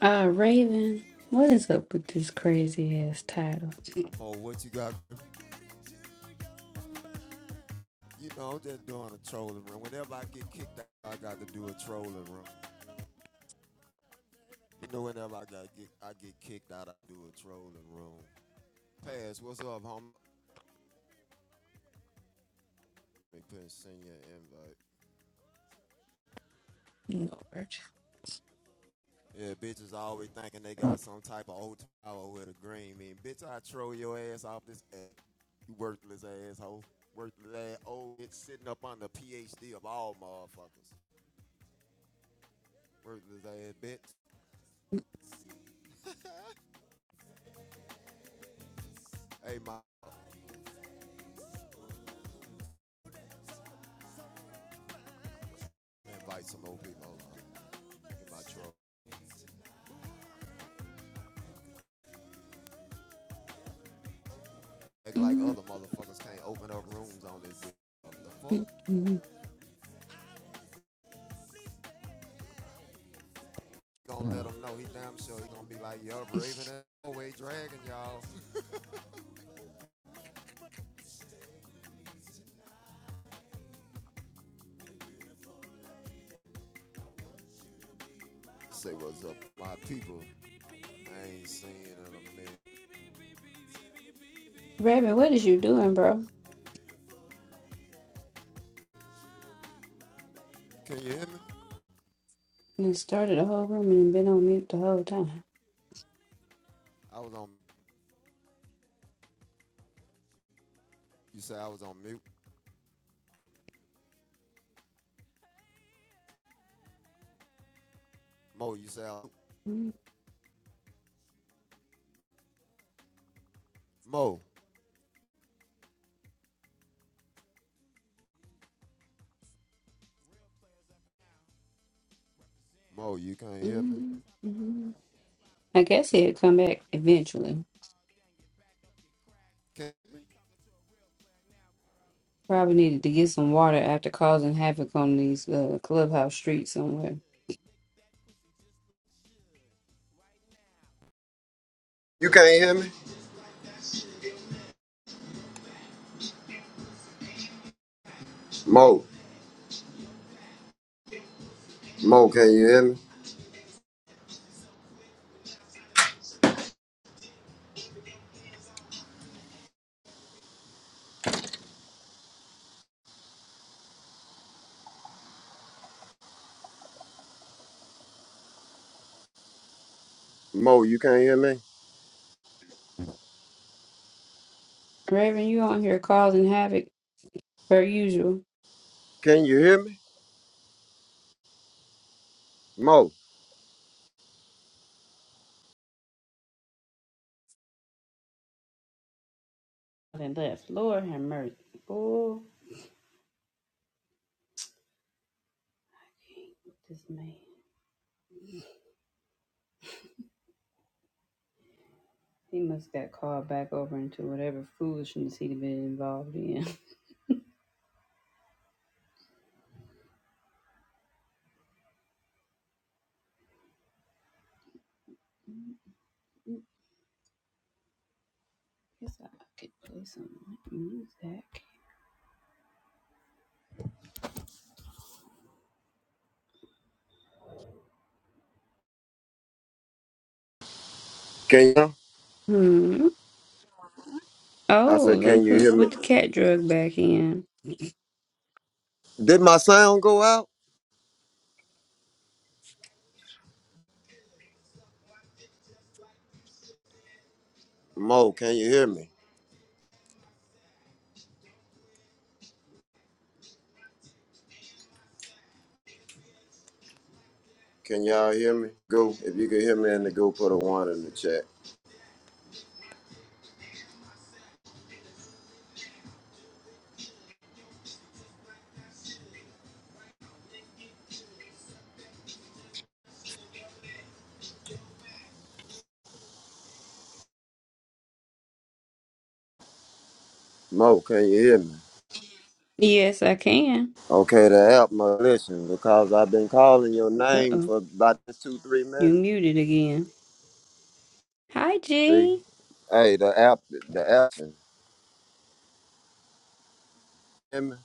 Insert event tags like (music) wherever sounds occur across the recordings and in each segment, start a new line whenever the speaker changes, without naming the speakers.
Uh, Raven, what is up with this crazy ass title?
Oh, what you got? You know, I'm just doing a trolling room. Whenever I get kicked out, I got to do a trolling room. You know, whenever I got get, I get kicked out, I do a trolling room. Pass, what's up, homie? Let me put send you an invite.
Lord.
Yeah, bitches always thinking they got some type of old tower with a green mean. Bitch, I troll your ass off this ass. You worthless asshole. Worthless ass old bitch sitting up on the PhD of all motherfuckers. Worthless ass bitch. Hey, my invite some old people. Get my troll. Act like
Mm,
other motherfuckers can't open up rooms on this bitch. What the
mm,
fuck?
mm.
Gonna let him know he damn sure he gonna be like, yo, Raven that always dragging y'all. (laughs) Say what's up, my people. I ain't seen in a minute.
Raven, what is you doing, bro?
Can you hear me?
You started the whole room and been on mute the whole time.
I was on, you say I was on mute. Mo, you say I,
Mm,
Mo, Mo, you can't hear me?
mm, mm. I guess he'd come back eventually.
Can
Probably needed to get some water after causing havoc on these uh, clubhouse streets somewhere.
you can't hear me? Mo, Mo, can you hear me? Mo, you can't hear me?
Raven, you on here causing havoc per usual.
Can you hear me? Mo,
And left. Lord have mercy. Oh, this man. He must got called back over into whatever foolishness he'd been involved in. (laughs) Guess I could play some music.
can you?
Hmm.
I
Oh,
said, can
look
you
who
hear me?
put the cat drug back in.
Did my sound go out? Mo, can you hear me? Can y'all hear me? Go, if you can hear me in the go, put a one in the chat. Mo, can you hear me?
Yes, I can.
Okay, the app must listen because I've been calling your
Uh
name
oh,
for about two, three
you
minutes.
muted again. Hi,
See,
G.
hey, the app, the app, can you hear me?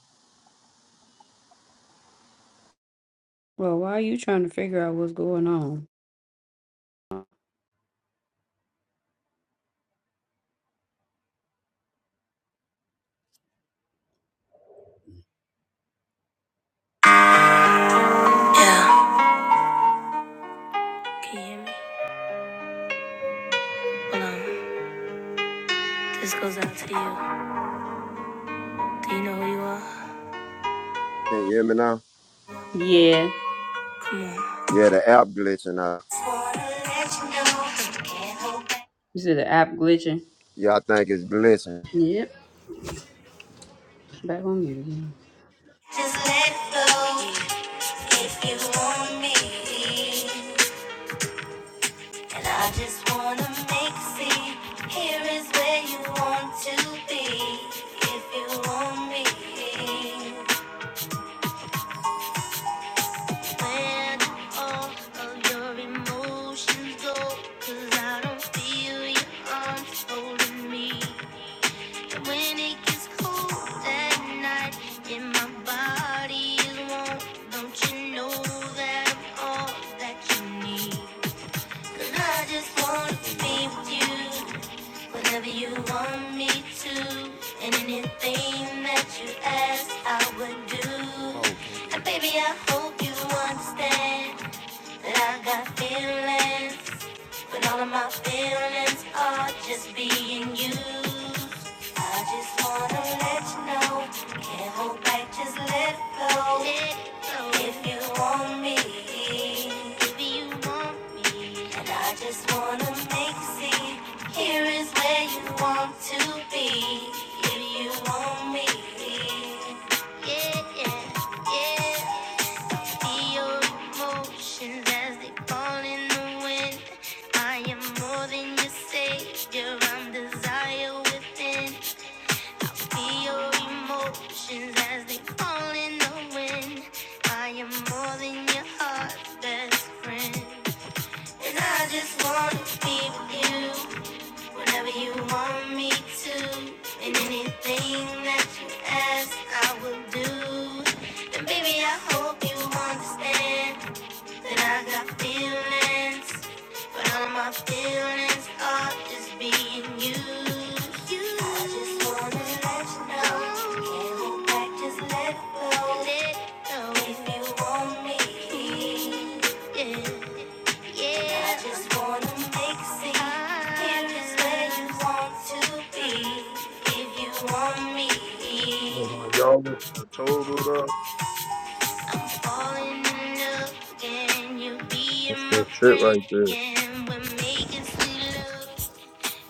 Well, why are you trying to figure out what's going on? Yeah. Can you hear me? Hold on. This goes out to you. Do you know who you are?
Can you hear me now?
Yeah. Come on.
Yeah, the app glitching out.
Is it the app glitching?
Y'all think it's glitching?
Yep. Back on mute again. And I just wanna make you see here is where you want to be. If you want me, when all of your emotions go? 'Cause I don't feel your arms holding me. When it gets cold at night and my body is warm, don't you know that I'm all that you need? 'Cause I just wanna
Can you
be
hear me?
with you. whenever you want me to. And anything that you ask, I would do.
Mo, can
And
you?
baby, I hope you understand that I got feelings, but all of my feelings are just being used. I just wanna let you know, can't hold back, just let it go. If you want me, if you want me, and I just wanna make it see. Here is where you want to be. If you want me. Yeah, yeah, yeah. emotions as they fall in the wind. I am more than your savior. I'm desire within. Feel emotions as they fall in the wind. I am more than your heart's best friend. And I just wanna be with you. Whenever you want me to, and anything that you ask, I will do. And baby, I hope you understand that I got feelings, but all my feelings are just being used. I just wanna let you know, can't hold back, just let it go. Let it go. If you want me, yeah. Yeah, I just wanna make a scene. Here is where you want to be. If you want me,
Hold on, y'all listen to total
I'm falling in love again. You
That's
being my
that shit
friend
right there.
again. We're making sweet love.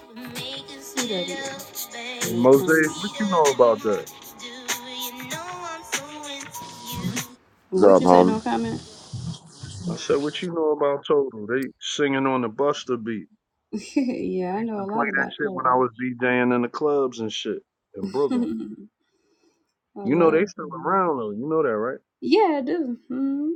We're making sweet love,
And
babe. No
Mosaic, what you
Sweeter
know
than
about that?
most do. You know I'm so into you.
What's
What
up,
you say?
homie?
No comment?
I said, what you know about total? They singing on the Buster beat.
(laughs) yeah,
I
I
used to
know a
play
lot
that
about
shit when
Carter.
I was DJing in the clubs and shit in
(laughs) I
Brooklyn. You know they
love.
still
her.
around though. You know that, right?
Yeah, I do. hmm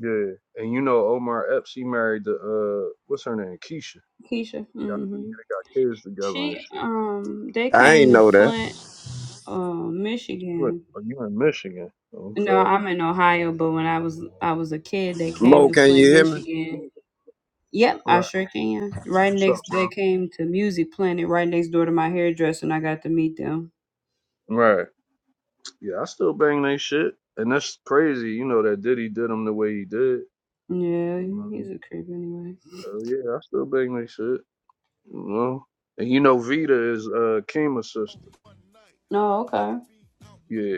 Yeah. And you know Omar Epps, he married the uh, what's her name, Keisha.
Keisha.
Got,
hmm
they got kids together and
She
shit.
um they
I
came
ain't
to
know that.
Flint, uh,
Good.
Michigan.
Are you in Michigan?
No,
Okay.
I'm in Ohio, but when I was I was a kid, they came
Mo,
to
can you
Flint,
hear me?
Michigan. Yep, I
Right.
sure can. Right
What's up,
next,
bro?
they came to Music Planet, right next door to my hairdresser, and I got to meet them.
Right. Yeah, I still bang they shit, and that's crazy. You know that Diddy did him the way he did.
Yeah,
You
he's a creep anyway.
So yeah, I still bang they shit. You know, and you know Vita is uh Kima's sister.
No, okay.
Yeah,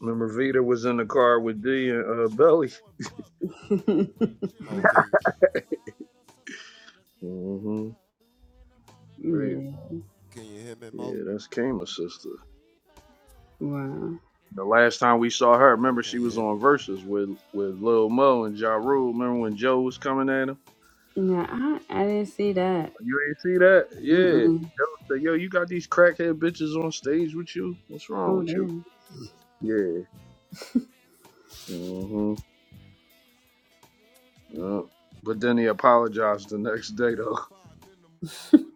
remember Vita was in the car with D and uh, Belly.
(laughs)
Mo, can you,
(laughs) hmm Crazy.
yeah.
can you hear me, Mo?
Yeah, that's Kima's sister.
Wow.
The last time we saw her,
Yo,
remember
can
she
you
was
hear me?
on Versus with with Lil Mo and Ja Rule. Remember when Joe was coming at him?
Yeah, I I didn't see that.
You ain't see that? Yeah.
Mm-mm.
Yo, say, yo, you got these crackhead bitches on stage with you? What's wrong
Oh
with you?
damn.
Yeah. hmm Yeah. But then he apologized the next day though,
(laughs)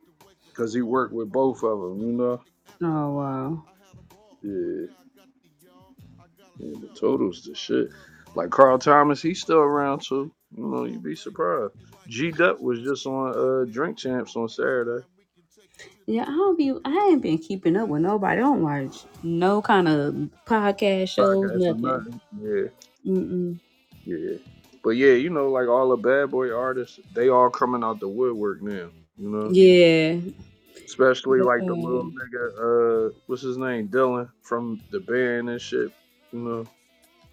because he worked with both of them. You know?
Oh wow.
Yeah. Yeah. But Toto's the shit. Like Carl Thomas, he's still around too. You know, you'd be surprised. G Duck was just on uh Drink Champs on Saturday.
Yeah, I don't be. I ain't been keeping up with nobody. I don't watch no kind of podcast shows,
Podcast or
nothing.
nothing. Yeah.
Mm-mm.
Yeah. But yeah, you know, like all the bad boy artists, they all coming out the woodwork now. You know?
Yeah.
Especially
The,
like the little
um,
nigga, uh, what's his name, Dylan from the band and shit. You know,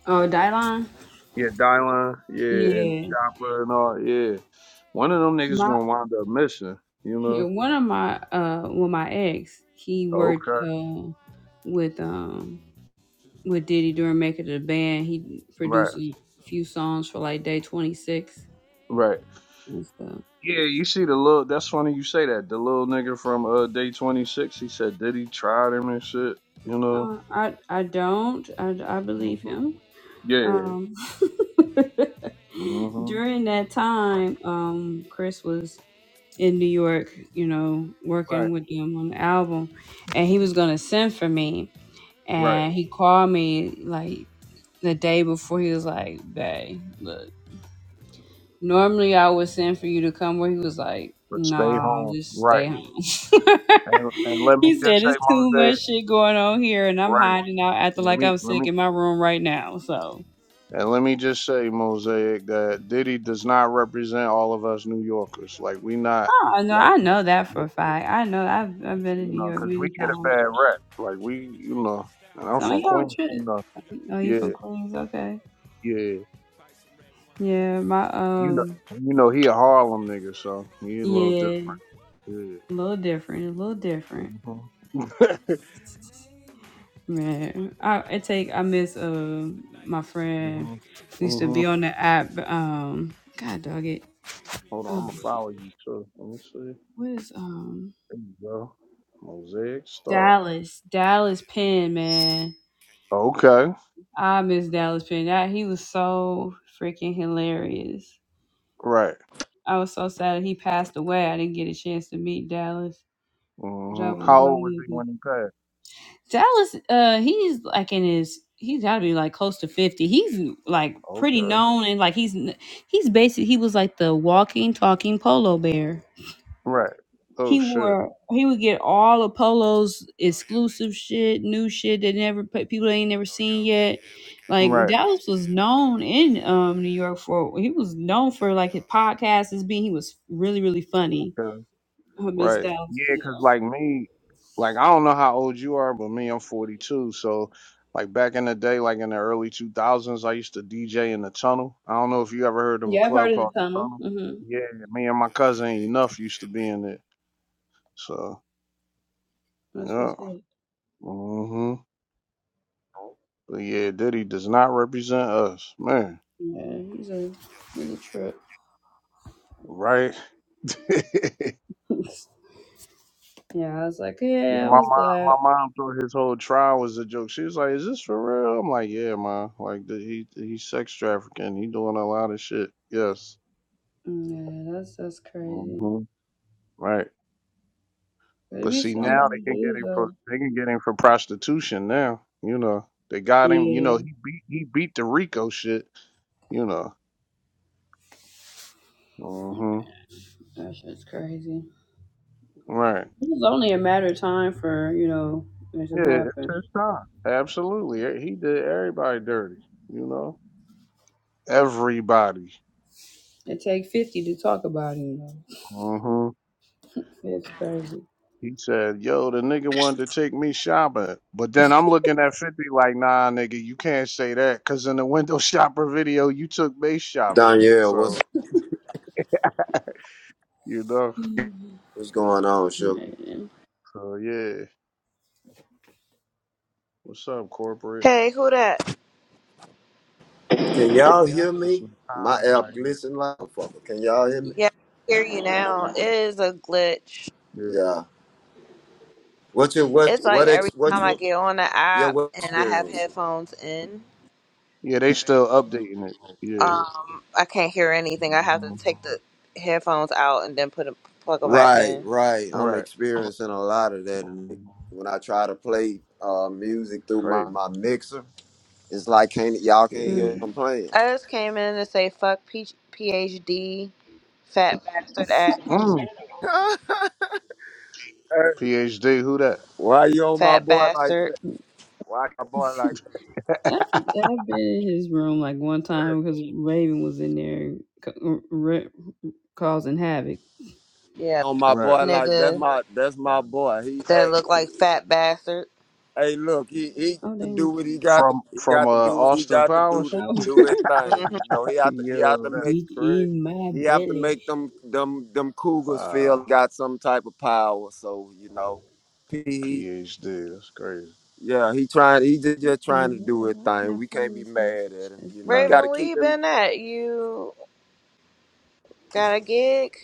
oh, Dylan.
yeah, Dylan, yeah, and
Yeah.
Chopper and all, yeah. One of them niggas
My
gonna wind up missing. You
yeah,
know.
one of my uh, well, my ex, he worked
Okay.
uh with um with Diddy during making the band. He
Right.
produced a few songs for like Day Twenty Six
Right.
and stuff.
Yeah, you see the little. That's funny you say that. The little nigga from uh day twenty six. He said Diddy tried him and shit. You know.
Uh, I I don't. I I believe
hmm
him.
Yeah.
Um, (laughs)
hmm
during that time, um, Chris was in New York, you know,
Right.
working with them on the album, and he was gonna send for me,
Right.
and he called me like the day before. He was like, "Babe, look, normally I would send for you to come," where he was like,
But stay
"Nah,
home.
just stay
Right.
home." (laughs)
And and let me
he
just
said,
say,
"It's too
Mosaic.
much shit going on here, and I'm
Right.
hiding out, acting
Let
like
me
I'm
let me
sick in my room right now." So.
And let me just say, Mosaic, that Diddy does not represent all of us New Yorkers. Like we not
Oh no,
like
I
him,
know that for
you
a fact. I know I've I've been in New
know,
York
because we
many
get a
times.
bad rep. Like we, you know, and I'm
Some of
from
y'all
Queens,
trip.
you know.
Oh, you from
Yeah,
Queens? Okay.
yeah,
Yeah, my
you know,
um,
and you know, he a Harlem nigga, so he a
yeah,
little different. Yeah.
a little different, a little different.
Mhm.
Man, I, I take I miss uh my friend
mhm.
who used to be
Mhm.
on the app. Um, God dog it.
(laughs) Hold on, I'm
Um,
gonna follow you too. Let me see.
what is um
There you go. Mosaic Star.
Dallas Dallas Penn man?
Okay.
I miss Dallas Penn. That he was so freaking hilarious.
Right.
I was so sad he passed away. I didn't get a chance to meet Dallas. That
Mhm.
was
How
my
old was he
nigga.
when he passed?
Dallas, uh, he's like in his he's got to be like close to 50. He's like pretty
Okay.
known and like he's he's basically he was like the walking talking polo bear.
Right. Oh
He
shit.
wore he would get all the polos exclusive shit, new shit that never pe- people ain't never seen yet. Like
Right.
Dallas was known in um New York for he was known for like his podcast as being he was really really funny
'Cause-
Oh, Miss
Right.
Down.
Yeah,
Yeah.
cause like me, Like I don't know how old you are, but me, I'm 42. So like back in the day, like in the early 2000s, I used to DJ in the tunnel. I don't know if you ever heard of a
yeah, I've
club
heard of the
called the
tunnel.
Tunnel.
Mm-hmm.
yeah, Me and my cousin enough used to be in it. So
That's
yeah.
what's it.
hmm But yeah, Diddy does not represent us, man.
Yeah, he's a he's a trip.
Right. (laughs)
(laughs) yeah, I was like,
Yeah,
yeah, I
my
was
mom,
glad.
my mom thought his whole trial was a joke. She was like, "Is this for real?" I'm like, "Yeah, ma. Like, the, he he's sex trafficking. He doing a lot of shit. Yes,
Yeah, that's that's crazy.
hmm right.
There
But
be
see,
so
now they
many
can get
dudes
him for
though.
they can get him for prostitution. Now, you know, they got him. You know,
Yeah,
he beat he beat the Rico shit. You know, hmm
that shit's crazy.
right.
It's only a matter of time for you know this to
Yeah, it's
happen.
his time. Absolutely, he did everybody dirty. You know, everybody.
It take fifty to talk about it. You know,
Mm-hmm.
it's crazy.
He said, "Yo, the nigga wanted to take me shopping, but then I'm looking at Fifty like, nah, nigga, you can't say that, cause in the window (laughs) shopper video, you took me shopping.
Danielle, what's
So you know,
Mhm.
what's going on, sugar?
Man.
so yeah. What's up, corporate?
Hey, who that?
Can y'all hear
This
me?
new
My
comment
app
right here.
glitching like a fucker. Can y'all hear me?
Yeah, I hear you now. It is a glitch.
Yeah,
Yeah. What you what
It's like
what
every
ex what
time I
you
get on the
yeah
app
what
and I have
experiencing?
headphones in,
yeah, they still updating it. Yeah,
um, I can't hear anything. I have to
hmm
take the headphones out and then put 'em- plug them back
Right,
in.
right. I'm
right.
experiencing a lot of that and
hmm
when I try to play uh music through my,
Crazy.
my mixer. It's like can't y'all can't hear
Yeah.
them
Mm.
playing.
I just came in to say fuck P- PhD, fat bastard ass,
Mm.
Hey,
PhD, who that?
why you on my
fat
boy like that?
bastard.
Why my boy
(laughs)
like
I've,
(laughs)
I've been in his room like one time because Raven was in there ca- ra- causing havoc.
Yeah,
on my
right.
boy like that's
nigga
my that's
Wow.
my boy. He
that
hey
look like fat bastard.
hey look, he he
Oh
to do
damn!
what he got to
From
he
from
got
uh
to do what he
Austin
got to do
Powers.
to
Power.
do his thing.
hmm
You know, he have to he have to
Yo,
(laughs)
that's
make
Get
crazy.
in my
he have to
belly.
make them them them cougars feel
Wow.
got some type of power. So, you know, he, he
PhD. That's crazy.
yeah, he trying he just,
What
just
in the
trying to do
world?
his
Why can't
thing.
I
We can't
find
be
this
mad at
message?
him,
That's
you know.
new.
Raven,
Gotta
where
keep
you
him
been at? You got a gig?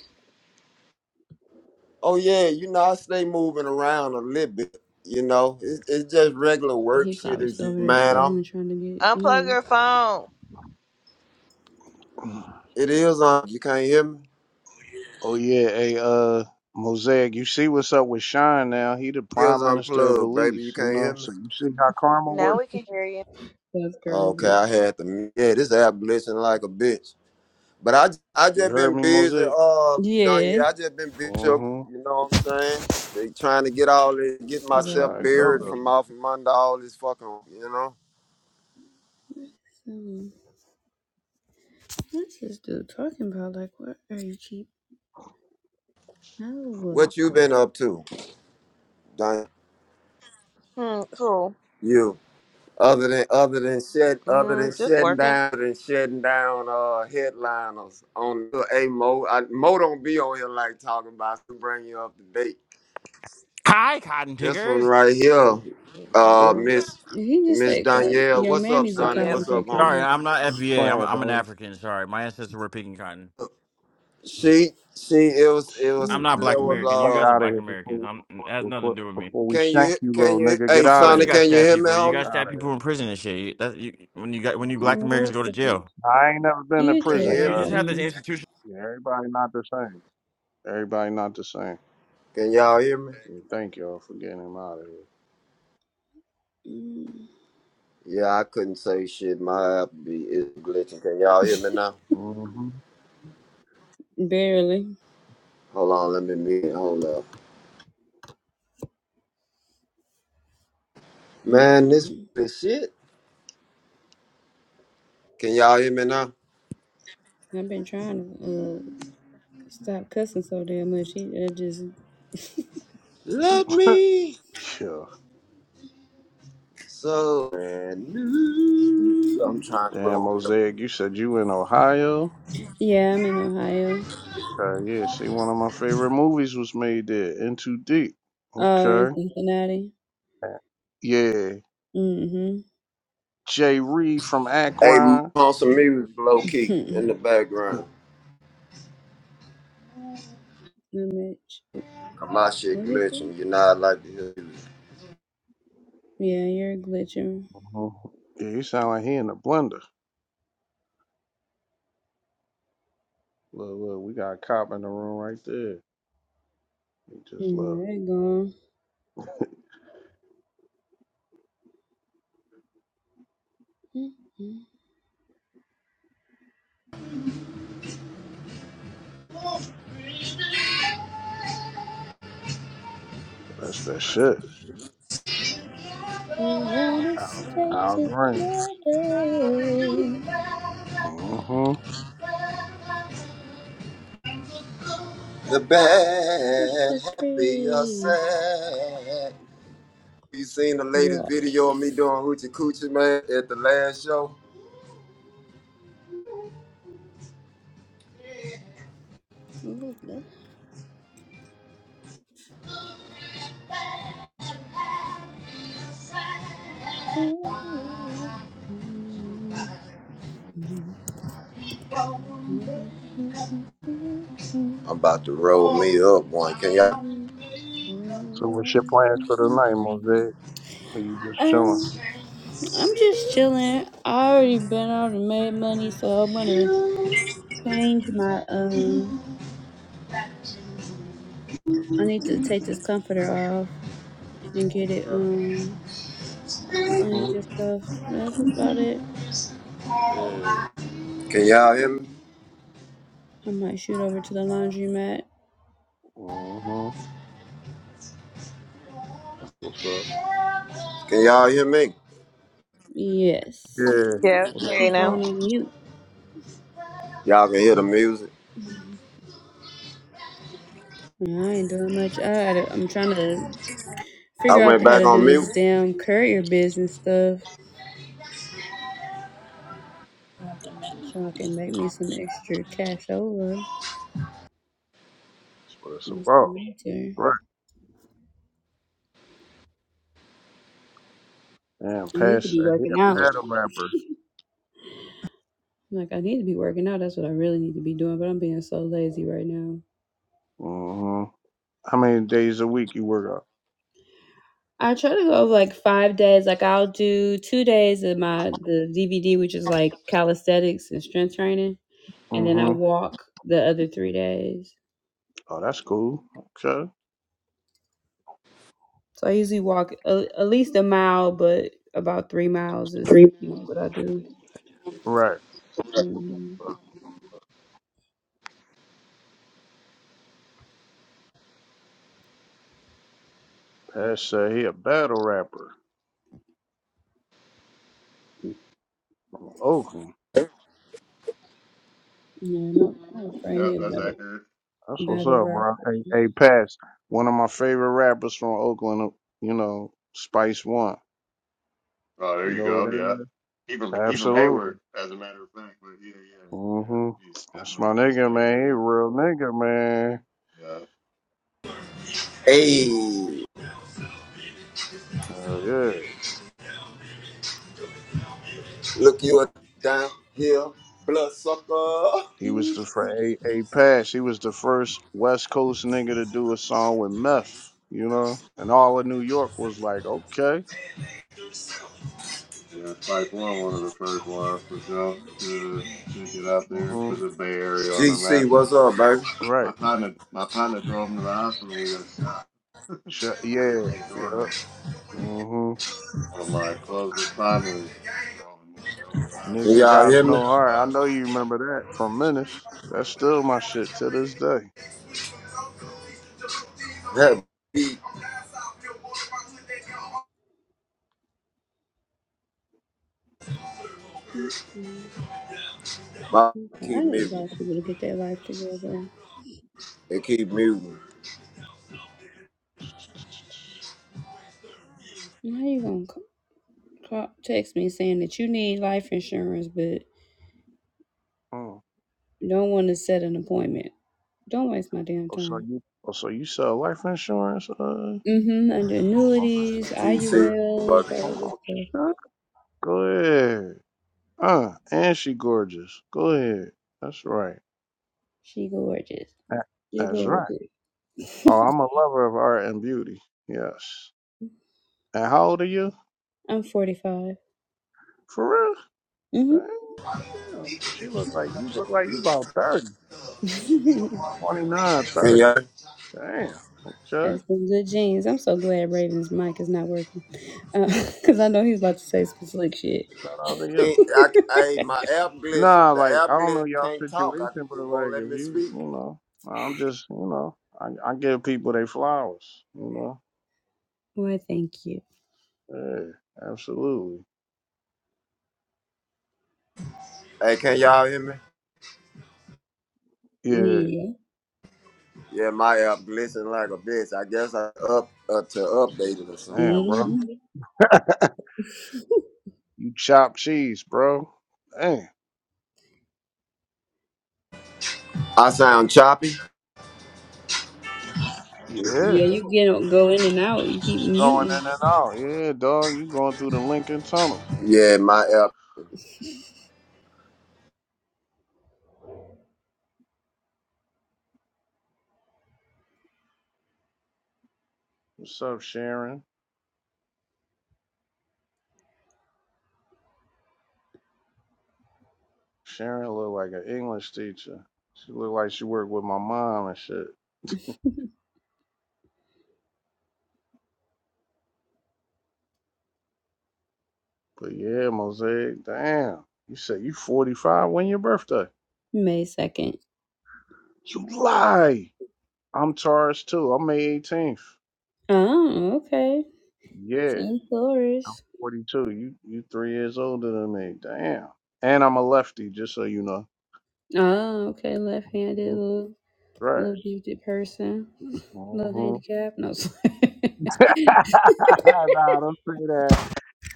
oh yeah, you know, I stay moving around a little bit, you know. It's it's just regular work
He
shit
probably
as
still
you
over there
man. I'm
struggling trying to get
Unplug
in.
your phone.
(clears throat)
It is on. You can't hear me.
Oh yeah, hey uh Mosaic, you see what's up with Shine now. He the
It is
prime minister of
unplugged, baby. You
Belize, you
can't hear
know.
me.
So you see how karma
Now
work?
we can hear you.
That's
Okay,
crazy.
I had to. mute. Yeah, this app glitching like a bitch. But I, j- I
You
just
heard
been
me,
busy.
Mosaic?
Uh, Danya,
Yeah.
I just been busy. Sugar,
Mm-hmm.
you know what I'm saying? They trying to get all this, get
That's
myself
how
Exactly.
it go
buried
What
though.
from off of under all this fucking. You know
is um, what's this dude talking about? Like, what are you cheap? No.
what you been up to, Danya?
Hmm, cool.
You. Other than other than shed other than
Mm, just
shutting
working.
down other than shutting down uh headliners on a Mo I, Mo don't be on here like talking about to bring you up to date.
Hi, cotton
This one
pickers.
right here,
What in the
uh
world?
Miss
He just
Miss
said, cotton.
Danielle,
Your
what's up,
mammy's
I
a
am
Sonic?
Yep.
cotton
What's up,
picking
homie?
Sorry,
bitch.
I'm not FBA. I'm
playing,
I'm an
dog.
African. Sorry, my ancestors were picking cotton.
She she it was it was
I'm not
there
Black
was
Mm-mm-mm.
American. You
Fuck
uh
guys are
out of
Black
here before
Americans.
we,
I'm it has nothing to
before
do with me.
before we
can
shank
you
you, little
can you
nigga. Get
hey
Of
out of
course, you
Sonic
here.
guys
can you
stab
hear me,
people. You
Fuck
homie?
guys
out
stab
of
people
here.
in prison and shit. You- That you, when you got when you Black Americans
What
go to
the fuck?
jail.
I ain't never been to
Get
Can you
your
prison,
hear
You
ass
me?
cuz.
just
out of
have this
here.
institution.
Yeah, everybody not the same. Everybody not the same.
Can y'all hear me?
Yeah, Thank y'all for getting him out
Mm.
Yeah, I couldn't say shit. My app be is glitching. Can y'all hear me now?
of
(laughs) Barely.
Hold on, let me mute. Hold up. Man, this
Mm-mm-mm.
is shit. Can y'all hear me now?
I've been trying to uh, stop cussing so damn much. He, I just.
Let
here.
me.
hmm (laughs) yeah.
So, man, new. I'm trying to
Damn,
roll here.
Mosaic, you said you in Ohio?
Yeah, I'm in Ohio.
Okay, yeah. See, one of my favorite movies was made there, Into Deep.
Oh, in
Okay.
Cincinnati.
Yeah.
Mm
Jay Reed from
Hey, m-
Akron.
on some music, low key,
hmm.
in
(laughs)
the background.
That bitch.
'Cause My shit
What he say?
glitching, you know I like to hear music.
Yeah, you're glitching.
hmm Yeah, you sound like he in the blender. Look, look, we got a cop in the room right there. He just
No,
love.
it gone. Mm-hmm.
That's that shit.
We wanna
Al,
stay
Al
together.
Green. hmm
The
She looks
bad,
so
happy or
pretty,
sad. You seen the latest video of me doing
gorgeous.
hoochie coochie, man, at the last show?
Look at her.
I'm about to roll me up one. Can y'all,
So what's your plans for tonight, Mosaic? Are you just
Um,
chilling?
I'm just chilling. I already been out and made money, so I'm gonna change my um. I need to take this comforter off and get it.
Okay.
um.
Mm-hmm.
cleaned and stuff. But that's about it.
Yeah,
can y'all hear me?
I might shoot over to the laundromat.
Mm-hmm. what's up?
Can y'all hear me?
Yes.
Yeah,
Yep.
what's
You
Hear
up,
you
keep
bro?
now.
going on mute.
Y'all can hear the music.
Yeah, I ain't doing much. I had a, I'm trying to
I
figure out
went
how
back
to do
on mute.
this damn courier business stuff so I can make me some extra cash over.
That's what it's
What's the
about.
matter?
Right. Damn,
I need to
Pass
be
said he a
working out.
battle rapper.
Like I need to be working out. That's what I really need to be doing. But I'm being so lazy right now.
Mm-hmm. How many days a week you work out?
I try to go over like five days. Like I'll do two days of my the DVD, which is like calisthenics and strength training, and then I
Mm-hmm.
walk the other three days.
Oh, that's cool. Okay.
So I usually walk a, at least a mile, but about three miles is usually what I do.
Right.
hmm
Pass said he a battle rapper. from Oakland.
Yeah, my, my friend
Yeah,
here
that's
better
accurate.
That's what's
battle
up,
rap.
bro. Hey, hey, Pass. One of my favorite rappers from Oakland, you know, Spice One.
Oh, there
You
you
know who
go. Yeah,
that
even
is?
even
Absolutely.
Hayward, as a matter of fact. But yeah, yeah, yeah.
hmm
He's
That's my
definitely East Bay
nigga, man. He a
area.
real nigga, man.
Yeah,
Hey,
Hell yeah.
look you up down here, blood sucker.
He was
mm
the for A A Pass. He was the first West Coast nigga to do a song with meth, you know? And all of New York was like, okay.
yeah. Spice One, one of the first ones for sure to to get out there,
hmm
put the Bay Area on the
GC,
map.
what's up, baby?
My
Right.
partner, my partner drove him to the hospital when he got shot.
Sh-
He lived
yeah.
next door to
Yeah.
him.
hmm
One of my closest partners drove him drove him to the hospital.
Can
Nigga
We
y'all
got
hear
got
we
me?
no
got five.
heart. I know you remember that from Menace. That's still my shit to this day.
That keep,
mm mm.
my-
Okay,
keep
I need
muting.
black people to get their life together.
It keep muting.
(laughs)
How you gonna c- call, text me saying that you need life insurance, but
Mm.
Don't want to set an appointment. Don't waste my damn
Oh, so
time.
you oh so you sell life insurance, uh
Mm-hmm. Under annuities,
okay.
GC,
IULs,
buddy.
all
Oh,
that good
shit.
stuff.
Go ahead. Uh, and she gorgeous. Go ahead. That's right.
She gorgeous.
That-
She
That's right.
gorgeous.
Oh, I'm a lover of art and beauty. Yes. And how old are you?
(laughs) I'm 45.
For real?
Mm-hmm.
Damn. She look like you look like you about 30.
(laughs)
29,
Can
thirty.
y'all?
Damn. Okay.
That's some good genes. I'm so glad Raven's mic is not working. Because (laughs) I know he's about to say some slick shit.
Shout out to you.
Ain't, I, I, hey,
(laughs)
my app glitching.
Nah,
The
like
app
I don't know
glitch
y'all
can't talk. I,
situation, but
it
like
won't let
if
me
you you
speak.
know, I'm just you know, I, I give people their flowers, you know.
Why, thank you.
Yeah, absolutely.
Hey, can y'all hear me?
Yeah.
Yeah.
Yeah, my app glitching like a bitch. I guess I up uh, to update it or something.
Damn, bro.
hmm (laughs)
chopped cheese, bro. Hey,
I sound choppy.
yeah,
Yeah, you get go in and out. You keep
going
muting.
in and out. Yeah, dog, you going through the Lincoln Tunnel.
Yeah, my app
(laughs)
What's up, Sharon? Sharon look like an English teacher. She look like she worked with my mom and shit.
(laughs)
But yeah, Mosaic, damn. You said you 45. When your birthday?
May 2nd.
You lie. I'm Taurus too. I'm May 18th.
Oh, okay.
Yeah,
Team Taurus.
42. You you three years older than me. Damn. And I'm a lefty, just so you know.
Oh, okay. Left handed
Mhm.
little
Right.
little gifted person. (laughs) Little
Mm-hmm.
handicap. No. (laughs)
(laughs) nah, don't say that.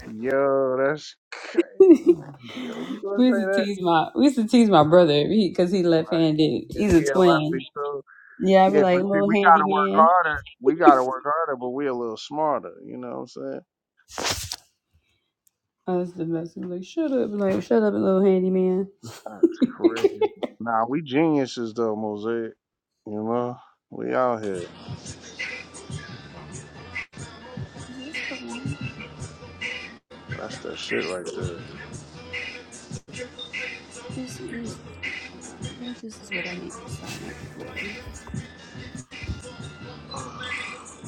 Yo, that's crazy. Yo, you gonna
We
say
used to
that?
tease my we used to tease my brother because he, left
Right.
handed.
Yeah,
He's a
yeah, well, I
twin.
think so.
Yeah, i be
Yeah, but
like
see,
little
we gotta work
handyman.
harder. We gotta work harder, but we a little smarter. You know what I'm saying?
I was the best. He'd like shut up, like shut up, little handyman.
That's crazy. Nah, we geniuses though, Mosaic. You know, we out here.
Is this the one?
That's that shit right there.
This is the one. I think this is what I need to sign up for.
(sighs)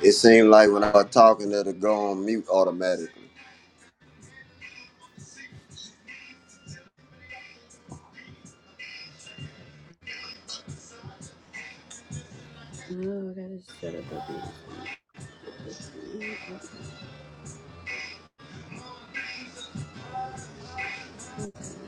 It seemed like when I was talking, it'll go on mute automatically.
Oh, I gotta set up a business. Mm, Okay, okay.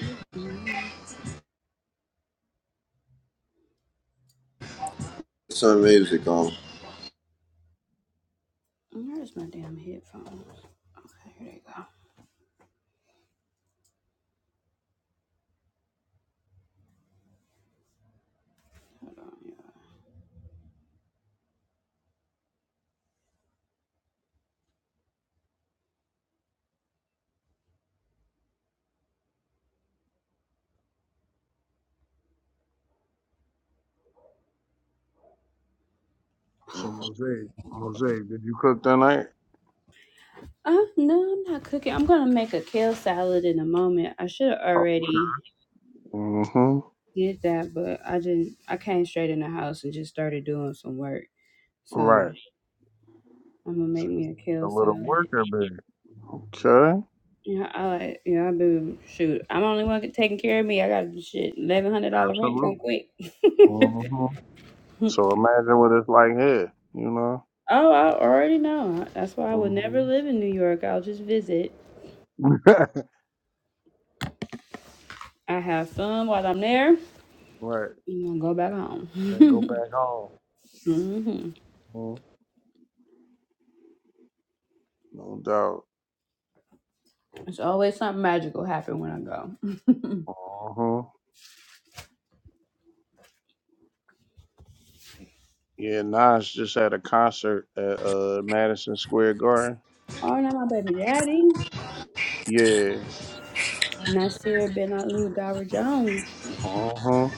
Mm-mm.
Put Some music on.
Where's my damn headphones? Okay, here they go. Hold on, you
so Mosaic, Mosaic, did you cook tonight?
Uh, no, I'm not cooking. I'm gonna make a kale salad in a moment. I should have already
Mm-hmm.
did that, but I didn't. I came straight in the house and just started doing some work. So
Right.
I'm gonna
So,
make me a
A
kale
little
salad.
worker, bee. Okay.
Yeah, I like. Yeah, I do. Shoot, I'm the only one taking care of me. I got shit eleven hundred dollar rent come
Absolutely.
quick.
hmm So imagine what it's like here, you know?
(laughs) oh, I already know. That's why I would
hmm
never live in New York. I'll just visit.
(laughs)
I have fun while I'm there.
right.
I'm gonna go back
Then go
home.
back home.
(laughs) hmm
Mhm. No doubt.
There's always something magical happen when I go. (laughs)
hmm Yeah, Nas just had a concert at uh, Madison Square Garden.
oh, now my baby daddy,
Yeah.
Nasir Ben Alu Dower Jones.
hmm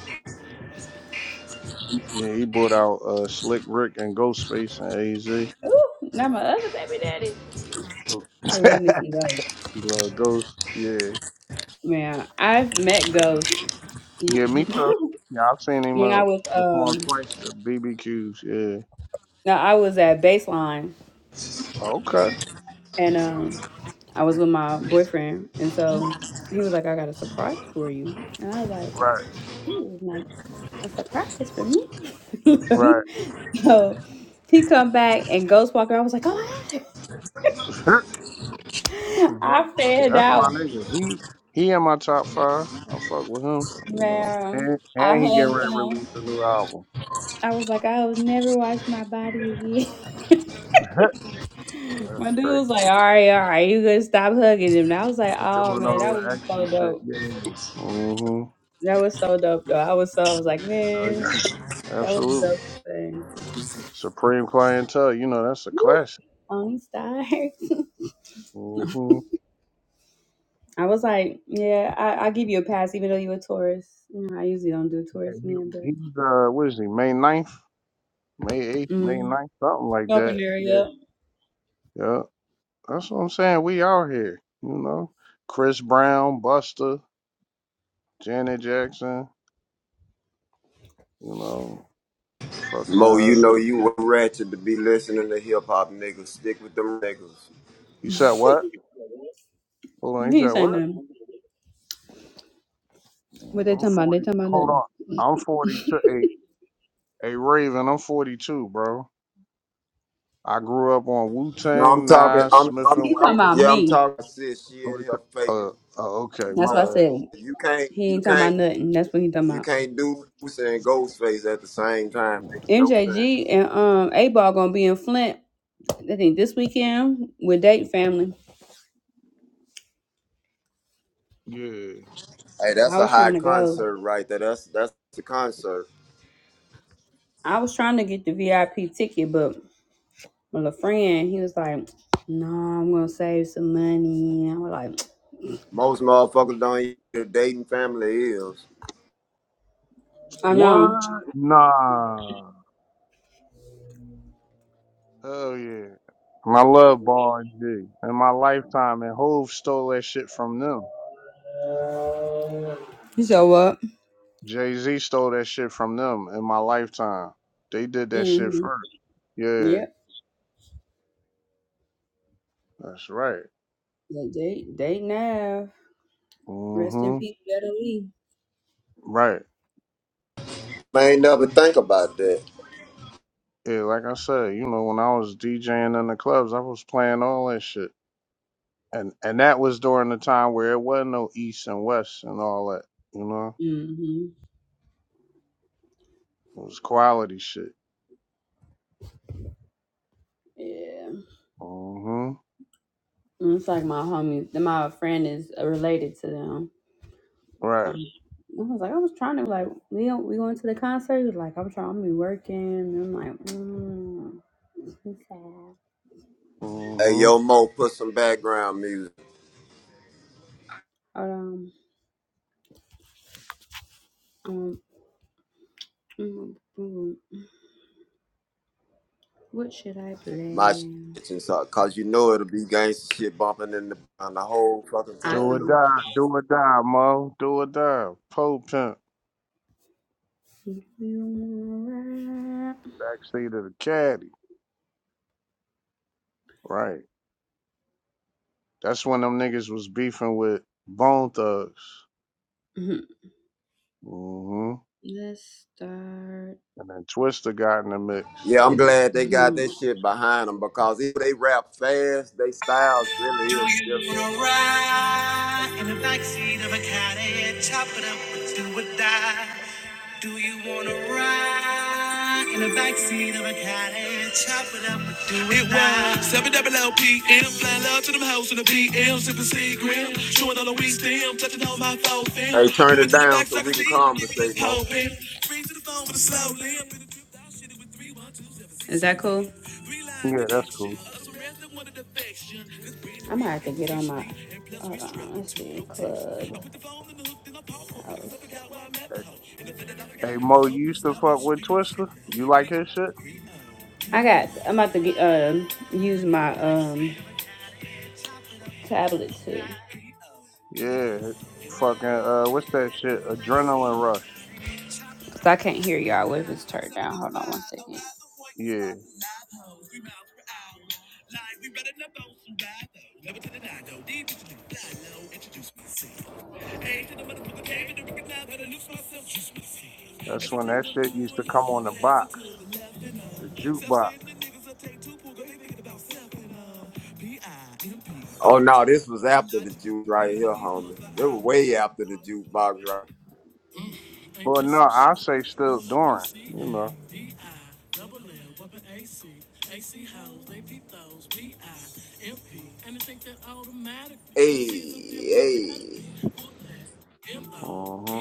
Yeah, he brought out uh, Slick Rick and Ghostface and AZ.
Ooh, now my other baby daddy. I love me some ghosts.
Blood (laughs) Ghost. Yeah.
Man, I've met
Yeah,
ghosts. (laughs)
Yeah, me
when
too.
I
Yeah, I've seen him uh,
was
perform
um,
twice at BBQs. Yeah.
now I was at Baseline
Okay.
and um, I was with my boyfriend, and so he was like, "I got a surprise for you," and I was like,
Right.
"Ew, like a surprise for me."
Right.
(laughs) so he come back and ghost walker. I was like, "Oh my god!"
(laughs) that's
(laughs)
what's up.
I
Yeah,
fanned
that's my
out,
nigga. He he in my top five. I fuck with him. You know.
man.
And
I
and he getting
hugged
ready to release
him.
a new album.
I was like, I will never wash my body
(laughs) yeah,
again. (laughs)
that's
my dude
crazy.
was like, all right, all right, you gonna stop hugging him. And I was like,
He
oh
doing
man,
all
that
the
was
extra
so
shit.
dope.
Yeah. hmm
That was so dope, though. I was so, I was like,
Oh
man,
yeah.
that was the
Absolutely.
dopest thing.
Supreme Clientele, you know, that's a
Woo,
classic.
Only star. (laughs)
hmm
I was like, yeah, I, I'll give you a pass, even though you're a tourist. You know, I usually don't do
And
tourist
he
men, but
he's uh what is he, May ninth, May eighth, May
mm,
ninth, something like
open
that.
area.
Yeah. Yeah. That's what I'm saying. We out here, you know. Chris Brown, Buster. Janet Jackson, you know, fucking.
Mo,
Uh,
you know you were ratchet to be listening to hip hop niggas. Stick with them niggas.
(laughs)
you
he
said what? Hold on, you said
ain't
what?
saying nothing. What they
I'm
talking about? They
40.
talking about
Hold on.
nothing.
I'm 42. Hey, hey, Raven, I'm 42, bro. I grew up on Wu
No, I'm
Tang,
talking.
Nas,
I'm,
Smith
I'm,
and
He talking
I'm.
about
Yeah, I'm
me.
talking. Shit, she in
Wesson.
here
Uh,
faking.
uh, okay, my
That's what
Yeah,
I
bad.
said.
you can't,
He
you
ain't talking about
can't,
nothing. That's what he talking
you
about.
can't do Usa and Ghostface at the same time. Makes no sense.
MJG and um A Ball gonna be in Flint. I think this weekend with Date Family.
Yeah.
Hey, that's
I
a
was
high
trying to go.
concert right there. That's that's the concert.
I was trying to get the VIP ticket, but my little friend, he was like, "No, I'm gonna save some money." And I was like,
Most motherfuckers don't even know who their dating family is.
"I
What?
know."
Nah. Hell yeah. And I love Ball and G. In my lifetime, and Hove stole that shit from them.
He said, "What?"
Jay Z stole that shit from them in my lifetime. They did that shit
Mm-hmm.
first. Yeah,
Yep.
that's right.
Date, date, date. Nav. Rest in
hmm
peace, Better Lee.
Right.
They ain't never think about that.
Yeah, like I said, you know, when I was DJing in the clubs, I was playing all that shit. And and that was during the time where it wasn't no East and West and all that. You know?
Mm-hmm.
It was quality shit.
Yeah.
hmm
It's like my homie, my friend is uh, related to them. So i
Right.
was like, I was trying to like we don't- we going to the concert. He was like, I'm trying, I'm gonna be working. And I'm like, mm, I'm sad.
Hey,
hmm
yo, Mo, put some background music.
But, um, um, mm, mm, what should I
My
play?
shit and stuff, cause you know it'll be gangster shit bumping in the on the whole fucking
Do
I
time.
or
know. (laughs)
die, do or die, Mo. Do or die. Po pimp.
If you wanna rap.
Backseat of the caddy. Right. That's when them niggas was beefing with Bone Thugs.
(laughs)
hmm
Let's start.
And then Twister got in the mix.
Yeah, I'm glad they got
Mhm.
that shit behind them because if they rap fast, they styles really is different. You know? Hey, turn it down so we can conversate, Mo.
Is that cool?
Yeah, that's cool.
I might have to get on my. Hold on, let's see. Club.
Hey, hey Mo, you used to fuck with Twister? You like his shit?
I got. I'm about to get, um use my um tablet to
Yeah. Fucking, uh, what's that shit? Adrenaline Rush.
Cause I can't hear y'all if it's turned down. Hold on one
Yeah. That's when that shit used to come on the box, the jukebox.
Oh no, this was after the juke right here, homie. They were way after the jukebox
second.
right.
But no, I say still during, you know.
Hey, hey,
hmm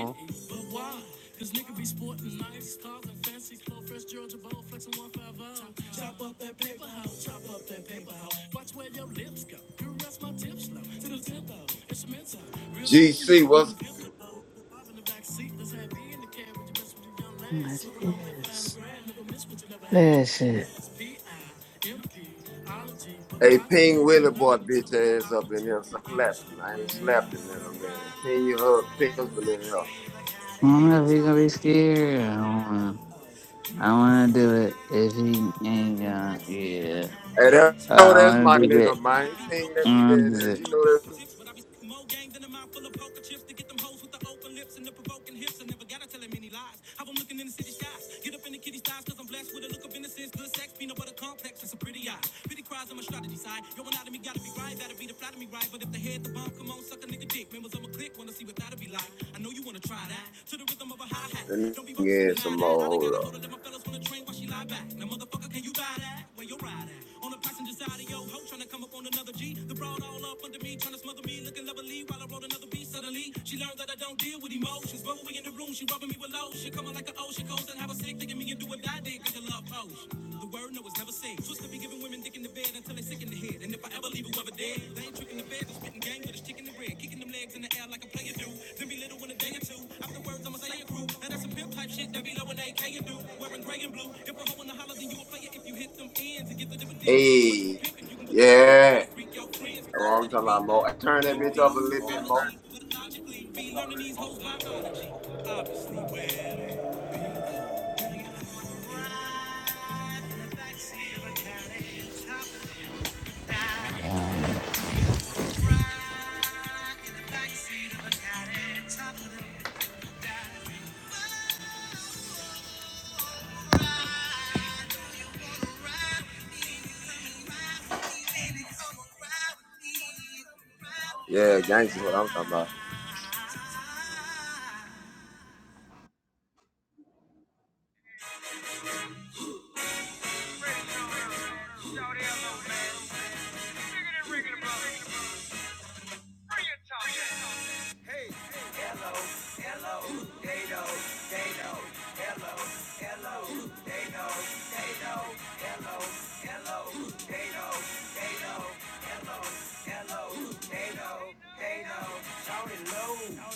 GC, what's
It is. That shit.
Hey, Ping Willie boy, bitch ass up in here slapping. I ain't slapped him in a minute. Ping you hug, Ping Husband in here.
I don't know if he gonna be scared. I don't wanna. I wanna do it if he ain't gonna. Yeah.
Hey, that, know
I
that's
wanna
my
do
nigga, man. Ping that nigga in here.
that.
You know that. The nigga in some more. Hold up. Hey, yeah. That's what I'm talking about, Mo. Hey, Turn that bitch up a little bit more. Yeah, gangsters. What I'm talking about.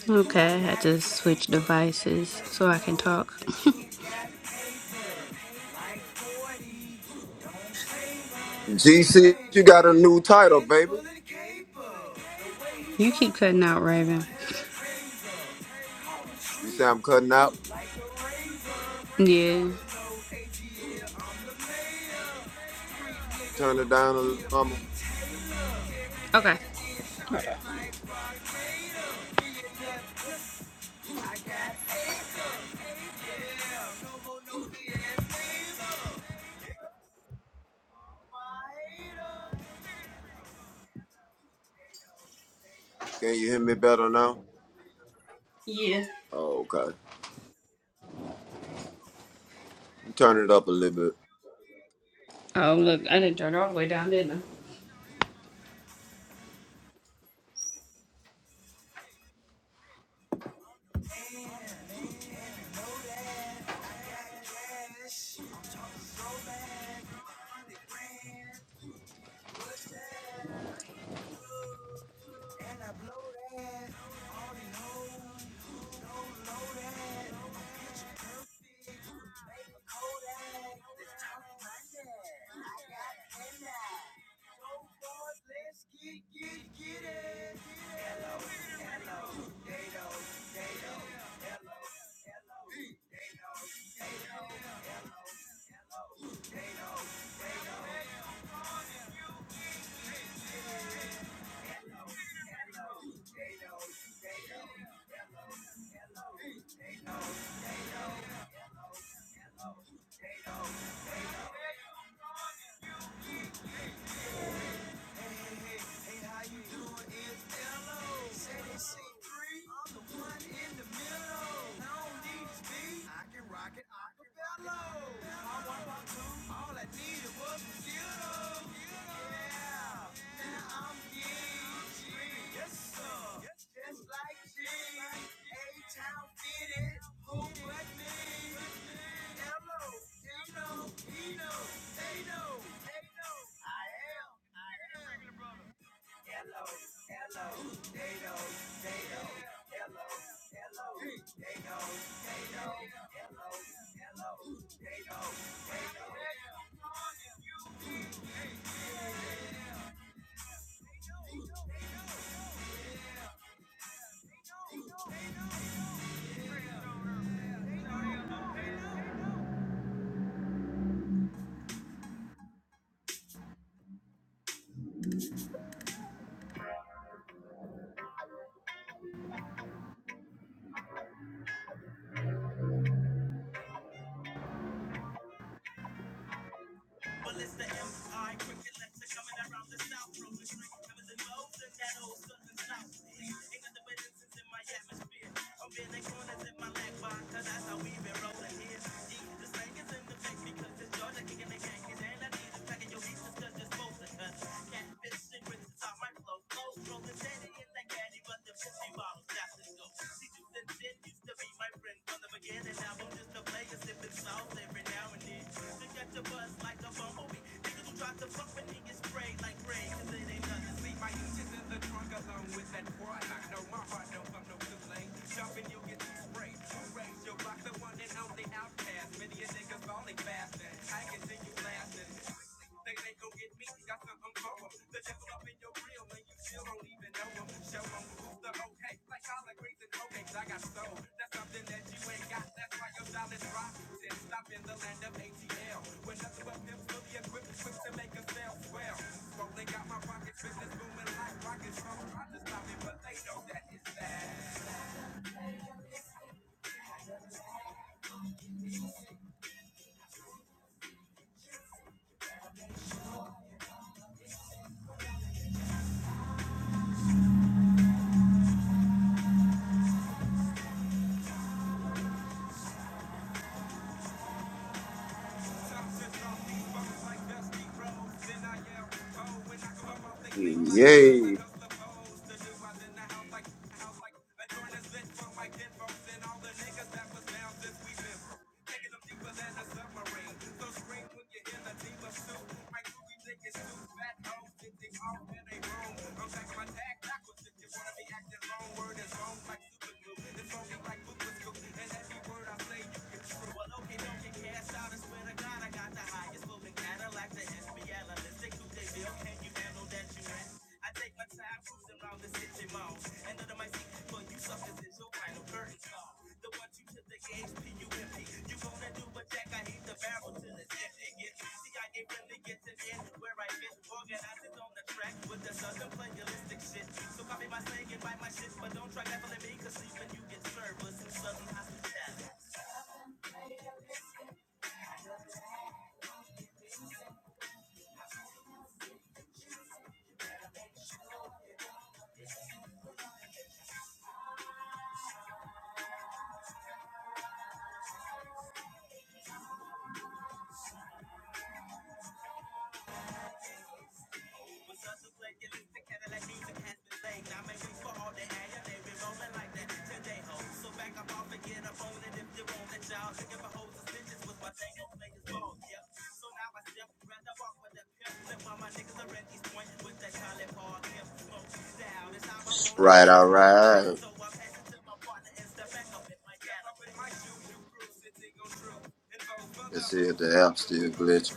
Okay, I had to switch devices so I can talk.
GC, you got a new title, baby.
You keep cutting out, Raven.
You say I'm cutting out.
Yeah.
Turn it down a little. mama.
Okay.
Can you hear me better now?
Yeah.
Oh, okay. Turn it up a little bit.
Oh, look, I didn't turn it all the way down, didn't I?
Yay! Right, all right. Let's see the app still glitching.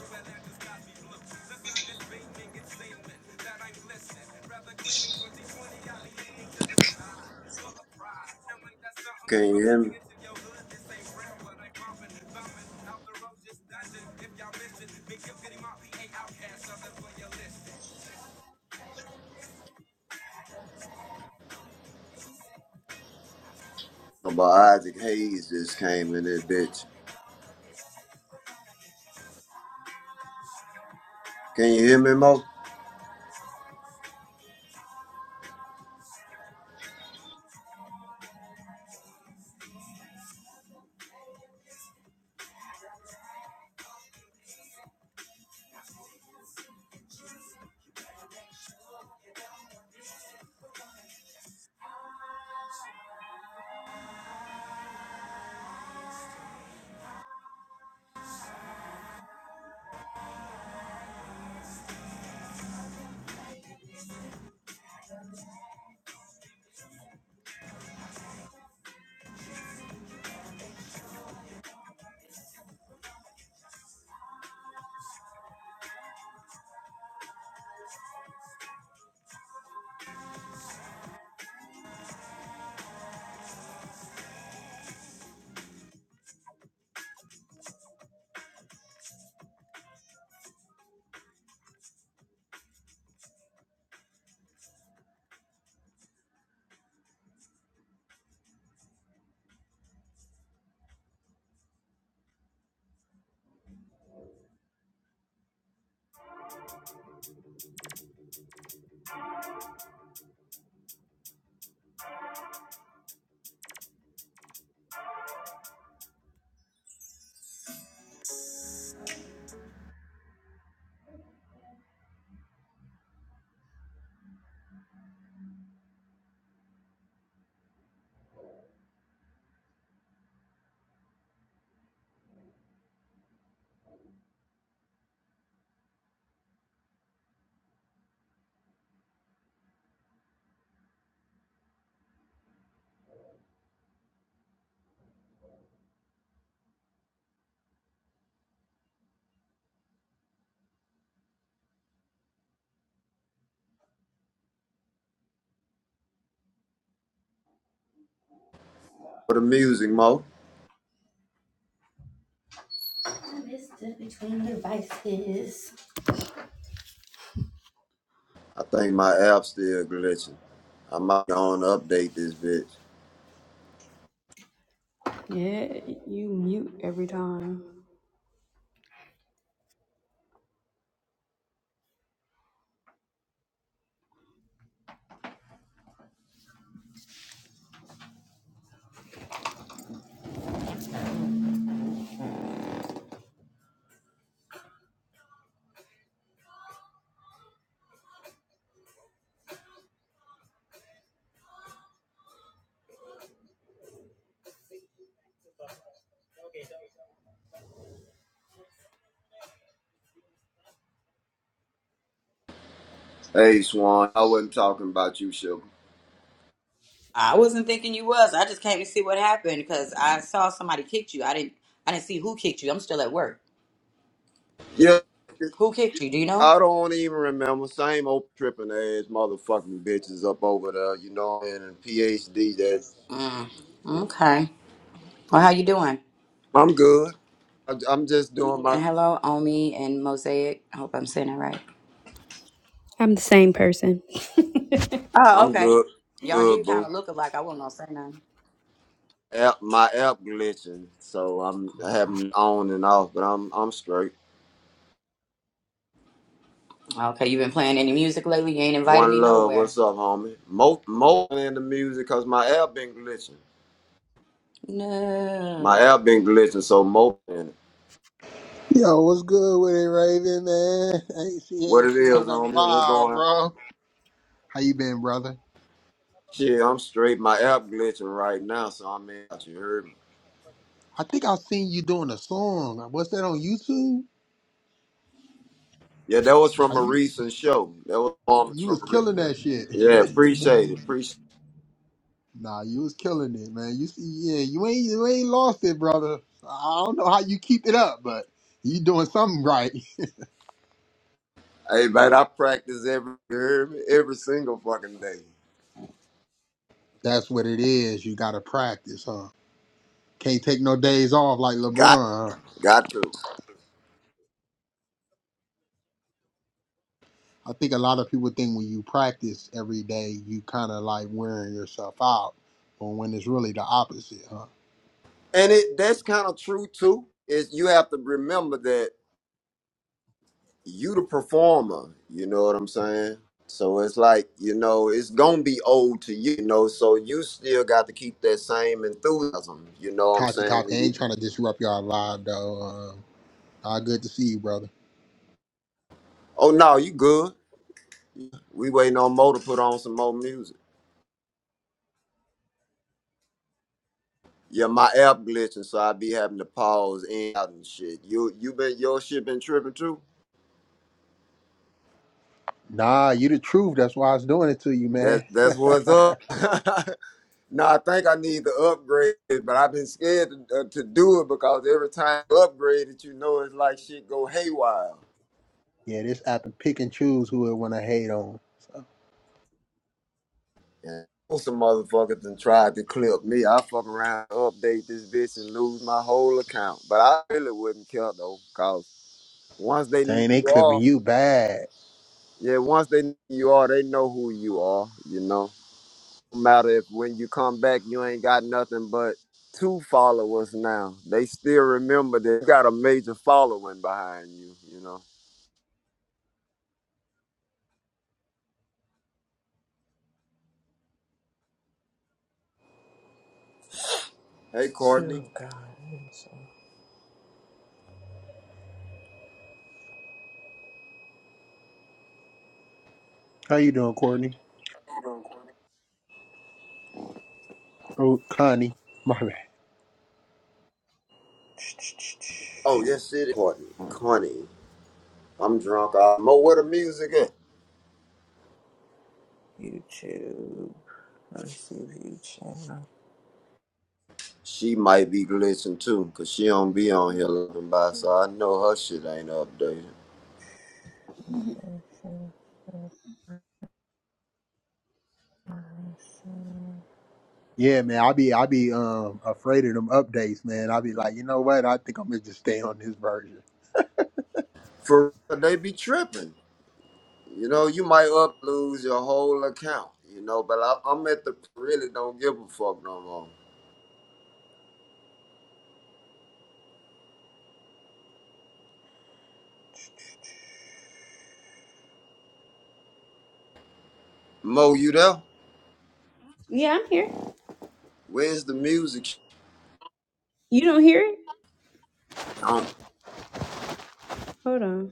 Can you hear me? About Isaac Hayes just came in that bitch. Can you hear me, Mo? For the music, Mo.
I missed it between devices.
I think my app still glitching. I might go on to update this bitch.
Yeah, you mute every time.
Hey, Swan. I wasn't talking about you, sugar.
I wasn't thinking you was. I just came to see what happened because I saw somebody kicked you. I didn't. I didn't see who kicked you. I'm still at work.
Yeah,
Who kicked you? Do you know?
I don't even remember. Same old tripping ass motherfucking bitches up over there, you know, and and PhD that.
Mm. Okay. Well, how you doing?
I'm good. I, I'm just doing my.
And hello, Omi and Mosaic. I hope I'm saying that right.
I'm the same person.
Oh,
I'm
okay.
good,
Y'all do
good,
kind
boo.
of look alike. I wasn't gonna say nothing.
App, my app glitching, so I'm having it on and off, but I'm I'm straight.
Okay, you been playing any music lately? You ain't invited
One
me
love,
nowhere.
what's up, homie? Mo, mo in the music, cause my app been glitching.
No.
My app been glitching, so mo in it.
Yo, what's good with it, Raven, man? Ain't see,
What
ain't
it
seen you
is,
in a
homie? We're
while,
going.
bro. How you been, brother?
Shit, I'm straight. My app glitching right now, so I'm in. You heard me?
I think I seen you doing a song. What's that on YouTube?
Yeah, that was from
Are
a
you
recent show. That was performance
you was
from a
killing
recent.
that shit. (laughs)
Yeah, appreciate it. Appreciate.
Nah, you was killing it, man. You see, yeah, you ain't you ain't lost it, brother. I don't know how you keep it up, but you doing something right.
Hey, man, I practice every you heard me? every single fucking day.
(laughs) That's what it is. You gotta practice, huh? Can't take no days off like LeBron. huh?
Got to.
I think a lot of people think when you practice every day, you kind of like wearing yourself out, but when it's really the opposite, huh?
And it that's kind of true too. Is you have to remember that you the performer. You know what I'm saying? So it's like, you know, it's gonna be old to you, you know, so you still got to keep that same enthusiasm, you know what I'm
Copy,
saying?
copy.
When
I
you
ain't trying to disrupt y'all live though. Uh, all good to see you, brother.
Oh no, you good. We waiting on Mo to put on some more music. Yeah, my app glitching, so I be having to pause in and out and shit. You you been your shit been tripping too?
Nah, you the truth. That's why I was doing it to you,
That
man. (laughs)
that's what's
yeah,
up. (laughs) No, I think I need to upgrade it, but I've been scared to, uh, to do it because every time you upgrade it, you know it's like shit go haywire.
this app can pick and choose who it want to hate on.
And some motherfuckers done tried to clip me. I fuck around, update this bitch, and lose my whole account. But I really wouldn't care though, cause once they know
Dang, they
you
clipping
are,
you bad.
yeah, once they know you are, they know who you are. You know, no matter if when you come back, you ain't got nothing but two followers now. They still remember that you got a major following behind you. You know. Hey,
So
Courtney.
God, I'm so
How you doing, Courtney? Oh, Connie. My bad.
Oh, yes, it is Courtney. Courtney. I'm drunk. I know where the music at.
YouTube. I see YouTube.
She might be glitching too, 'cause she don't be on here looking by, so I know her shit ain't updated.
Yeah, man, I be I be um afraid of them updates, man. I be like, you know what? I think I'm gonna just stay on this version.
For real, they be tripping. You know, you might up lose your whole account, you know, but I, I'm at the really don't give a fuck no more. Mo, you there?
Yeah, I'm here.
Where's the music?
You don't hear it?
Don't.
Hold on.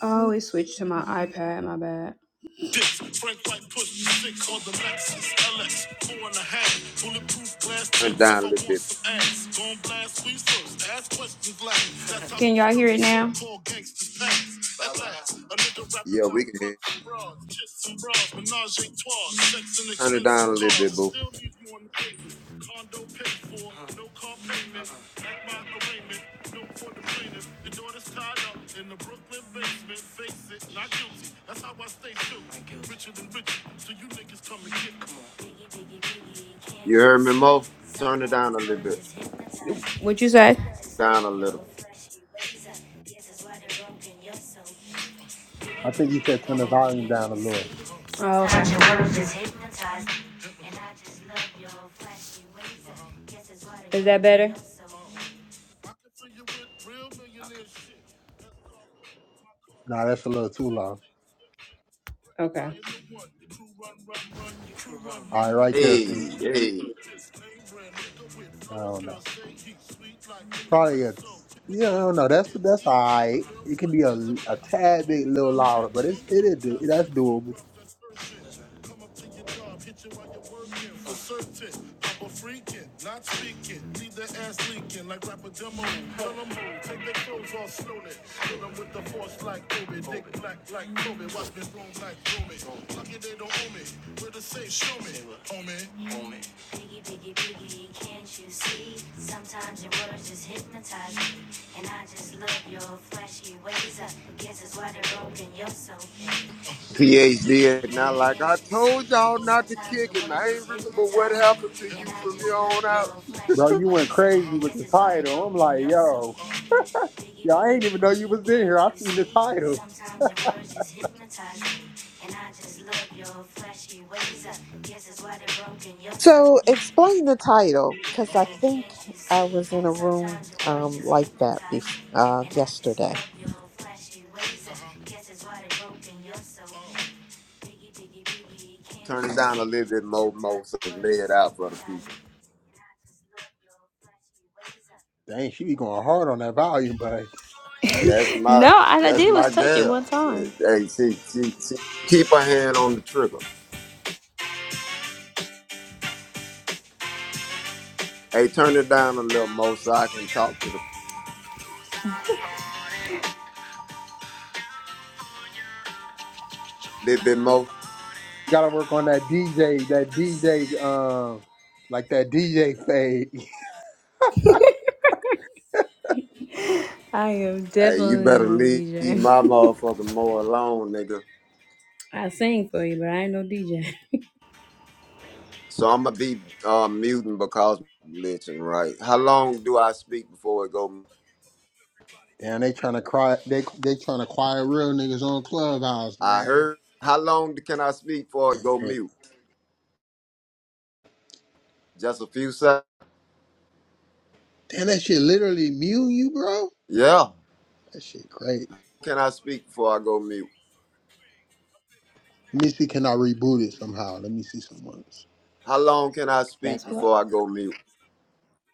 I always switch to my iPad, my bad.
Turn it down a little bit.
so
Yeah, we can hear. Turn it down a little bit, boo.
Biggie, biggie, biggie,
You
can't you
heard me,
see?
Mo? Turn it
Sometimes
down a
your
little
words
bit.
just hypnotize me. What you say? Just look,
Down a little.
your flashy ways. This is why they're broken. You're so
I think you said turn the volume down a little.
Oh, okay. Is that better?
Nah, that's a little too low.
Okay.
All right, right there,
Hey,
Sink.
hey,
I don't know. Probably a, yeah, I don't know. That's that's all right. It can be a, a tad bit little louder, but it's it is do- that's doable.
Sometimes your words just hypnotize me, and I just love your flashy ways. I guess that's why they're broken, you're so
PhD, and
you
not like
can't
I told
see.
y'all not to
Sometimes
kick
your
him. I
words
ain't
just
remember what
hypnotize
happened to
me, and
you
I
from here
just love
on
your
out.
Bro,
flashy
you went
ways.
crazy
I
with
guess
the
that's why they're
title. I'm
broken,
like,
you're
yo,
so Biggie,
yo, I
biggie,
ain't even know you
biggie,
was in here.
can't
I
you
seen the
see?
title.
Sometimes your words just hypnotize me. And I just love your flashy ways. I guess that's why they're broken. You're so
So
mean,
explain the title, because I think
can't you
I
see?
was in a room
Sometimes your words
um
just
like that
hypnotize
bef-
me.
uh, yesterday.
Turn it down a little bit more, more so lay it out for the people.
Dang, she be going hard on that volume, but
Hey, that's my
No, all I
that's
did
my
was touch it one
girl. Shit,
time.
Hey, she, she, she keep her hand on the trigger. Hey, turn it down a little more so I can talk to the little bit more.
you gotta work on that DJ, that DJ, um, like that DJ fade. (laughs)
I am
Hey, you
definitely
better
not a
leave my
DJ.
motherfucking more alone, nigga.
(laughs) I sing for you, but I ain't no DJ.
So I'm gonna be uh, muting because I'm glitching. Right? How long do I speak before it go?
Damn, they trying to cry. They they trying to quiet real niggas on Clubhouse,
I
man.
heard. How long can I speak before it go
Damn,
mute? Just a few seconds.
Damn, that shit literally mute you, bro.
Yeah.
That shit crazy.
Can I speak before I go mute?
Let me see, can I reboot it somehow? Let me see some ones.
How long can I speak
That's what.
before I go mute?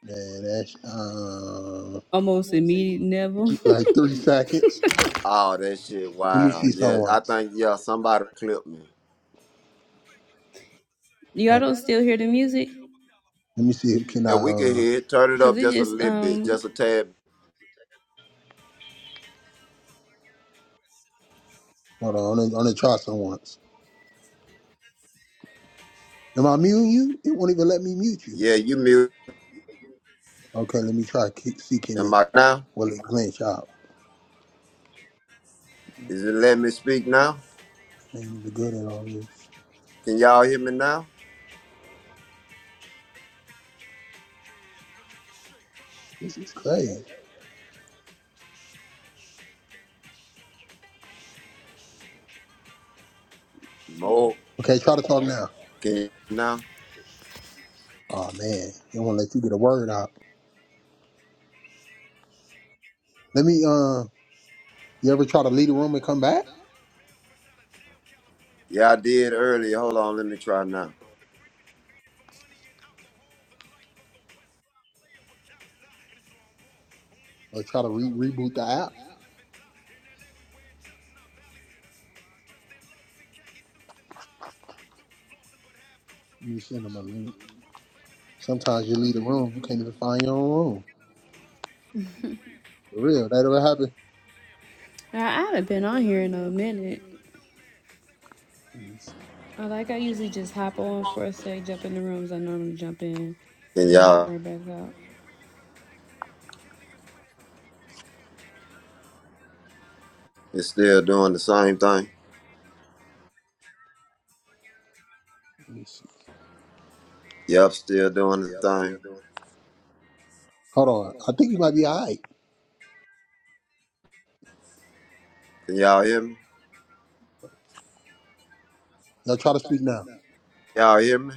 Man, that's uh,
Almost immediate level. (laughs)
like three seconds.
Oh, that shit!
Let me
Wow.
see some
Yeah, I
ones.
think yeah somebody clipped me.
Y'all
Uh,
don't still hear the music?
let me see. Can I?
Yeah, we can
Uh,
hear it. Turn it
Cause
up
it
just a
just
little bit,
um,
just a tad.
hold on. I'm gonna, try some ones. Am I muting you? It won't even let me mute you.
Yeah, you mute.
Okay, let me try keep seeking
Am
it.
I now?
Will it glitch out?
Is it letting me speak now?
I ain't even good at all this.
Can y'all hear me now?
This is crazy.
No.
Okay, try to talk now.
Can you now?
Oh man, they won't let you get a word out. Let me. Uh, you ever try to leave the room and come back,
Yeah, I did earlier. Hold on, let me try now.
or try to re- reboot the app? You send them a link. Sometimes you leave the room, you can't even find your own room. For real, that ever happen?
I I'd have been on here in a minute.
Let me see.
I like I usually just hop on for a sec, jump in the rooms I normally jump in
Can
and hop
y'all
right back out.
it's still doing the same thing?
Let me see.
Yep, still doing the thing.
Hold on. I think you might be all right.
Can y'all hear me?
Y'all try to speak now.
Y'all hear me?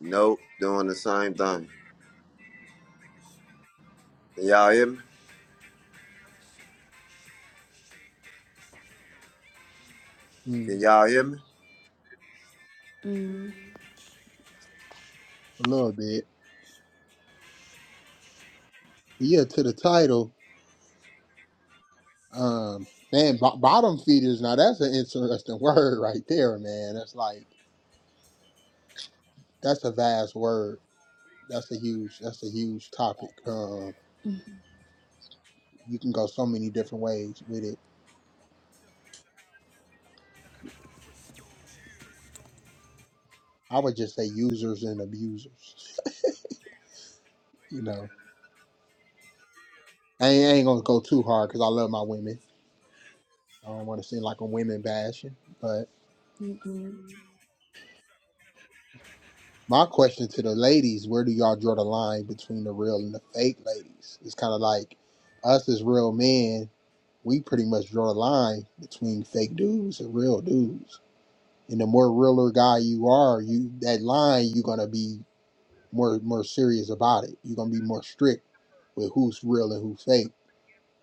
Nope, doing the same thing. Can y'all hear me?
Hmm,
Can y'all hear me?
Mm,
a little bit. But yeah, to the title. Um, man, bo- bottom feeders. Now that's an interesting (laughs) word right there, man. That's like that's a vast word. That's a huge. That's a huge topic. Um, You can go so many different ways with it. I would just say users and abusers. You know, I ain't, I ain't gonna go too hard because I love my women. I don't want to seem like I'm women bashing. But
mm-mm.
my question to the ladies: Where do y'all draw the line between the real and the fake ladies? It's kind of like us as real men. We pretty much draw the line between fake dudes and real dudes. And the more realer guy you are, you that line you're gonna be more more serious about it. You're gonna be more strict with who's real and who's fake.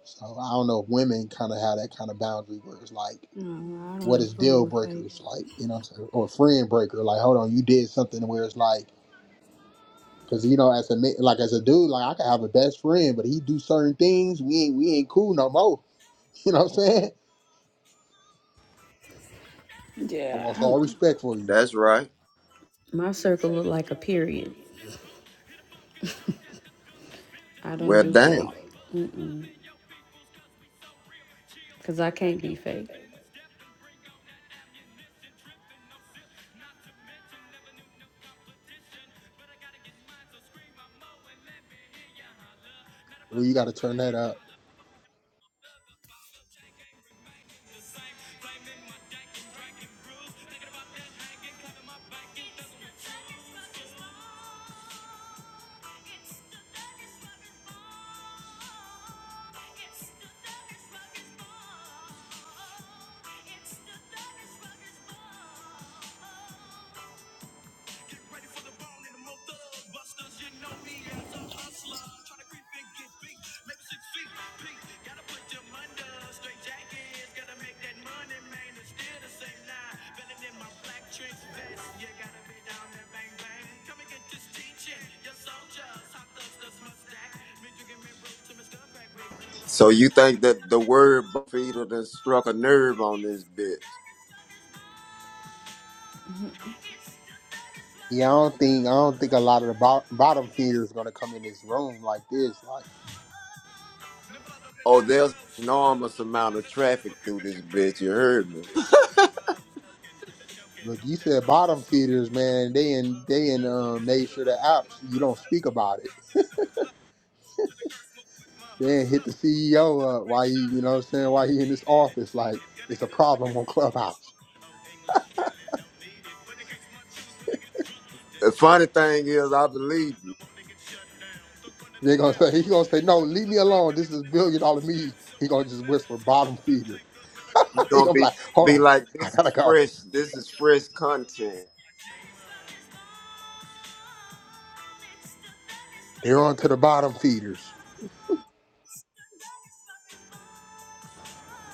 So I don't know if women kind of have that kind of boundary where it's like,
No, I don't
what
even
is
fool
deal
with fake.
breakers like, you know, what I'm saying? or friend breaker? Like, hold on, you did something where it's like, because you know, as a ma- like as a dude, like I could have a best friend, but he do certain things we ain't we ain't cool no more. (laughs) You know what I'm saying? I
Yeah,
lost all
I'm-
respect for you.
That's right.
my circle look like a period. I don't
Well
do
damn.
fake. Mm-mm. Cause I can't be fake.
Well, you got to turn that up.
So you think that the word feeder done struck a nerve on this bitch?
Yeah, I don't think I don't think a lot of the bo- bottom feeders gonna come in this room like this. Like.
Oh, there's enormous amount of traffic through this bitch, you heard me. (laughs)
Look, you said bottom feeders, man. They and they and uh, made sure the apps you don't speak about it. Then hit the CEO up why he, you know, what I'm saying why he in this office. Like it's a problem on (laughs) Clubhouse.
The funny thing is I believe you.
They gonna say he gonna say no, leave me alone. This is billion dollar me. He gonna just whisper bottom feeder.
You're
(laughs) he
gonna
gonna be
be
like, hold
be
on,
like,
I
this
gotta
is
go.
fresh. This is fresh content,
They're on to the bottom feeders.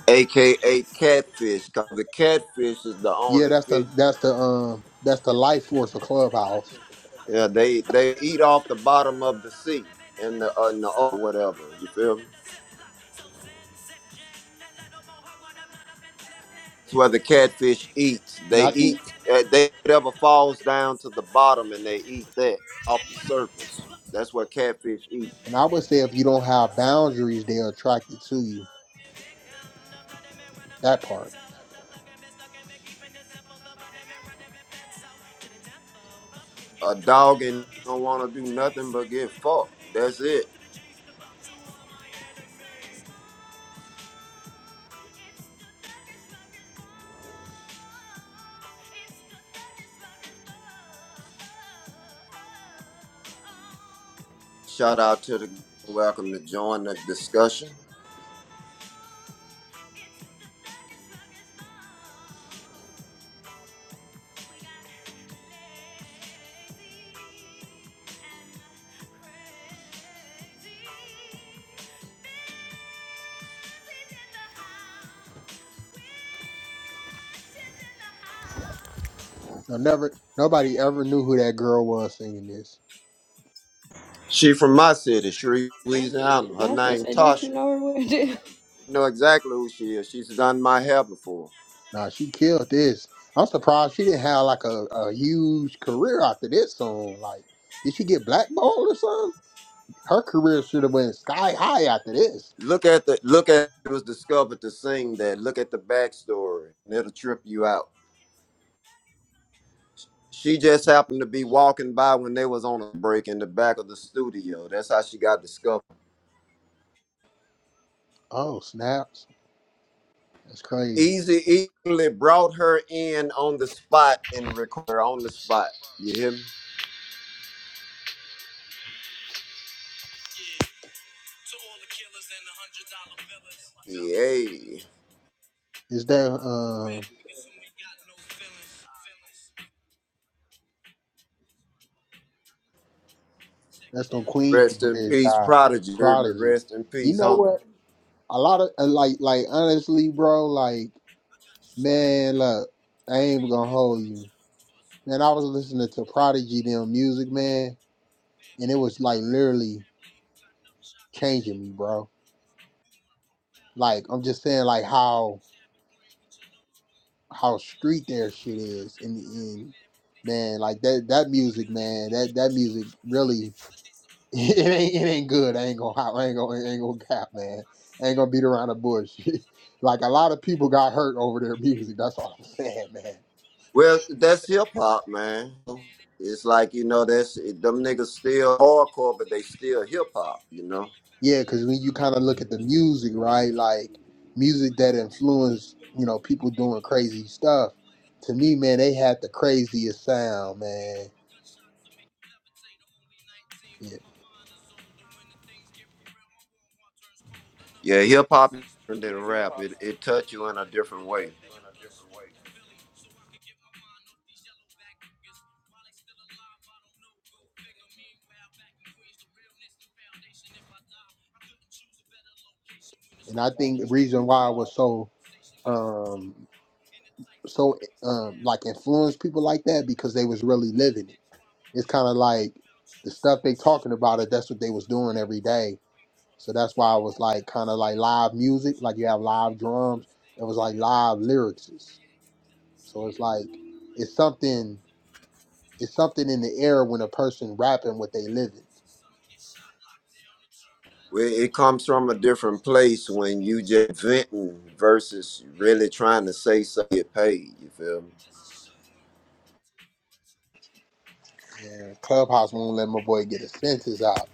aka catfish, because the catfish is the
Yeah,
only
that's the
fish.
that's
That,
the um that's the life force of Clubhouse.
yeah, they they eat off the bottom of the sea and the uh, in the or whatever. You feel me? That's where the catfish eats.
And
They
I
eat. uh, They whatever falls down to the bottom, and they eat that off the surface. That's what catfish eat.
and I would say if you don't have boundaries, they're attracted to you. That part.
A dog and don't want to do nothing but get fucked. That's it. Shout out to the welcome to join the discussion.
No, never. Nobody ever knew who that girl was singing this.
She from my city, Shreve, Louisiana. Her
I was gonna
name
say, don't you
Tasha.
know her what it is? (laughs)
I know exactly who she is. She's done my hair before.
Nah, she killed this. I'm surprised she didn't have like a, a huge career after this song. Like, did she get blackballed or something? Her career should have went sky high after this.
Look at the look at it was discovered to sing that. Look at the backstory. And it'll trip you out. She just happened to be walking by when they was on a break in the back of the studio. That's how she got discovered.
Oh snaps! That's crazy.
Easy easily brought her in on the spot and recorded her on the spot. You hear me? Yay.
Is that um? That's the
Rest in
Queensbridge
peace,
guy,
Prodigy. You heard me?
Prodigy.
Rest in
You
peace,
know
homie.
what? A lot of uh, like, like honestly, bro. Like, man, look, I ain't even gonna hold you. Man, I was listening to Prodigy them music, man and it was like literally changing me, bro. Like I'm just saying, like how how street their shit is in the end, man. Like that that music, man. That that music really (laughs) it ain't it ain't good. I ain't gonna I ain't gonna I ain't gonna cap, man. I ain't gonna beat around the bush. (laughs) like a lot of people got hurt over their music. That's all I'm (laughs) saying, man.
Well, that's hip hop, man. It's like you know, that's them niggas still hardcore, but they still hip hop. You know?
Yeah, because when you kind of look at the music, right? Like music that influenced, you know, people doing crazy stuff. To me, man, they had the craziest sound, man. Yeah.
Yeah, hip hop is different than rap. It it touch you in a different way.
And I think the reason why I was so, um, so um, like influenced people like that because they was really living it. It's kind of like the stuff they talking about it. That's what they was doing every day. So that's why I was like kind of like live music, like you have live drums. It was like live lyrics. So it's like it's something it's something in the air when a person rapping what they living.
Well, It comes from a different place when you just venting versus really trying to say something get paid. You feel me?
Yeah, Clubhouse won't let my boy get his senses out.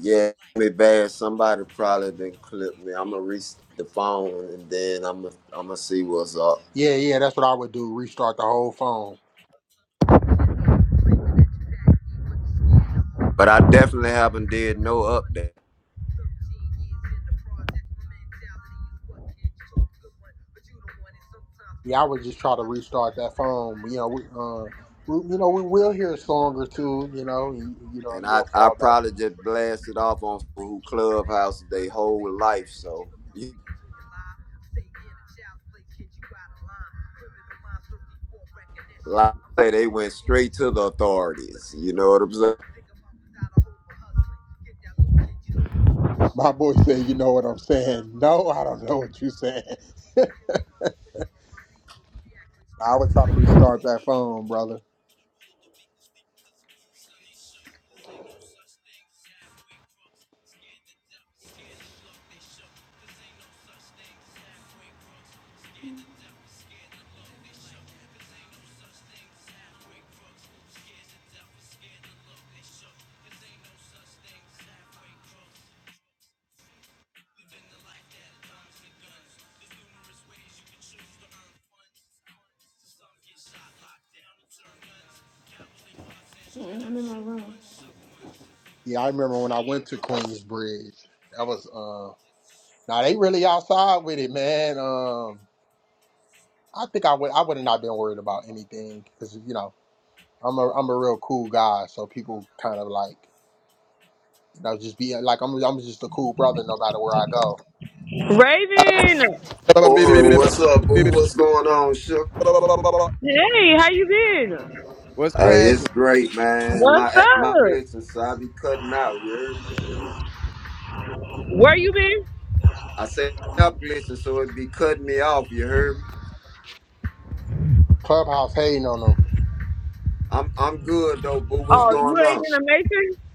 Yeah, me bad. Somebody probably didn't clip me. I'ma reach the phone and then I'ma I'ma see what's up.
Yeah, yeah, that's what I would do. Restart the whole phone.
But I definitely haven't did no update.
Yeah, I would just try to restart that phone. You know, we, uh, we, you know, we will hear a song or two. You know, you, you know,
And I,
you'll
I
fall back.
probably just blasted off on who Clubhouse they whole life. So (laughs) you- like I say, they went straight to the authorities. You know what I'm saying?
My boy said, "You know what I'm saying?" (laughs) No, I don't know what you saying. I would try to restart that phone, brother. Yeah, I remember when I went to Queensbridge. That was um, Now they really outside with it, man. Um, I think I would I would have not been worried about anything because you know I'm a I'm a real cool guy, so people kind of like you know just be like I'm I'm just a cool brother no matter where I go.
Raven,
Aura, what's up, boo? What's going on, Shook?
hey, how you been?
Was
Hey,
cracking?
it's great, man. My
What's
my
up?
glitching, so I be cutting out, you heard?
Where you been?
I said up glitching, so it be cutting me off, you heard me?
Clubhouse hating on them.
I'm I'm good though, boo. What's
Oh,
going
you
on?
ain't been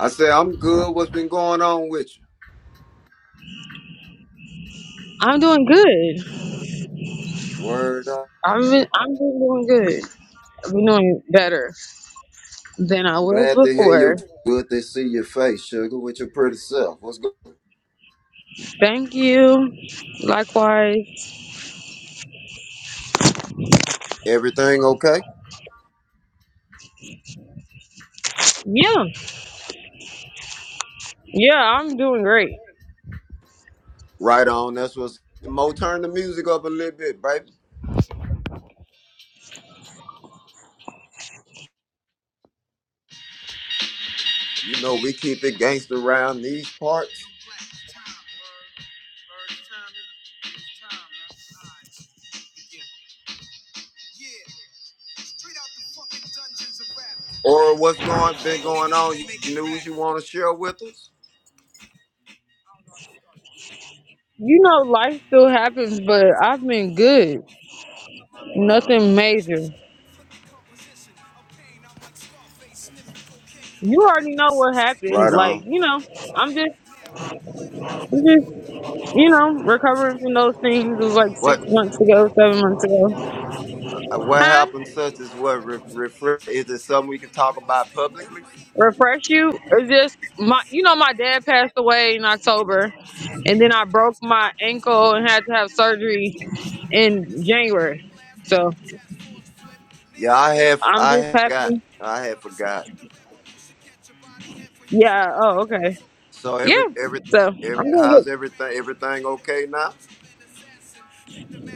I said I'm good. What's been going on with you?
amazing. I'm doing good.
Word up.
i am been, I'm been doing good. I've been doing better than I was
Glad to hear you.
before.
Good to see your face, sugar, with your pretty self. What's good?
Thank you. Likewise.
Everything okay?
Yeah, yeah, I'm doing great.
Right on. That's what's. Mo, turn the music up a little bit, baby. You know we keep it gangster around these parts. Or what's going been going on? You news you want to share with us?
You know, life still happens, but I've been good. Nothing major. You already know what happened.
Right
Like,
on.
you know, I'm just Just you know, recovering from those things was like six
What
months ago, seven months ago.
uh, what
Huh?
happened? Such as what? Re- refer, is it something we can talk about publicly?
Refresh you? Is just my you know my dad passed away in October and then I broke my ankle and had to have surgery in January. So
Yeah, I have.
I'm
I
just
have got.
happy.
I have forgot.
Yeah, oh okay.
So every
Yeah.
every
So
every
I'm doing
how's
good.
everything? Everything okay now?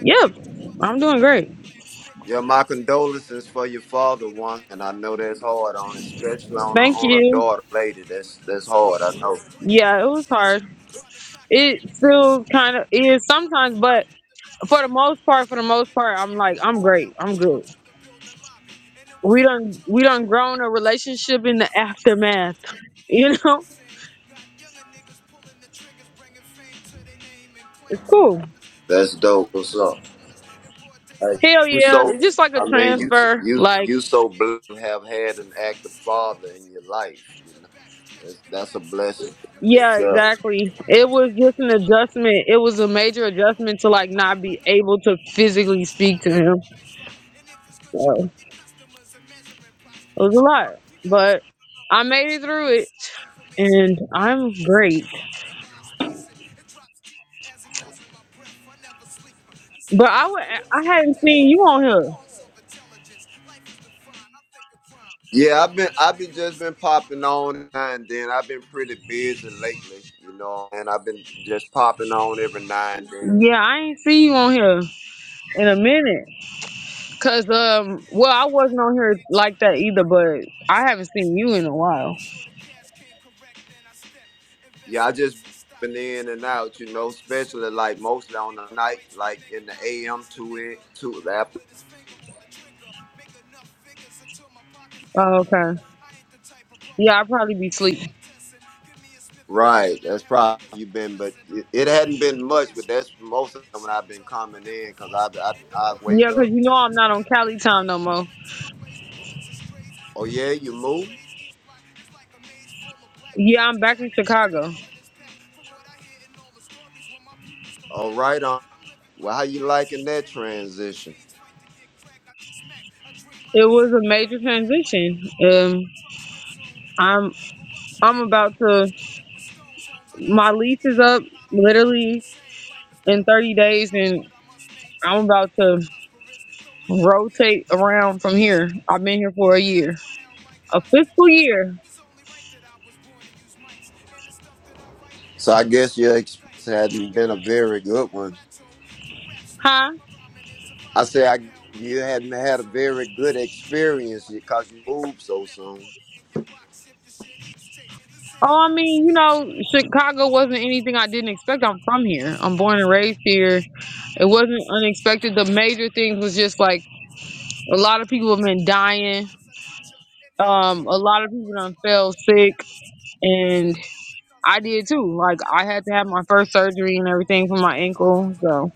Yep. I'm doing great.
Yeah, my condolences for your father, one, and I know that's hard on, especially on a
Thank
on a
you.
daughter lady. That's that's hard. I know.
Yeah, it was hard. It still kinda is sometimes, but for the most part, for the most part, I'm like, I'm great. I'm good. We done we done grown a relationship in the aftermath. (laughs) You know? It's cool.
That's dope. What's up? Hey,
Hell
you
yeah.
so.
It's just like a
I mean, you
transfer.
you
Like,
you so blessed to have had an active father in your life. You know, that's that's a blessing in
yeah,
itself.
exactly. It was just an adjustment. It was a major adjustment to like not be able to physically speak to him. So it was a lot. But I made it through it and I'm great. But I would I hadn't seen you on here.
Yeah, I've been I've been just been popping on now and then. I've been pretty busy lately, you know, and I've been just popping on every now and then.
Yeah, I ain't see you on here in a minute. Cause um, well, I wasn't on here like that either, but I haven't seen you in a while.
Yeah, I just been in and out, you know, especially like mostly on the night, like in the AM to it to after.
Oh, okay. Yeah, I'll probably be asleep.
Right, that's probably you been, but it, it hadn't been much. But that's most of them when I've been coming in because I, I I wake
Yeah, cause
up.
you know I'm not on Cali time no more.
Oh yeah, you move.
Yeah, I'm back in Chicago.
All right, on. Well, how you liking that transition?
It was a major transition. Um, I'm I'm about to my lease is up literally in 30 days, and I'm about to rotate around from here. I've been here for a year, a fiscal year,
So I guess your experience hadn't been a very good one.
huh?
I say I you hadn't had a very good experience because you moved so soon.
Oh, I mean, you know, Chicago wasn't anything I didn't expect. I'm from here. I'm born and raised here. It wasn't unexpected. The major things was just like a lot of people have been dying. Um, a lot of people done fell sick, and I did too. Like I had to have my first surgery and everything for my ankle. So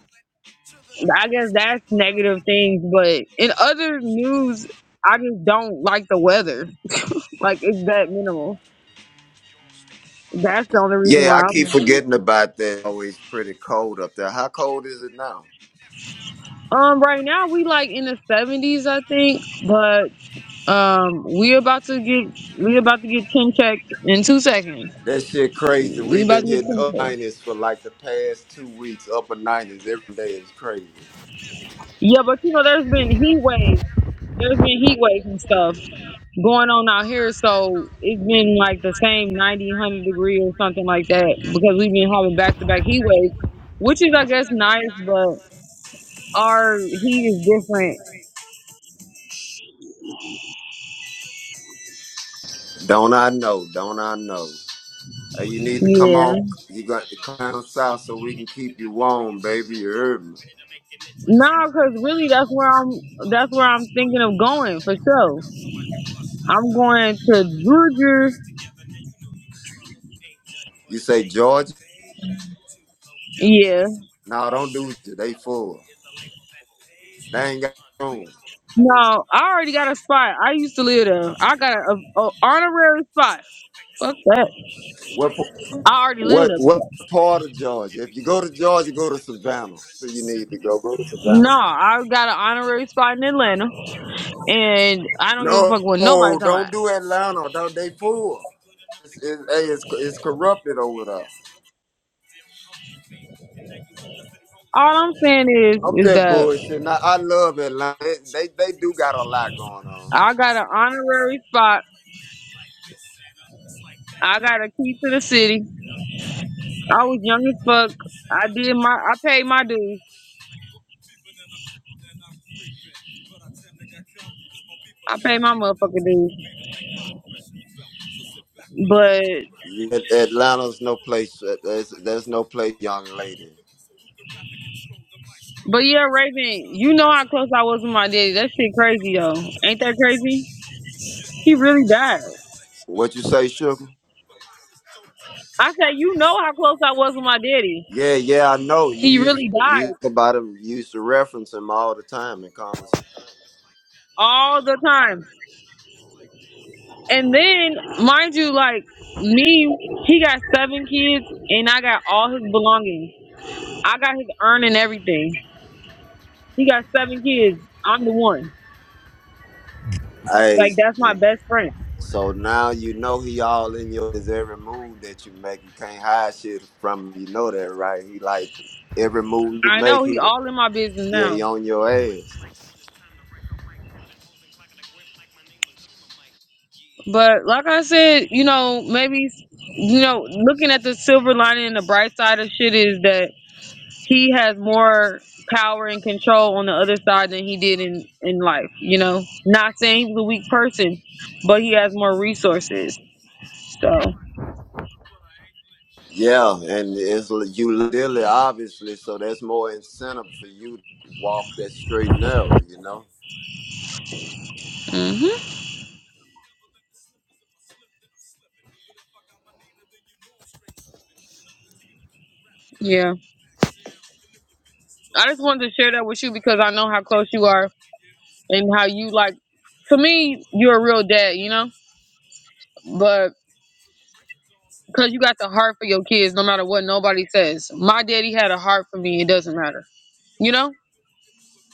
I guess that's negative things. But in other news, I just don't like the weather. Like it's that minimal. That's the only reason
Yeah, I
why
keep
I'm.
forgetting about that. Always pretty cold up there. How cold is it now?
Um, right now we like in the seventies, I think, but um, we about to get we about to get ten checked in two seconds.
That shit crazy.
We
We've
about
been
to get
hitting
ten
up
checked.
90s for like the past two weeks. Upper 90s every day is crazy.
Yeah, but you know, there's been heat waves. There's been heat waves and stuff going on out here, so it's been like the same 90, 100 degree or something like that because we've been having back to back heat waves, which is, I guess, nice, but our heat is different.
Don't I know? Don't I know? Hey, you need to come on.
Yeah.
You got to come down south so we can keep you warm, baby. You heard me.
No, because really, that's where I'm. That's where I'm thinking of going for sure. I'm going to Georgia.
You say Georgia?
Yeah.
No, don't do it. They full. They ain't got room.
No, I already got a spot. I used to live there. I got an honorary spot. That-
What
I already live
what
there.
what
before.
part of Georgia? If you go to Georgia, go to Savannah. Where You need to go. Go to Savannah.
No, I got an honorary spot in Atlanta, and I don't give a
No,
fuck what nobody's talking
don't
about.
do Atlanta. Don't they fool? It's, it's, hey, it's it's corrupted over there.
All I'm saying is,
I'm
is
just
that
bullshitting. I, I love Atlanta. They, they they do got a lot going on.
I got an honorary spot. I got a key to the city. I was young as fuck. I did my, I paid my dues. I paid my motherfucking dues. But
Yeah, Atlanta's no place. uh, There's there's no place, young lady.
But yeah, Raven, you know how close I was with my daddy. That shit crazy though. Ain't that crazy? He really died.
What you say, sugar?
I said, you know how close I was with my daddy.
Yeah, yeah, I know. You
He
used
really
you
died
used about him. You used to reference him all the time in conversation.
all the time. And then, mind you, like me, he got seven kids, and I got all his belongings. I got his urn and everything. He got seven kids. I'm the one.
Hey,
Like that's my best friend.
So now you know he all in your is every move that you make. You can't hide shit from him. You know that, right? He like every move you
I
make,
know he
he
all in my business
yeah,
now.
he on your ass.
But like I said, you know, maybe you know, looking at the silver lining and the bright side of shit is that he has more power and control on the other side than he did in in life. You know, not saying he's a weak person, but he has more resources. So,
Yeah, and it's l- you literally obviously, so that's more incentive for you to walk that straight and narrow, you know?
hmm yeah, I just wanted to share that with you because I know how close you are and how you like. To me, you're a real dad. You know, but. Cause you got the heart for your kids, no matter what nobody says. My daddy had a heart for me. It doesn't matter. You know,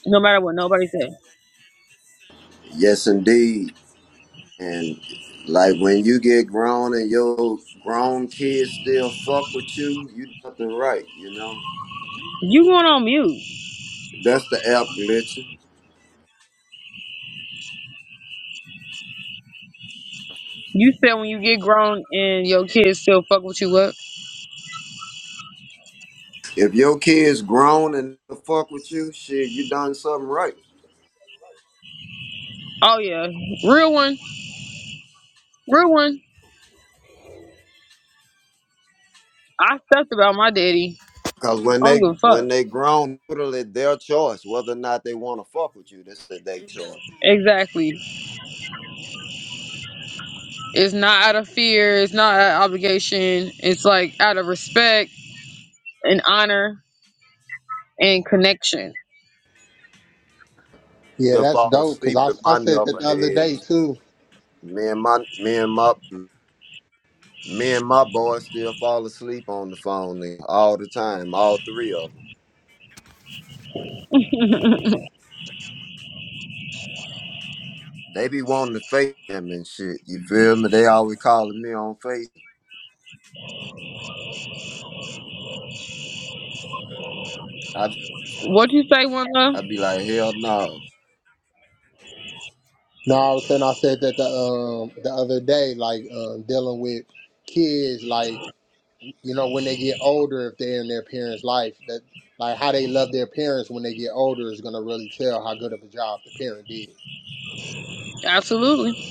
no matter what nobody say.
Yes indeed. And like when you get grown and your grown kids still fuck with you, you nothing right, you know.
You going on mute.
That's the app glitching.
You said when you get grown and your kids still fuck with you up.
If your kids grown and the fuck with you, shit, you done something right.
Oh yeah. Real one. Real one. I stuffed about my daddy.
Cause when
I don't
they
give a
when
fuck.
they grown, totally their choice whether or not they want to fuck with you. This is their choice.
Exactly. It's not out of fear, it's not out of obligation. It's like out of respect and honor and connection.
Yeah,
You'll
that's
fall
dope. Cause
asleep
I,
with
I
my
said that the other day
knuckleheads.
too.
Me and my me and my me and my boys still fall asleep on the phone and- all the time. All three of them. They be wanting to face them and shit. You feel me? They always calling me on face. I
What you say, one love?
I be like, hell no.
No, I was saying I said that the um the other day like um dealing with kids like. you know, when they get older, if they're in their parents' life, that like how they love their parents when they get older is gonna really tell how good of a job the parent did.
Absolutely.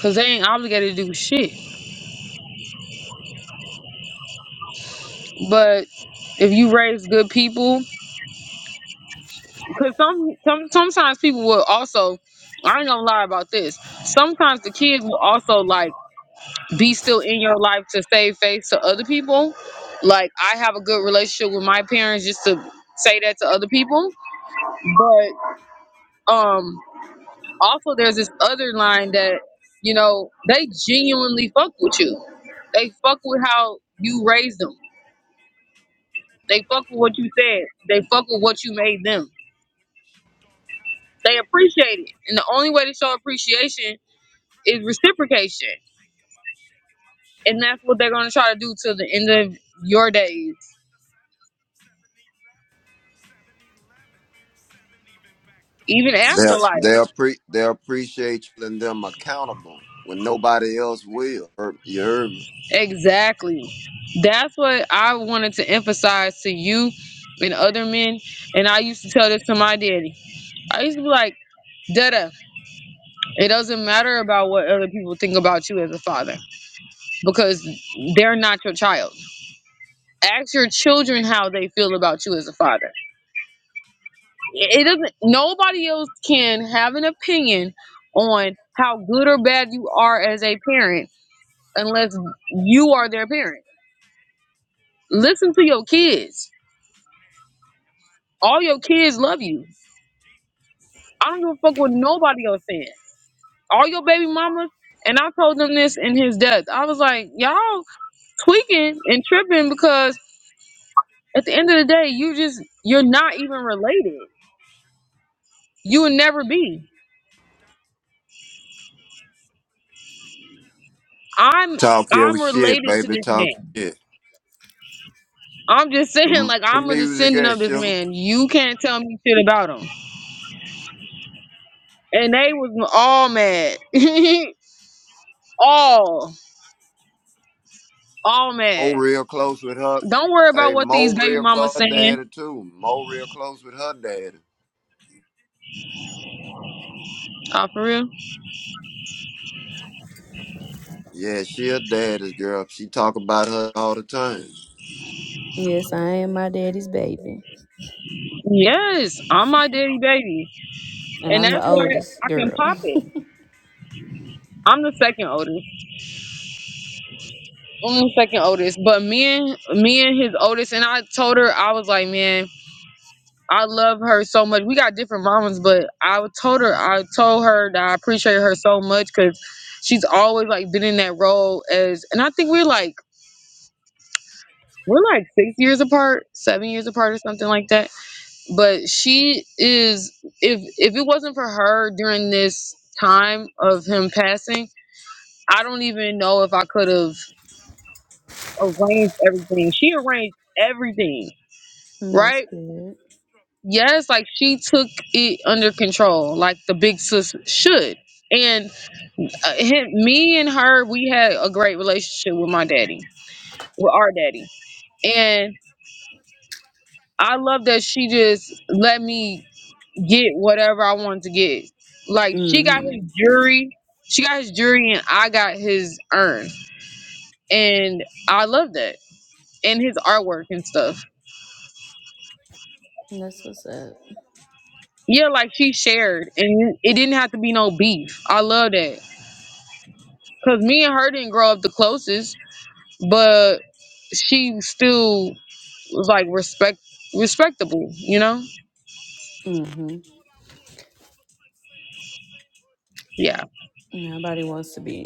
Cause they ain't obligated to do shit. But if you raise good people Cause some, some sometimes people will also I ain't gonna lie about this. Sometimes the kids will also like be still in your life to save face to other people. Like I have a good relationship with my parents just to say that to other people. But um also there's this other line that, you know, they genuinely fuck with you. They fuck with how you raised them. They fuck with what you said. They fuck with what you made them. They appreciate it. And the only way to show appreciation Is reciprocation. And that's what they're going to try to do till the end of your days, even
They'll
after life.
they'll pre they'll appreciate you and them accountable when nobody else will. Er, You heard me.
Exactly. That's what I wanted to emphasize to you and other men. And I used to tell this to my daddy. I used to be like, Dada, it doesn't matter about what other people think about you as a father because they're not your child. Ask your children how they feel about you as a father. it doesn't nobody else can have an opinion on how good or bad you are as a parent unless you are their parent. Listen to your kids. All your kids love you. I don't give a fuck what nobody else says. All your baby mamas and I told them this in his death. I was like, y'all tweaking and tripping because at the end of the day, you just you're not even related. You will never be. I'm
Talk your
I'm
shit,
related to
baby.
this
Talk
man.
your shit.
I'm just saying,
Mo
like
The
I'm a
Music
descendant
and
of this
sugar.
man. You can't tell me shit about him. And they was all mad, (laughs) all, all
Mo
mad.
real close with her.
Don't worry about
Hey,
what
Mo
these baby
real
mamas
close with her
saying.
daddy too. Mo real close with her daddy.
Uh, for real.
Yeah, she a daddy's girl. She talk about her all the time.
Yes, I am my daddy's baby,
Yes, I'm my daddy baby,
and
and
I'm
that's
the
why
oldest
I can
girl.
pop it. I'm the second oldest. I'm the second oldest, but me and me and his oldest, and I told her I was like, man, I love her so much. We got different mamas, but I told her, I told her that I appreciate her so much because she's always like been in that role as, and I think we're like we're like six years apart, seven years apart, or something like that. But she is, if if it wasn't for her during this time of him passing, I don't even know if I could have arranged everything. She arranged everything,
(laughs) That's
right?
good.
yes, like she took it under control, like the big sis should. And uh, him, me and her, we had a great relationship with my daddy, with our daddy. And I love that she just let me get whatever I wanted to get. Like she got
Mm-hmm.
his jury, she got his jury, and I got his urn. And I love that. And his artwork and stuff. Yeah, like she shared, and it didn't have to be no beef. I love that. Cause me and her didn't grow up the closest. but she still was like respect respectable, you know?
Mm-hmm.
Yeah.
Nobody wants to be,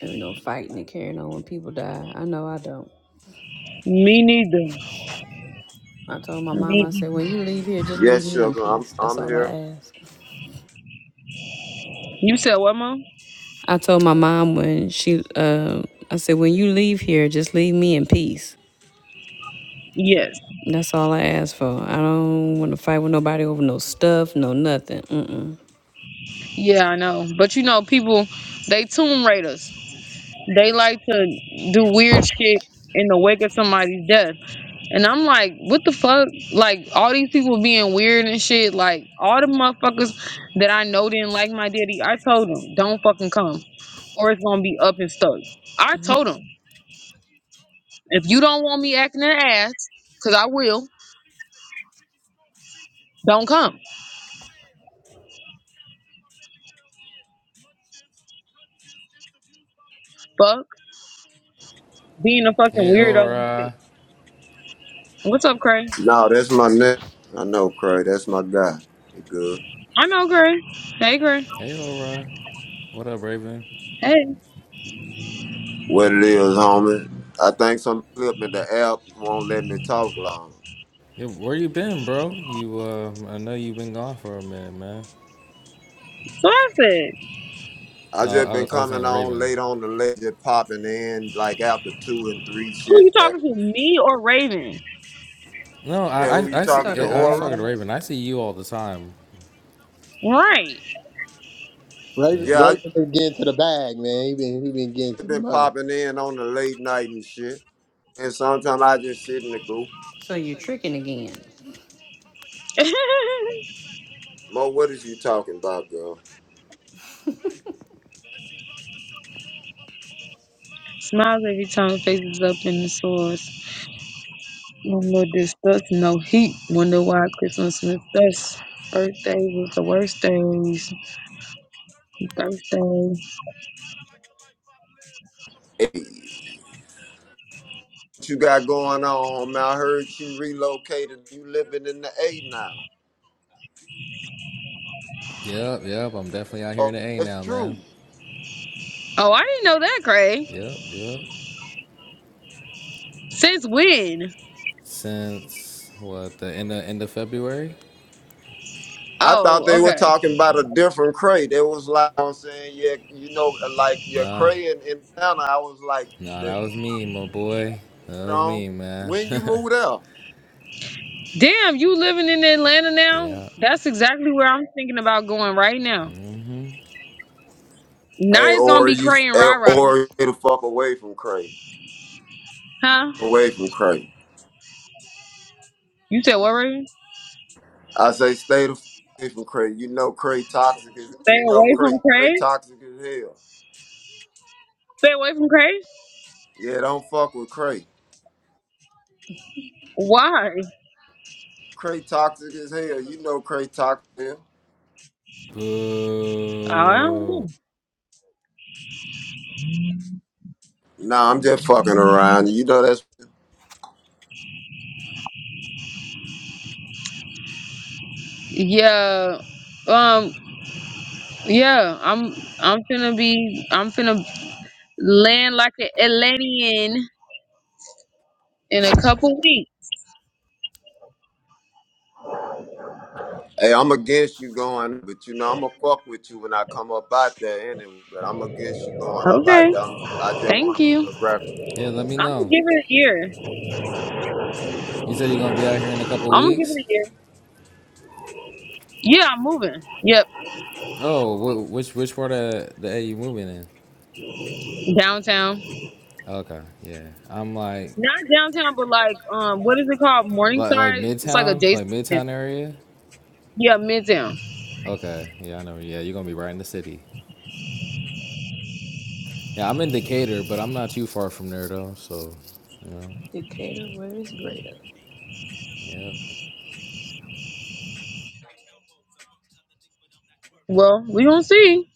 you know, fighting and carrying on when people die. I know I don't.
Me neither.
I told my mom,
Me
I
neither.
said, when you leave here, just leave
Yes,
me in
sugar. I'm
peace. That's
I'm
all I
here.
ask.
You said what, mom?
I told my mom when she, uh, I said, when you leave here, just leave me in peace.
Yes.
That's all I ask for. I don't want to fight with nobody over no stuff, no nothing. Mm-mm.
Yeah, I know. But you know, people they tomb raiders. They like to do weird shit in the wake of somebody's death. And I'm like, what the fuck? Like all these people being weird and shit, like all the motherfuckers that I know didn't like my daddy, I told them, don't fucking come. Or it's gonna be up and stuck. I told them. If you don't want me acting an ass, cause I will, don't come. Fuck being a fucking
Hey,
weirdo. and shit.
Aura.
What's up, Cray?
No, that's my neck. I know, Craig. That's my guy. You good.
I know Cray. Hey, Cray.
Hey, Aura. What up, Raven?
Hey.
What it is, homie? I think some clip in the app won't let me talk long.
Yeah, where you been, bro? You, uh, I know you've been gone for a minute, man.
So I said,
I just
Uh,
been
I, I was
coming
saying to
on
Raven.
late on the late, just popping in like after two and three
who you
shit.
talking to, me or Raven?
No,
Yeah,
I,
who
I,
you
I
talking
see.
to,
I was
Aura?
talking to Raven. I see you all the time.
Right.
Raven,
Yeah.
Yeah, I
Raven been getting to the bag, man. He been he been getting
just
to the
been
money.
popping in on the late night and shit. And sometimes I just sit in the group.
(laughs)
Mo, what is you talking about, girl?
Smiles every time faces up in the source. No more disgust, no heat. Wonder why Christmas Smith best birthday was the worst days. Thursday.
Hey, what you got going on, homie? I heard you relocated. You living in the A now.
Yep, yep. I'm definitely out here in
Oh,
the A
that's
now,
true.
man.
Oh, I didn't know that, Cray.
Yep, yep.
Since when?
Since what the end of end of February?
I thought they
Oh,
were
okay.
talking about a different Cray. They was like I'm saying, yeah, you know, like your
Nah,
Cray in in Atlanta. I was like,
nah. That
that-
was me, my boy. That
you
was
know,
me, man.
when you
(laughs)
moved out,
Damn, you living in Atlanta now?
yeah.
That's exactly where I'm thinking about going right now.
Mm-hmm.
Now
hey,
it's gonna
or
be
you,
Cray and
eh,
Rara,
or stay the fuck away from Cray,
huh?
away from Cray.
You said what, Raven?
I say, stay the fuck away from Cray. You know, Cray toxic. Is,
Stay
you know,
away
Cray,
from
Cray
Cray.
toxic as hell.
Stay away from Cray.
Yeah, don't fuck with Cray.
Why?
Cray toxic as hell. You know, Cray toxic. as hell.
I don't
Boo.
know.
Nah, I'm just fucking around. You know that's
Yeah, um, yeah. I'm I'm finna be I'm finna land like an Atlantean in a couple weeks.
Hey, I'm against you going, but you know I'ma fuck with you when I come up out there anyway. But I'm against you going up out there.
Okay.
I'm, I just want
Thank
to
you.
put a record.
Yeah, let me
I'm gonna
know.
give it a year.
You said you're gonna be out here in a couple
I'm gonna give
weeks.
it a year. Yeah, I'm moving. Yep,
Oh, wh- which which part of the A you moving in?
downtown.
Okay, yeah. I'm like
Not downtown, but like um, what is it called?
like like
Morningside. It's like
Midtown,
adjacent.
like
to
Midtown
down-
area.
Yeah, midtown.
Okay, yeah, I know. Yeah, you're gonna be right in the city. Yeah, I'm in Decatur, but I'm not too far from there though. So, you know,
Decatur, where is greater?
yeah.
Well, we gonna see.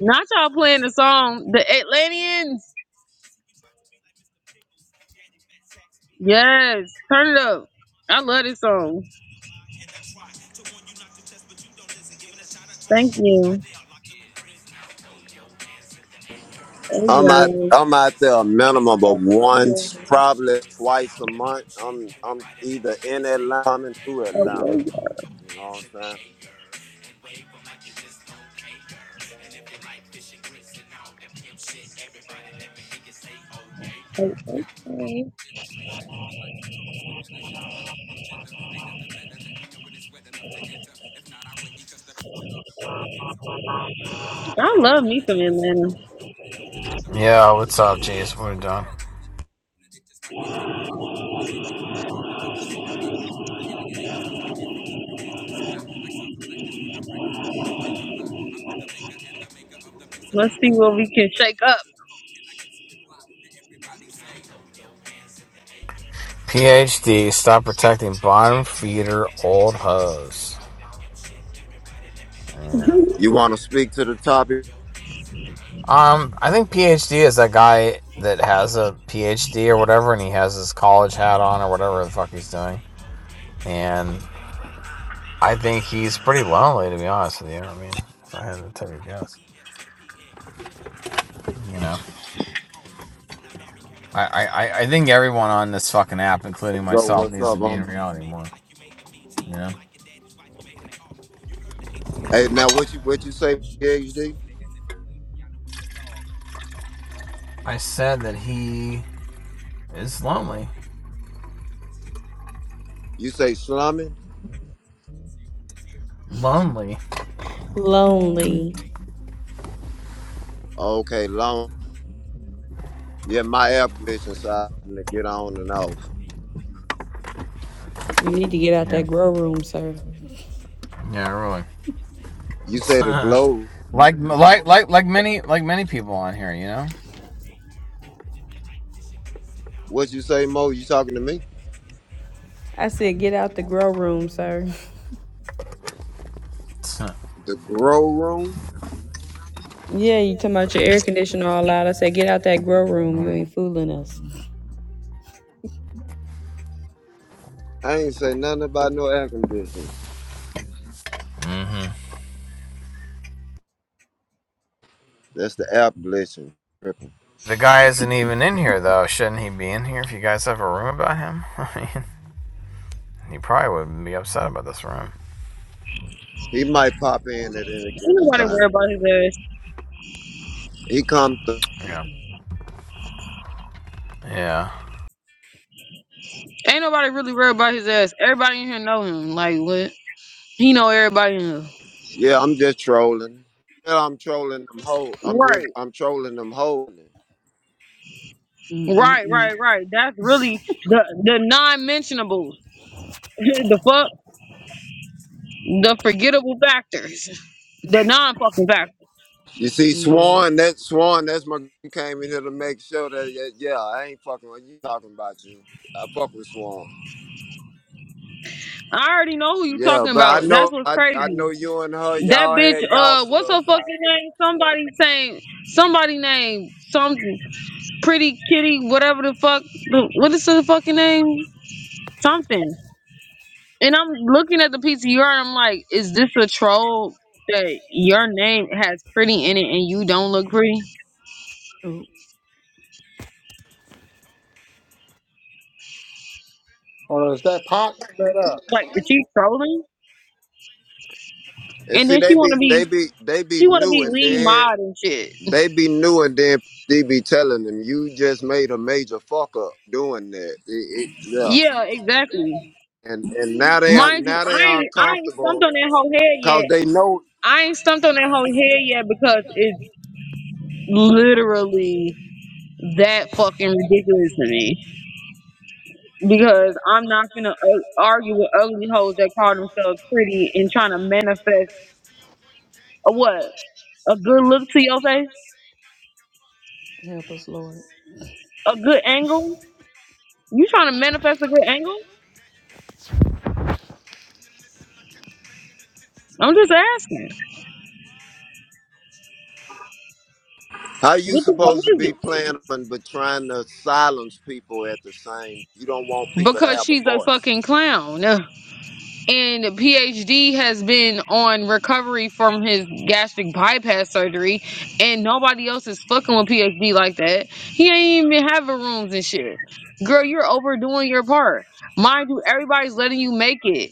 Not y'all playing the song, the Atlanteans. Yes, turn it up. I love this song. Thank you. Oh,
I'm out.
yeah.
I'm out there a minimum of
Oh,
once,
yeah.
probably twice a month. I'm I'm either in Atlanta, coming through
Oh,
Atlanta.
yeah,
You know what I'm
yeah. I love me some Atlanta.
Yeah, what's up, Jason? We're done.
Let's see what we can shake up.
PhD, stop protecting bottom feeder old hoes. Yeah.
saying? You want to speak to the topic?
Um, I think PhD is that guy that has a PhD or whatever, and he has his college hat on or whatever the fuck he's doing. And I think he's pretty lonely, to be honest with you. I mean, if I had to take a guess, you know, I I, I I think everyone on this fucking app, including
Go.
myself,
What's
needs
up,
to be in
homie?
reality more. You know,
Hey, now what you what you say, PhD?
I said that he is lonely.
You say slumming?
Lonely.
Lonely.
Okay, long. Yeah, my app glitching, so I having to get on and off.
You need to get out
Yeah.
that grow room, sir.
Yeah, really. (laughs)
You say
It's,
the
uh,
glow
like like like like many like many people on here, you know.
What you say, Mo? You talking to me?
I said, get out the grow room, sir.
(laughs) uh,
The grow room?
Yeah, you talking about your air conditioner all out. I said, get out that grow room. You ain't
Mm.
fooling us.
I ain't say nothing about no air conditioning. That's the air conditioning.
The guy isn't even in here though. Shouldn't he be in here? If you guys have a room about him, (laughs) I mean, he probably would be upset about this room.
He might pop in at any
Ain't
given
nobody
time.
worried about his
He come through.
Yeah. Yeah.
ass. Ain't nobody really worried about his ass. Everybody in here know him. Like what? He know everybody in here.
Yeah, I'm just trolling. Yeah, I'm trolling them whole. I'm
Right.
really, I'm trolling them whole.
Right, right,
Mm-mm-mm.
right. That's really the the non-mentionables, (laughs) the fuck, the forgettable factors, the non-fucking factors.
You see,
Lord.
Swan, that Swan, that's my he came in here to make sure that yeah, yeah, I ain't fucking with you talking about you. I fuck with Swan.
I already know who you
Yeah,
talking
but I
about. That's
know
what's
I I
crazy.
know you and her,
That
y'all
bitch.
had y'all
Uh, what's her
slugs out.
fucking name? Somebody saying somebody name some pretty kitty, whatever the fuck. What is her fucking name? Something. And I'm looking at the PCR and I'm like, is this a troll that your name has pretty in it and you don't look pretty?
Oh, is that pot? Shut up.
Like, is she
You
trolling?
And
And
see,
then
they
she
be
wanna be
they be they be
she wanna
new,
be
and
lead
then
mod and shit.
they be new, and then they be telling them you just made a major fuck up doing that. It- it- yeah,
Yeah, exactly.
and and now they are
Mind you,
now they
I ain't I ain't stumped
uncomfortable
on that whole head
because
yet.
they know
I ain't stumped on that whole head yet because it's literally that fucking ridiculous to me. Because I'm not gonna uh, argue with ugly hoes that call themselves pretty and trying to manifest a what a good look to your face, a good angle. You trying to manifest a good angle? I'm just asking.
how you
What the fuck
supposed to
is
be playing, them, but trying to silence people at the same. You don't want
it?
people to
Because
have a
she's a
voice
fucking clown. Ugh. and PhD has been on recovery from his gastric bypass surgery, and nobody else is fucking with PhD like that. He ain't even having rooms and shit. Girl, you're overdoing your part. Mind you, everybody's letting you make it.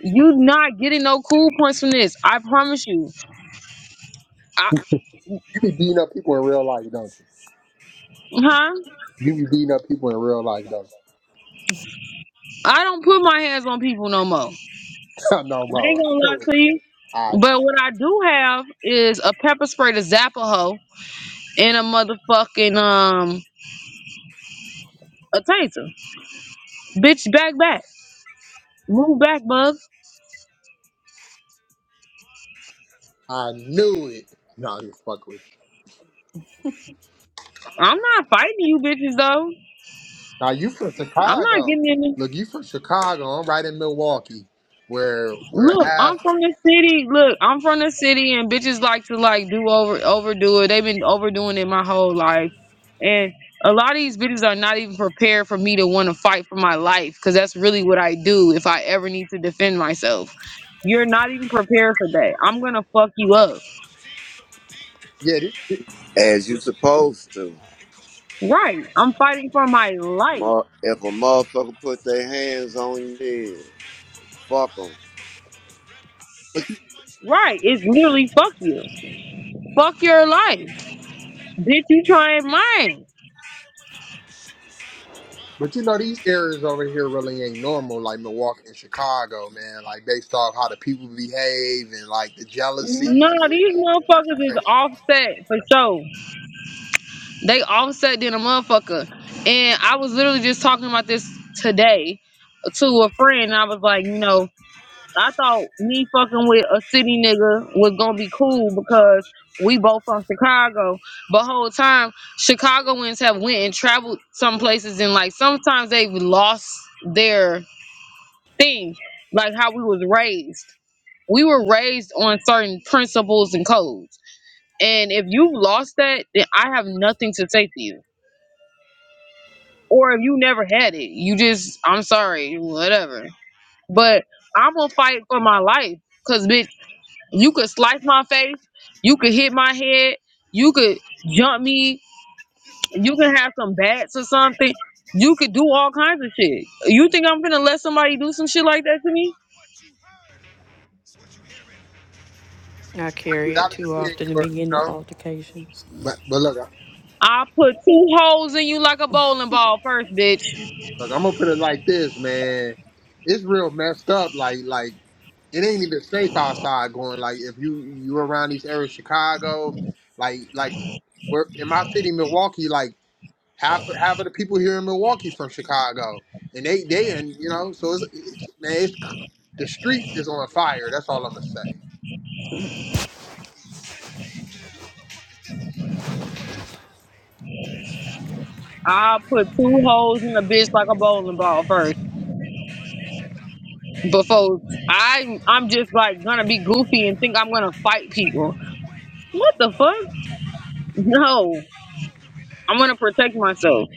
You not getting no cool points from this. I promise you. I,
be beating up people in real life, don't you?
huh?
You be beating up people in real life, don't
I don't put my hands on people no more.
you? (laughs) no
I
more.
ain't gonna
I knew it.
lie to you.
I
But what I do have is a pepper spray to zap a hoe and a motherfucking um a taser. Bitch, back back. Move back, bub.
I knew it. No, I'm just fucking with you.
I'm not fighting you bitches though.
Now you from
I'm not
Chicago.
getting any
Look, you from Chicago. I'm right in Milwaukee, where where
look,
half.
I'm from the city. Look, I'm from the city and bitches like to like do over overdo it. They've been overdoing it my whole life. And a lot of these bitches are not even prepared for me to want to fight for my life because that's really what I do if I ever need to defend myself. You're not even prepared for that. I'm gonna fuck you up.
Yeah, this.
as you supposed to.
Right. I'm fighting for my life.
Mo- If a motherfucker put their hands on you, yeah, fuck 'em.
Right. It's literally fuck you. Fuck your life. Did you try mine?
But you know, these areas over here really ain't normal, like Milwaukee and Chicago, man. Like based off how the people behave and like the jealousy.
No, these motherfuckers is
Like,
offset for sure. They offset than a motherfucker. And I was literally just talking about this today to a friend. I was like, you know, I thought me fucking with a city nigga was gonna be cool because we both from Chicago. But whole time Chicagoans have went and traveled some places and like sometimes they've lost their thing, like how we was raised. we were raised on certain principles and codes. And if you lost that, then I have nothing to say to you. Or if you never had it, you just, I'm sorry, whatever. But I'm gonna fight for my life. Cause bitch, you could slice my face, you could hit my head, you could jump me, you can have some bats or something. You could do all kinds of shit. You think I'm gonna let somebody do some shit like that to me?
you gotta defend yours, you know. But but look, I-
I'll put two holes in you like a bowling ball first, bitch
look, I'm gonna put it like this, man. It's real messed up. Like like it ain't even safe outside going. Like if you you around these areas, Chicago, like like where in my city, Milwaukee, like. half half of the people here in Milwaukee from Chicago, and they they and you know so it's, it's man it's the streets is on fire. That's all I'm gonna say.
I will put two holes in a bitch like a bowling ball first. Before I, I'm just like gonna be goofy and think I'm gonna fight people. What the fuck? No, I'm gonna protect myself.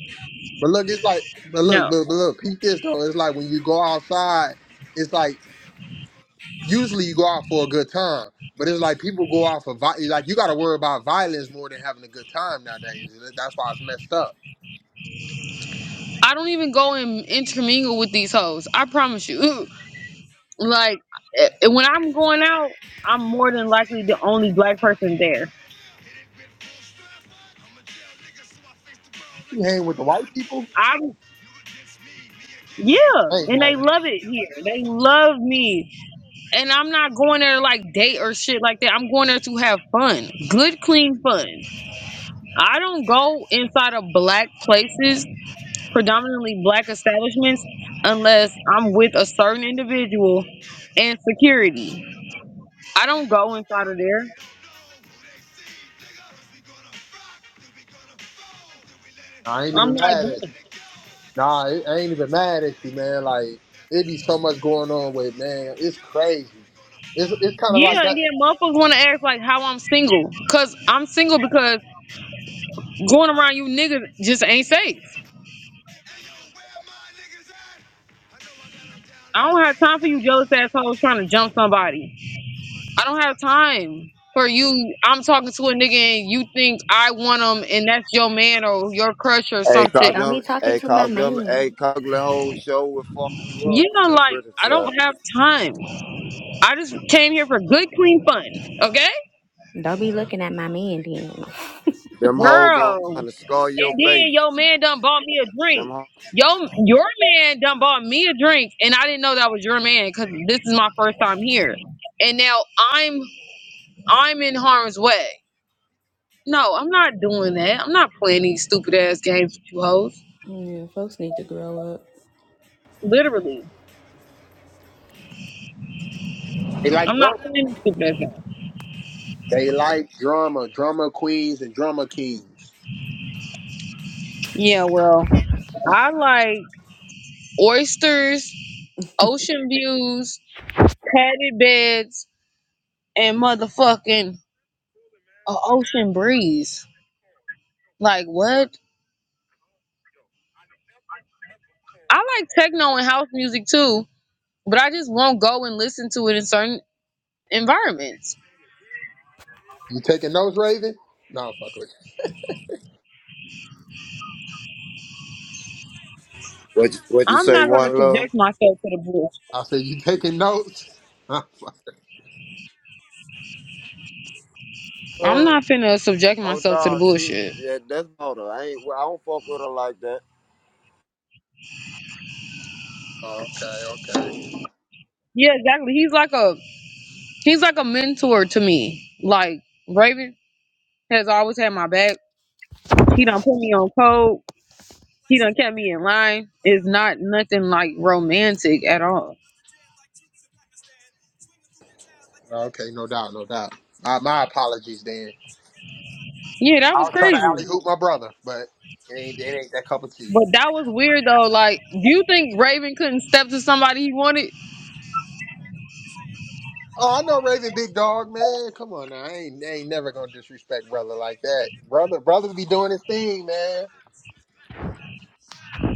But look, it's like but look
No,
but, but look peep this though. It's like when you go outside, it's like usually you go out for a good time, but it's like people go out for vi- like you got to worry about violence more than having a good time nowadays. That's why it's messed up.
I don't even go and intermingle with these hoes. I promise you. (laughs) Like eh, when I'm going out, I'm more than likely the only black person there.
You hang with the white people,
I'm yeah,
I ain't
and
mad
they
at you.
love it here. They love me. and I'm not going there to like date or shit like that. I'm going there to have fun, good, clean fun. I don't go inside of black places, predominantly black establishments, unless I'm with a certain individual and security. I don't go inside of there.
I ain't
I'm
even
not
mad at you.
going.
Nah, I I ain't even mad at you, man. Like it be so much going on with man. It's crazy. It's it's kind of like
Yeah,
that.
yeah, motherfuckers want to ask like how I'm single, cause I'm single because going around you niggas just ain't safe. I don't have time for you jealous assholes trying to jump somebody. I don't have time for you. I'm talking to a nigga and you think I want him and that's your man or your crush or some
Hey, call
shit.
them. Hey, call them. Hey, call the whole show will fuck you up
You
with
know,
your
like,
pretty
I don't
side.
have time. I just came here for good, clean fun. Okay?
Them hoes
Girl.
gonna scar your
And then
face.
your man done bought me a
Them
drink.
hoes.
Yo, your man done bought me a drink, and I didn't know that was your man because this is my first time here. And now I'm I'm in harm's way. No, I'm not doing that. I'm not playing these stupid ass games with you hoes.
Yeah, folks need to grow up.
Literally.
They like
I'm not
drama.
playing this stupid ass game.
They like drama, drama queens and drama kings.
Yeah, well, I like oysters, ocean views, padded beds, and motherfucking a ocean breeze. Like what? I like techno and house music too, but I just won't go and listen to it in certain environments.
You taking notes, Raven? No, fuck with
What you, what you
I'm
say?
not gonna
One love.
subject myself to the bullshit.
you. I said you taking notes. (laughs)
I'm
Or
not finna subject
oh
myself to the
no, she
bullshit.
yeah, that's about her. I ain't. I don't fuck with her like that.
Oh, okay, okay,
Yeah, exactly. He's like a he's like a mentor to me. Like Raven has always had my back He done put me on code. He done kept me in line. It's not nothing like romantic at all.
okay. No doubt, no doubt. My, my apologies, then.
Yeah, that
I
was
was trying to alley
crazy.
hoop my brother, but it ain't it ain't that cup of tea.
But that was weird though. Like, do you think Raven couldn't step to somebody he wanted?
Oh, I know Raven Big Dog, man. Come on now. I ain't, I ain't never gonna disrespect brother like that. Brother brother be doing his thing, man.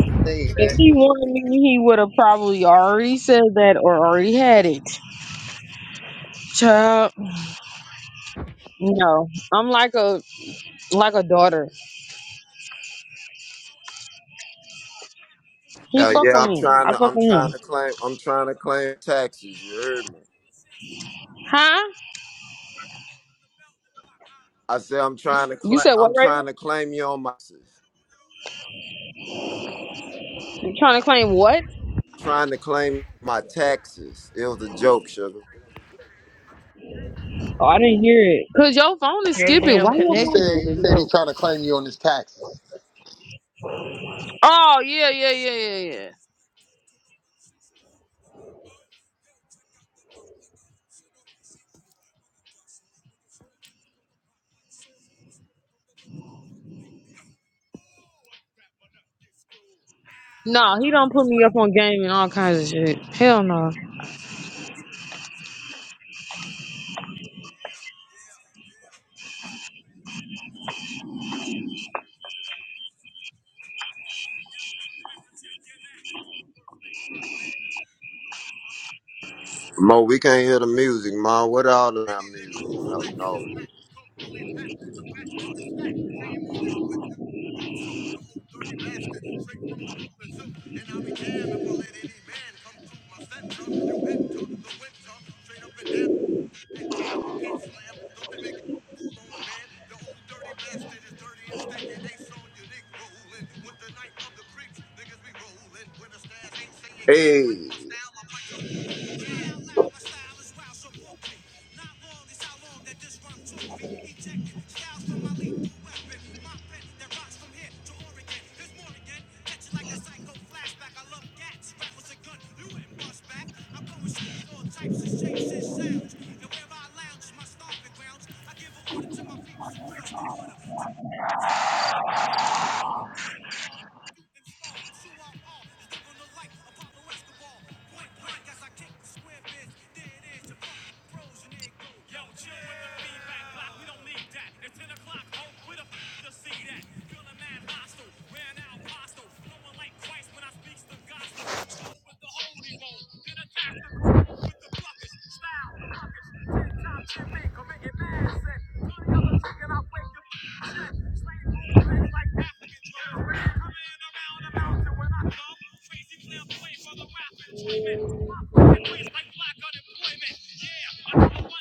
His thing,
If
man.
he wanted me, he would have probably already said that or already had it. Child, no. I'm like a like a daughter. He
Yeah,
fuck
yeah.
with
I'm
me.
trying
I
to.
fuck
I'm
with him.
trying to claim. I'm trying to claim taxes. You heard me.
Huh?
I said I'm trying to
You
claim.
said what,
I'm
Raven?
trying to claim you on my. taxes.
You trying to claim what?
Trying to claim my taxes. It was a joke, sugar.
Oh, I didn't hear it. Cause your phone is skipping. Why your
He
phone
said
skipping?
he said he trying to claim you on his taxes.
Oh yeah, yeah, yeah, yeah, yeah. No, he don't put me up on game and all kinds of shit. Hell no.
Mo, we can't hear the music, Mo. What all the music? No, no. Hey,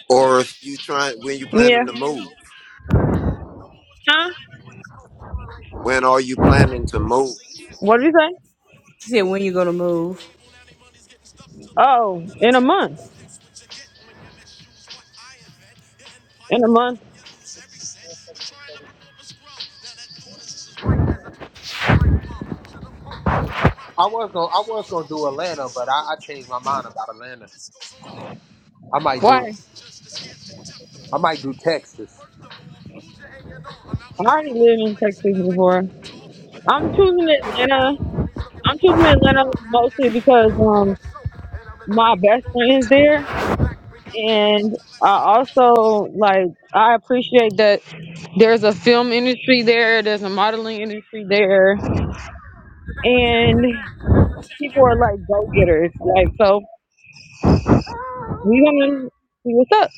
or if you trying when you
Yeah.
planning to move?
Huh?
When are you planning to move?
What did you say?
She said, when you gonna move?
Oh, in a month. In a month.
I was gonna I was gonna do Atlanta, but I, I changed my mind about Atlanta. I might
Why?
do
I
I might do Texas.
already lived in Texas before. I'm choosing Atlanta. I'm choosing Atlanta mostly because um my best friend is there and I also like I appreciate that there's a film industry there, there's a modeling industry there, and people are like go getters. Like so We gonna see what's up.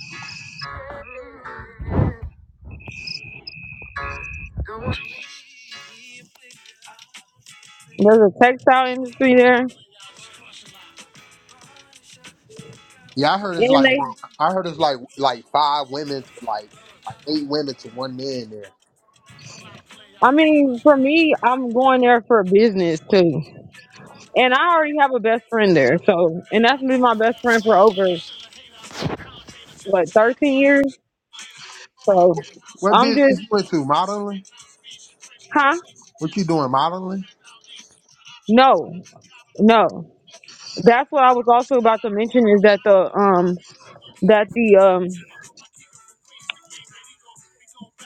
There's a textile industry there,
Yeah, I heard it's
and
like
they.
more- I heard it's like like five women to like like eight women to one man there.
I mean, for me, I'm going there for business too, and I already have a best friend there. So, and that's been my best friend for over what 13 years. So,
What
I'm
business
just,
you into? Modeling?
huh?
What you doing modeling?
No, no. That's what I was also about to mention is that the um that the um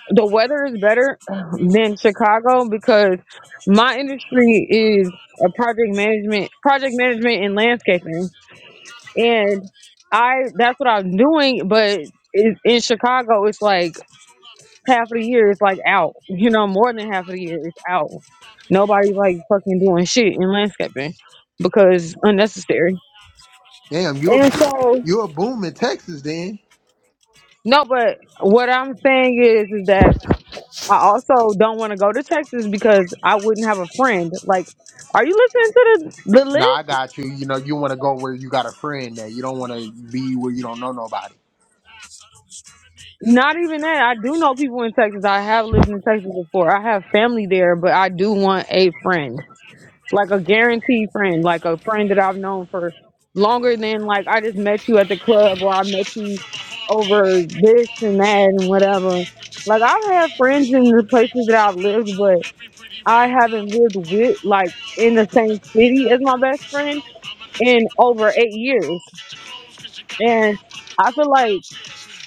the weather is better than Chicago because my industry is a project management project management and landscaping And I that's what I'm doing, but in, in Chicago, it's like half of the year it's like out. You know, more than half of the year it's out. Nobody's like fucking doing shit in landscaping because unnecessary.
Damn, you're
And so
you're booming Texas then.
no, but what I'm saying is is that I also don't want to go to Texas because I wouldn't have a friend. Like, are you listening to the the list?
Now I got you. You know, you want to go where you got a friend that you don't want to be where you don't know nobody.
Not even that. I do know people in Texas. I have lived in Texas before. I have family there, but I do want a friend. like a guaranteed friend, like a friend that I've known for longer than like I just met you at the club or I met you over this and that and whatever. Like I've had friends in the places that I've lived, but I haven't lived with like in the same city as my best friend in over eight years. And I feel like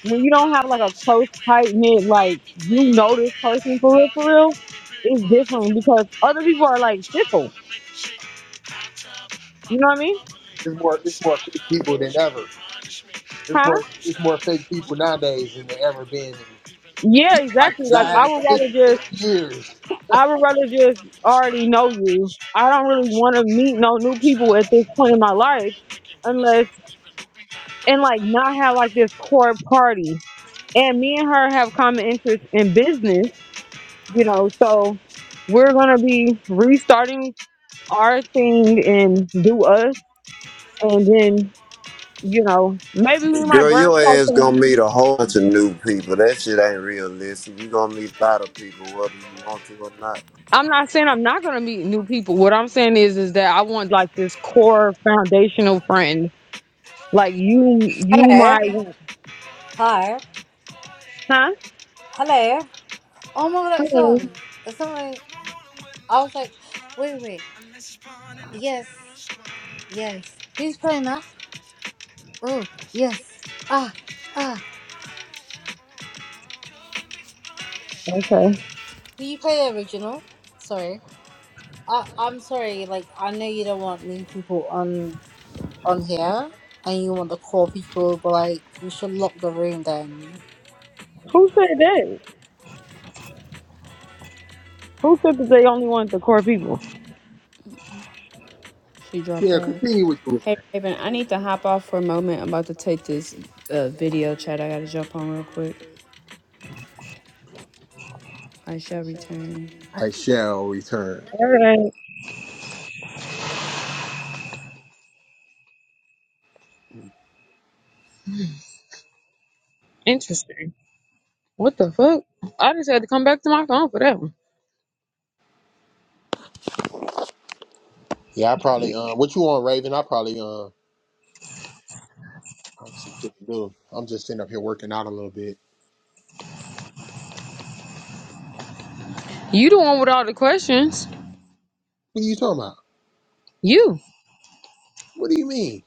when you don't have like a close tight knit, like you know this person for real, for real, it's different because other people are like fickle. You know what I mean?
It's more, it's more fake people than ever. It's
Huh?
more, it's more fake people nowadays than there ever been in
Yeah,
like
exactly.
the
Like I
last
would rather
fifty,
just
sixty years.
I would rather just already know you. I don't really want to meet no new people at this point in my life unless and like not have like this core party. And me and her have common interests in business, you know, so we're gonna be restarting our thing and do us and then, you know, maybe we might
Girl,
branch
your ass
out
gonna meet a whole bunch of new people. That shit ain't realistic. You gonna meet a lot of people, whether you want to or not.
I'm not saying I'm not gonna meet new people. What I'm saying is is that I want like this core foundational friend. Like you you
Hello.
might want
Hi.
huh?
Hello. Oh my god, that
Hmm,
song. It's something I was like, wait, wait. Yes. Yes. Who's playing that? Oh, yes. Ah, ah.
Okay.
Will you play the original? Sorry. I I'm sorry, like I know you don't want new people on on here and you want the core people, but like you should lock the room then.
Who said that? Who said that they only want the core people?
She dropped
Yeah,
off.
continue with you.
Hey, Raven, I need to hop off for a moment. I'm about to take this uh, video chat. I gotta jump on real quick. I shall return.
I shall return.
All right. Interesting. What the fuck? I just had to come back to my phone for that one.
Yeah, I probably um, what you on, Raven? I probably um, honestly could do. I'm just sitting up here working out a little bit.
You the one with all the questions.
What are you talking about?
You.
What do you mean?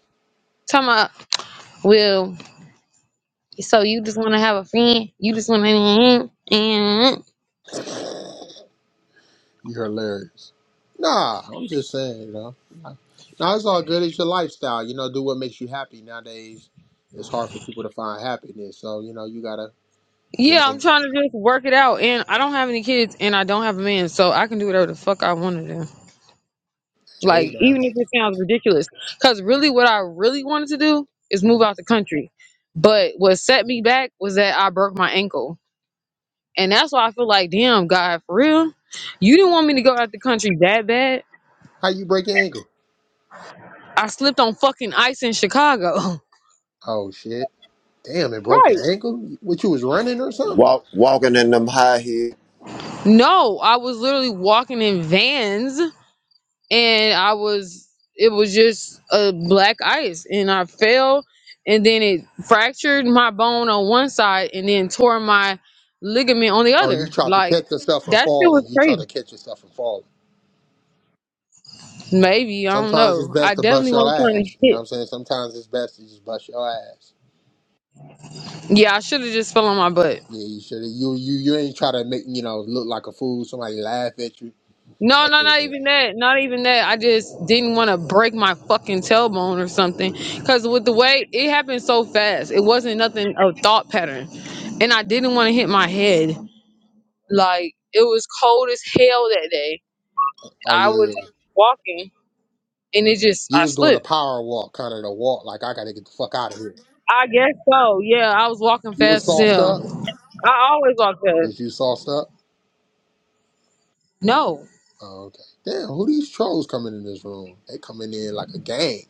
Talking about, well, so you just want to have a friend? You just want to.
You're hilarious. Nah, I'm just saying. Now it's all good. It's your lifestyle. You know, do what makes you happy. Nowadays, it's hard for people to find happiness. So you know, you gotta, you
Yeah,
know,
I'm trying to just work it out, and I don't have any kids, and I don't have a man, so I can do whatever the fuck I want to do. Like,
hey now,
even if it sounds ridiculous, because really, what I really wanted to do is move out the country. But what set me back was that I broke my ankle, and that's why I feel like, damn, God, for real, you didn't want me to go out the country that bad.
how you break your ankle?
I slipped on fucking ice in Chicago. (laughs)
Oh shit! Damn, it broke your
Right.
ankle. What you was running or something?
Walk, walking in them high heels.
No, I was literally walking in vans and I was it was just a black ice and I fell and then it fractured my bone on one side and then tore my ligament on the
Oh, you
other.
tried to
Like
catch yourself from
that shit
falling.
was
You tried to
crazy.
catch yourself from falling.
Maybe, I don't
Sometimes it's
know.
best
I
to bust
definitely
your
wasn't trying to
ass. You know what I'm
hit.
saying? Sometimes it's best to just bust your ass.
Yeah, I should have just fell on my butt.
Yeah, you should. You you you ain't try to make you know look like a fool. Somebody laugh at you.
No,
That's
no,
what it
not
is.
even that. Not even that. I just didn't want to break my fucking tailbone or something. Cause with the way it happened so fast, it wasn't nothing of thought pattern. And I didn't want to hit my head. Like it was cold as hell that day.
Oh
I
yeah,
was
yeah.
walking and it just
You
I
was doing a
slipped.
power walk, kind of the walk, like I gotta get the fuck out of here.
I guess so. Yeah, I was walking
You was
fast as
sauced up.
hell. I always walk fast.
Was you sauced up?
No.
Oh, okay. Damn, who these trolls coming in this room? They coming in like a gang.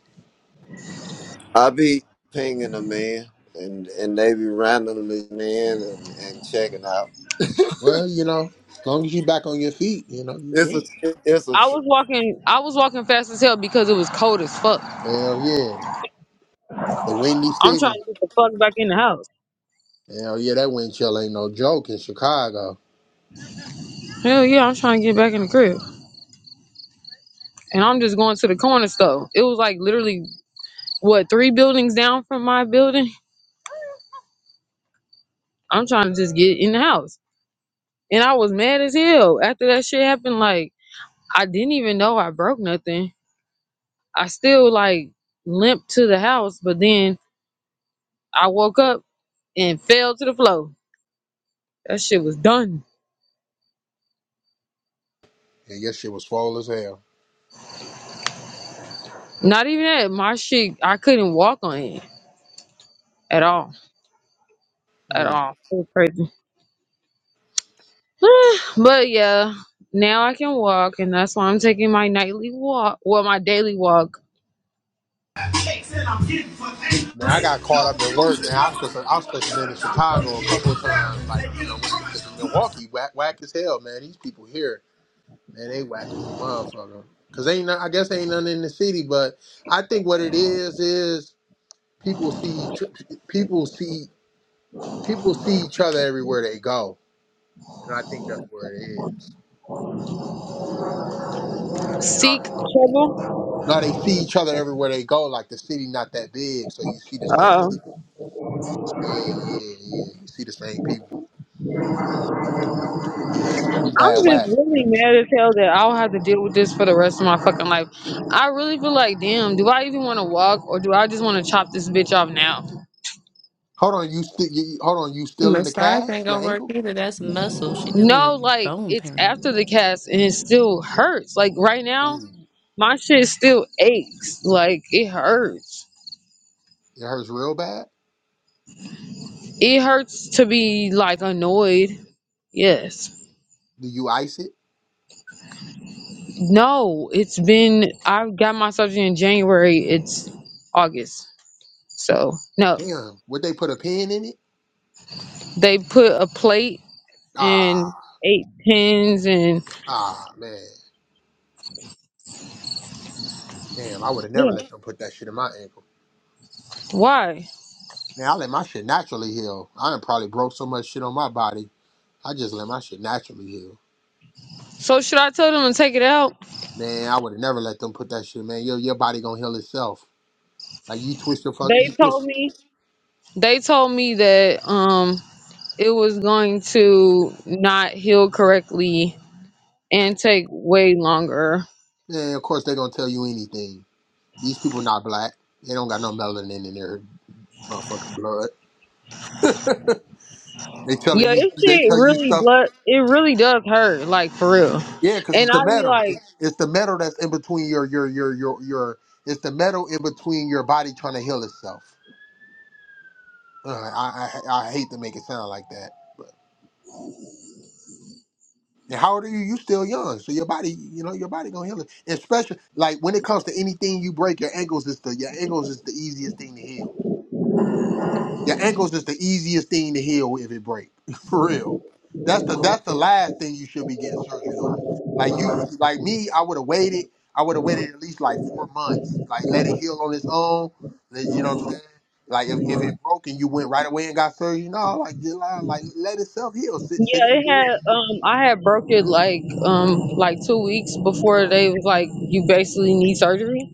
I be pinging them in, and and they be randomly in and, and checking out.
Well, you know, long as you back on your feet, you know, you
It's a,
good.
it's a.
I was walking I was walking fast as hell because it was cold as fuck.
Hell yeah, the Windy
I'm trying
City.
to get the fuck back in the house.
Hell yeah, that wind chill ain't no joke in Chicago.
Hell yeah, I'm trying to get back in the crib. And I'm just going to the corner store. It was like literally what, three buildings down from my building? I'm trying to just get in the house. And I was mad as hell after that shit happened. Like I didn't even know I broke nothing. I still like limped to the house, but then I woke up and fell to the floor. That shit was done.
And your shit was full as hell.
Not even that. My shit, I couldn't walk on it at all. At
Mm.
all. It was crazy. (sighs) but yeah, now I can walk, and that's why I'm taking my nightly walk. Well, my daily walk.
Man, I got caught up in work, man. I was supposed to, I was supposed to been in Chicago a couple of times, like you know, went to because Milwaukee whack, whack as hell, man. These people here Man, they whack as a motherfucker. Cause ain't no- I guess ain't nothing in the city, but I think what it is is people see each- people see people see each other everywhere they go, and I think that's where it is. You know,
Seek trouble.
no, they see each other everywhere they go. Like the city not that big, so you see the same
Oh.
people. Yeah, yeah, yeah. You see the same people. Yeah, so it be
I'm
bad
just
whack.
really mad as hell that I'll have to deal with this for the rest of my fucking life. I really feel like, damn, do I even want to walk or do I just want to chop this bitch off now?
Hold on, you still you, hold on, you still in the cast? Your ankle?
No, like it's after the cast and it still hurts. Like right now,
Ooh,
my shit still aches. Like it hurts.
it hurts real bad.
It hurts to be like annoyed. Yes.
Do you ice it?
No, it's been I got my surgery in January. It's August. So no.
Damn, would they put a pin in it?
They put a plate and
Ah,
eight pins and
ah, man. Damn, I would have never
yeah.
let them put that shit in my ankle.
Why?
Man, I let my shit naturally heal. I done probably broke so much shit on my body. I just let my shit naturally heal.
So should I tell them to take it out?
Man, I would have never let them put that shit, man. Your your body gonna heal itself. Like you twist your fuck
They
you
told
twist
me they told me that um it was going to not heal correctly and take way longer.
man, of course they gonna tell you anything. These people not black. They don't got no melanin in their motherfucking blood. They telling
Yeah,
you
this
they
shit
tell you
really
stuff
blood it really does hurt, like for real.
Yeah, because
And
it's
I
the
be
metal.
like,
It's, it's the metal that's in between your your your your your. It's the metal in between your body trying to heal itself. Uh, I, I I hate to make it sound like that, but and how old are you? You still young, so your body, you know, your body gonna heal it. And especially like when it comes to anything you break, your ankles is the your ankles is the easiest thing to heal. Your ankles just the easiest thing to heal if it breaks, (laughs) For real. That's the that's the last thing you should be getting surgery on. Like you like me, I would have waited. I would have waited at least like four months. Like let it heal on its own. Let- You know what I'm saying? Like if, if it broke and you went right away and got surgery, no, like just lie, like let itself heal. Sit sit in
yeah,
the
it
bed.
had um I had broke it like um like two weeks before they was like you basically need surgery.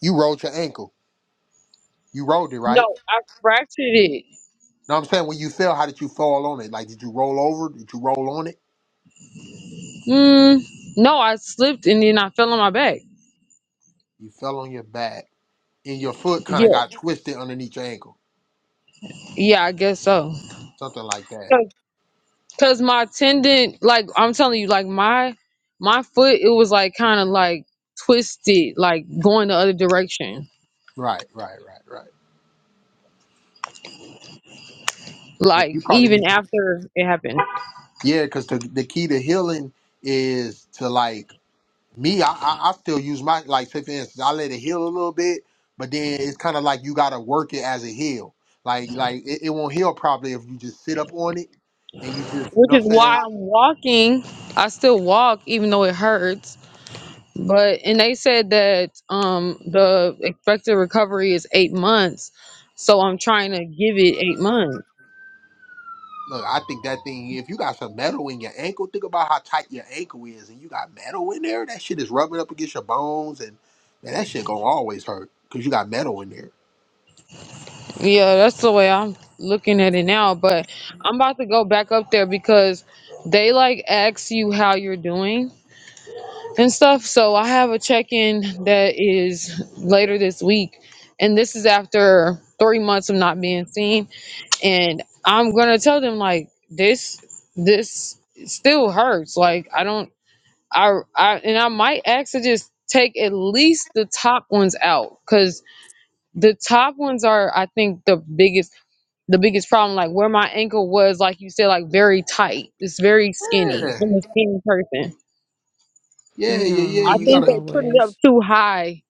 You rolled your ankle. You rolled it,
No,
right?
I fractured it.
No, I'm saying when you fell, how did you fall on it? Like did you roll over? Did you roll on it?
Mm, no, I slipped and then I fell on my back.
You fell on your back and your foot kind of
Yeah,
got twisted underneath your ankle.
yeah, I guess so.
something like that.
So Cause my tendon, like I'm telling you, like my my foot, it was like kind of like twisted, like going the other direction.
Right, right, right, right. Yeah,
Like
you probably
even
need. to-
after it happened,
Yeah, because the the key to healing is to like me. I, I I still use my like say for instance, I let it heal a little bit, but then it's kind of like you gotta work it as a heal. Like like it, it won't heal properly if you just sit up on it and you just you
which
know what
is
I'm
why
saying.
I'm walking. I still walk even though it hurts. But and they said that um the expected recovery is eight months, so I'm trying to give it eight months.
Look, I think that thing. If you got some metal in your ankle, think about how tight your ankle is, and you got metal in there. That shit is rubbing up against your bones, and man, that shit gonna always hurt because you got metal in there.
Yeah, that's the way I'm looking at it now. But I'm about to go back up there because they like ask you how you're doing and stuff. So I have a check in that is later this week. And this is after three months of not being seen. And I'm going to tell them, like, this, this still hurts. Like, I don't, I, I, and I might ask to just take at least the top ones out because the top ones are, I think, the biggest the biggest problem, like where my ankle was, like you said, like very tight. It's very skinny.
Yeah.
I'm a skinny person.
Yeah, yeah,
No,
yeah.
I
You
think
not
gotta
they put it up
always.
too high.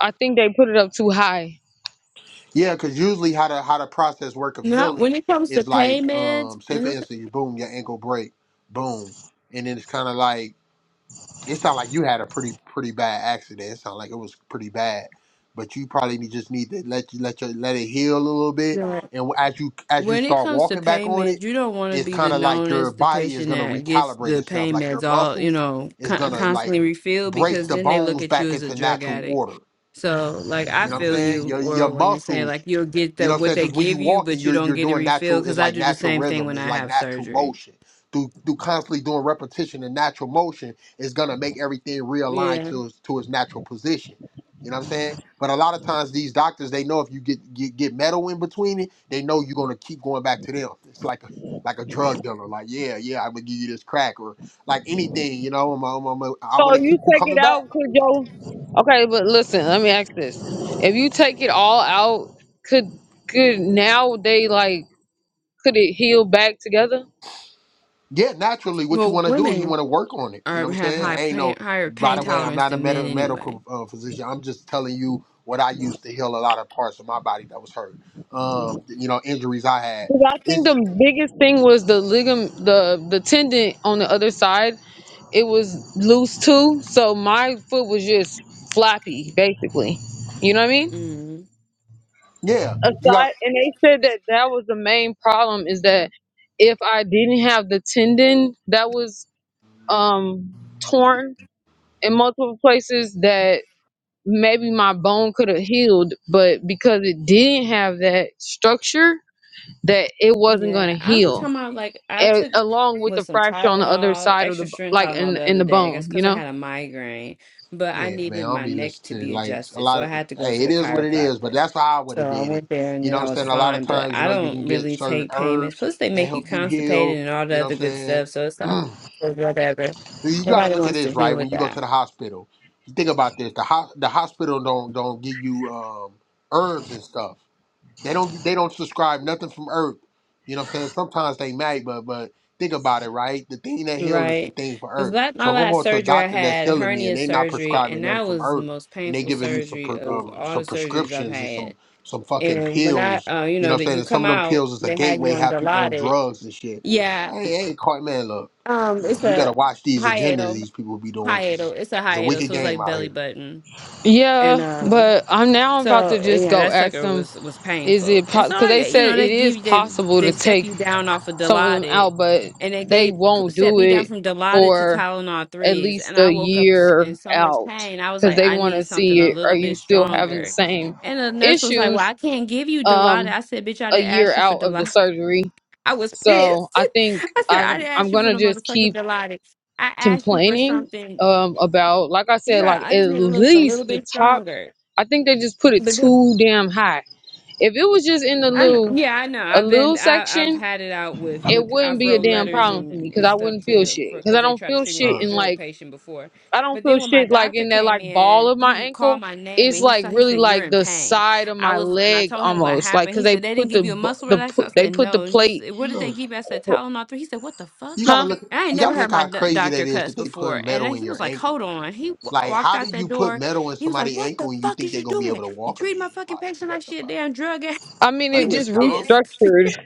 I think they put it up too high.
Yeah, cause usually how the how the process work of
Not
healing
when it comes to
is like
payments.
um say for
When it
instance, you boom, your ankle break, boom. And then it's kinda like it sound like you had a pretty pretty bad accident. It sound like it was pretty bad. But you probably need- just need to let you let your let it heal a little bit. And as you as you
when it
start
comes to
walking back on it,
payments, you don't want to
it's
be the
kinda like
known
your
as the
body is
patient
gonna
that gets
recalibrate
the
itself.
pain
Like your
meds all you
muscles
know
is
con-
gonna like
constantly refilled
break
because
the
then they look
bones
at you
back
as a
into
drug
natural
addict.
order
So like I
You know what I'm
feel
saying?
you,
Your your
or when you say
muscles,
like you'll get
you know
that
what I'm
what
saying?
they
Because when you
give you,
walking,
but you
you're
don't
you're
get it
doing
refilled
natural, it's
because I
like
do the
natural
same thing
rhythm,
when
it's
I
like
have
natural
surgery.
motion. Through through constantly doing repetition and natural motion is gonna make everything realign
Yeah,
to its- to its natural position. You know what I'm saying? But a lot of times these doctors, they know if you get get, get metal in between it, they know you're gonna keep going back to them. It's like a like a drug dealer, like yeah, yeah, I'm gonna give you this crack or like anything, you know. I'm, I'm, I'm, I
So
want to
you
keep you
take it
coming back.
out, could your okay? But listen, let me ask this: If you take it all out, could could now they like could it heal back together?
Yeah, naturally, what you
well,
want to do, you
women
want to work on it. You know
are
what I'm
have
saying?
high
Ain't
pain
no.
higher
By
pain
the way, I'm
tolerance
not a
than men
med-
anyway.
medical uh, physician. I'm just telling you what I used to heal a lot of parts of my body that was hurt. Um, you know, injuries I had.
Because I think
It's
the biggest thing was the ligament, the the tendon on the other side it was loose too, so my foot was just floppy, basically. You know what I mean?
Mm.
yeah. You got
Aside, and they said that that was the main problem is that if I didn't have the tendon that was um torn in multiple places, that maybe my bone could have healed, but because it didn't have that structure, that it wasn't going to
Yeah, I only
heal.
time I like I
a-
took
Along with
was
the
some
fracture on the other
Tylenol,
side of the
extra
b-
strength
like
Tylenol
in
the
in
other
the
day.
bone,
That's
you
because I
know.
had a migraine, but I
yeah, man. I
needed
don't
my
be
neck to
listening
be
to like a
adjusted, so
lot
I
of.
had to go to
Hey, it
the
is what it is. But
chiropractor.
that's how I would
So
have
I
did it.
went there, and
You
then
know what
I
I'm
was
saying? A lot of
fine. But
times, you
I
know, you can
don't
get
really
certain
take payments.
herbs
Plus, they
that
make you
help you
constipated
heal.
and all the
You know
other
what I'm
good
saying?
stuff. So it's
(clears throat)
like or whatever.
You got to
Nobody
look at
wants to
this
deal
right when
with
you go to
that.
the hospital. You think about this: the ho- the hospital don't don't give you um, herbs and stuff. They don't they don't subscribe nothing from earth. You know what I'm saying? Sometimes they might, but but think about it, right? The thing that heals is the
Right.
thing for
Because
earth.
that
So
my
if I'm
last
going to a
surgery I
doctor that's
had
healing me and
hernia
they not
surgery
prescribing
and
nothing
that
from
was the
earth
most
and they
painful
giving me some
surgery
pre-
of
um,
all
some
the surgeries I've
prescriptions and some
had.
some fucking
And when I
pills,
uh you
you know
know
what I'm
that
saying?
you
And some
come
of them
out,
pills is a
they had you
gateway
on
have people on
Dilaudid.
drugs and shit.
Yeah.
I ain't, I ain't caught man. Look,
Um
look,
it's
you better
a
watch these agendas
hiatal
these people be doing because it's,
hiatal. It's a
it's a
hiatal,
wicked
so it's
game
like
out
belly
here.
button. And
Yeah,
um,
but I'm now about to
so
just
yeah,
go
that
ask
sucker
them.
was was
Is
painful.
it
And
because
so I,
they
you
said
know,
it
they give
is
you they
possible to
they step
take
you down off of
some of them
Dilaudid,
out, but
and they
they
gave
won't
set
do
me down
it
from Dilaudid to
for
Tylenol
at
threes,
least
and I
a
woke up s- in
year
so much
out
pain. I was
because
like,
they
I
want to
need something
see
a
it. Are
little
you
bit
still having the
stronger.
same
And the nurse was like, Well,
issues
I can't give you Dilaudid.
um,
I said, Bitch, I
a
didn't
year
ask you for
out of the
Dilaudid.
surgery?
(laughs) I was
So
pissed.
I think
(laughs) I said,
i
I didn't
I'm
ask you for
gonna
no
just
motherfucking
keep
Dilaudid. I asked you for
complaining
something
um, about, like I said,
Sure,
like
I
at
just need to look a little
least the
bit
top.
stronger.
I think they just put it
But then,
too damn high. If it was just in the
I know.
little
yeah, I know.
a
I've
little
been I I've
section,
had it out with
it
with
wouldn't
I've
be a
wrote
damn
letters
problem for
and
me because
and
I
stuff
wouldn't feel
to
shit.
for
Because
because
I
they
don't
tried to
feel
treat me
shit
like a
in
drug
like
patient before,
I don't
but
feel
then when my
shit like
doctor
in that
came
like ball
in,
of my
he called
ankle.
my name
It's
and he
like
saw he
really
said you're
like
in
the
pain.
side of
I
my
was and I
leg
told him what
almost like
happened.
because
He
they
said they didn't
put the
give you a
bu-
muscle
the
relaxer.
pu-
I
they
said
put the
no. He
plate,
said what did
Look.
they give? you? I said Tylenol three." He said what the
You
fuck.
gotta
huh?
look.
And I ain't
You
never
gotta look
heard my
how
do-
crazy that
doctor
is that
cuss
they
before,
putting
and
metal
then
in
he
your
was like,
ankle.
"Hold on." He w-
Like,
walked
how do
out that
you put
door.
metal in
He was like,
somebody's
"What
ankle
the
and you
fuck
think
is
they're
you
gonna be
doing?
able to
You
walk
treat my
again?
fucking
Like,
patient like
what the
she a
fuck?
damn drug
I mean
Are
he
it
they
was
just
dumb?
pissed. (laughs)
restructured,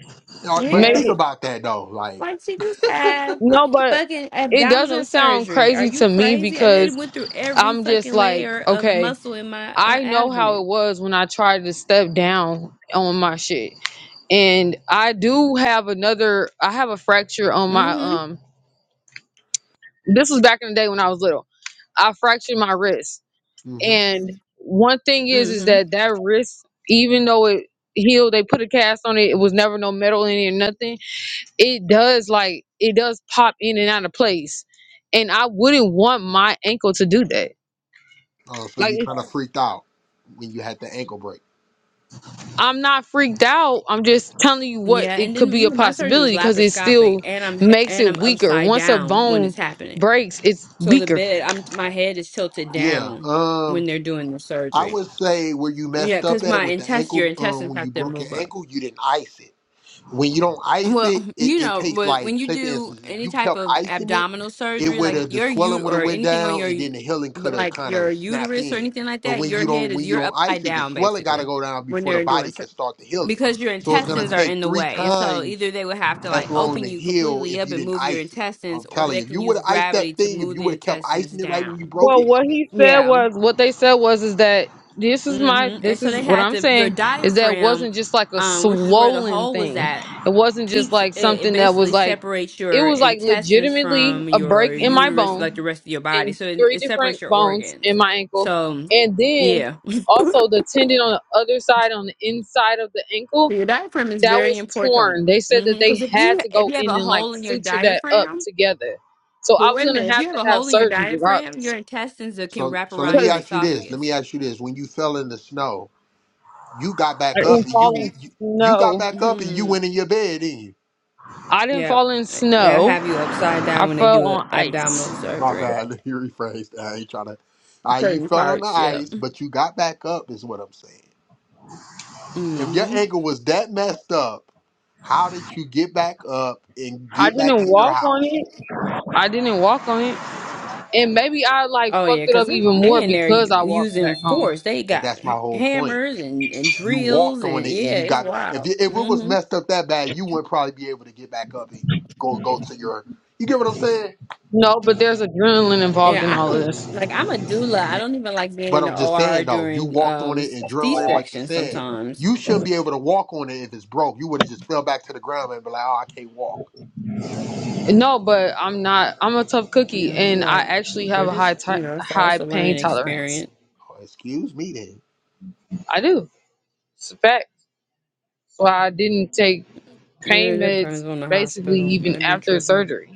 Or- But
made
Yeah,
think
it
about that though. Like,
like she just had
no, but
fucking
it doesn't
abdominal
sound
surgery. Are
crazy
you
to me
crazy? I
because
did went through every
I'm just
fucking
like
layer of
okay.
muscle in my uh,
I know how it
abdomen.
was when I tried to step down on my shit. And I do have another I have a fracture on my
Mm-hmm.
um this was back in the day when I was little. I fractured my wrist.
hmm
And one thing is is
Mm-hmm.
that that wrist even though it healed, they put a cast on it, it was never no metal in it or nothing. It does like it does pop in and out of place. And I wouldn't want my ankle to do that.
uh, so
Like
you kind of freaked out when you had the ankle break.
I'm not freaked out. I'm just telling you what
Yeah,
it
and
could
then
be
you
a
know, my surgery
possibility
was
because it
laparoscopic,
still
and I'm he-
makes
and
it
I'm
weaker.
upside
Once a
down when
bone
it's happening.
breaks, it's
So the
weaker.
bed, I'm my head is tilted
Yeah.
down when
Um,
they're doing the
I
surgery.
would say where you
Yeah,
messed up
because
at
my
with the
intest, your
ankle. Um,
intestines
when you
have to
broke your
move up.
ankle, you didn't ice it. when you don't ice
Well,
it, it,
you
it
know,
takes
but when
like
you
say for
do
instance, if
any
you
type
kept
of
icing it,
abdominal
it
surgery,
would
like if
have the
your
swelling
ut
would have
or
went
anything on
down and
your,
then the healing
but
could have
like
kind
your
of snapped
uterus or
in.
anything like
But
that,
when you
your head
don't when
is
you
you're
don't
upside
ice it, the
down
swelling gotta
basically
go down
when
before the
they're
body
doing so
can start to heal it.
because your
So it's gonna
intestines are
take
in the
three
way, and so
times
either they would have to like
as long
open
to
you
heal
completely
if
up
you
and
didn't
move your
ice it.
intestines,
I'm
or
telling
they
you, if
can
you would
use
have iced that
gravity to
thing, if
move
you
the
would have kept
intestines
icing it right when you
down.
broke
Well,
it.
what he said
Yeah
was what they said was is that this is my
hmm And
this
so
is
they
what
had
I'm
to your
saying is that it
diaphragm,
wasn't just like a
um, which is where the
swollen
hole was
thing.
at,
It wasn't just
keeps it,
like
it
something that was
basically
like
separates
it
your
was like
intestines
legitimately
from
a
your
break in my
uterus,
bone
like the rest of your body.
in
So it,
three
it separates
different
your
bones in
organs.
my ankle,
So
and then
yeah,
also the tendon on the other side, on the inside of the ankle,
So your diaphragm is
that
very
was
important.
torn. They said that they
Because if
had
you
to
if
go
you have
in
a
and like
hole in your
suture that up
diaphragm,
together. So
but
I was
wait a
gonna
minute, if
have
you have
to
a
have
hole in your
surgery
diaphragm, your
regardless
intestines that can
So
wrap
so let
around
me
your
because
ask you this. Let
esophagus.
me ask you this. When you fell in the snow, you got
I
back up
didn't
and you
fall
you,
in
you got
snow.
back up and you
hmm
went in your bed, didn't you?
I didn't
Yeah,
fall in
they'll
snow.
have you upside
I
down when they
fell
do a
on ice.
abdominal
My
surgery.
bad. (laughs) You rephrased. I ain't trying to. Uh, you
Certain
fell on the
parts, yeah.
ice, but you got back up, is what I'm saying. If your
hmm
ankle was that messed up, how did you get back up and
I
get back
didn't
in your
walk on
house?
it. I didn't walk on it. And maybe I like
Oh
fucked
yeah,
it
because
up even more
they in there
because
u-
I walked
using
back home.
force. They
But
got
that's my
h-
whole point.
hammers and, and
You walked
drills
on
and
it and
yeah,
you
it's
got. If
wild.
it, if it was
hmm
messed up that bad, you wouldn't probably be able to get back up and go go to your. You get what I'm saying?
No, but there's adrenaline involved
Yeah,
in
I
all of
don't
this.
like. I'm a doula. I don't even like being
But
in
I'm
the
just
OR
saying though, you
during
walked on
um
it and
C
adrenaline. But you're
section
saying
sometimes.
you shouldn't be able to walk on it if it's broke. You would have just fell back to the ground and be like, "Oh, I can't walk."
No, but I'm not. I'm a tough
You
cookie,
know, I'm
and I
like,
actually
mm,
have
but
a
it's
high ti
you know, it's all it's
high
a
pain
learning
tolerance.
experience.
Oh, excuse me then.
I do. It's a fact. So I didn't take
Yeah, It
pain meds
depends on the
basically
hospital.
even
That'd be
after
tripping.
surgery.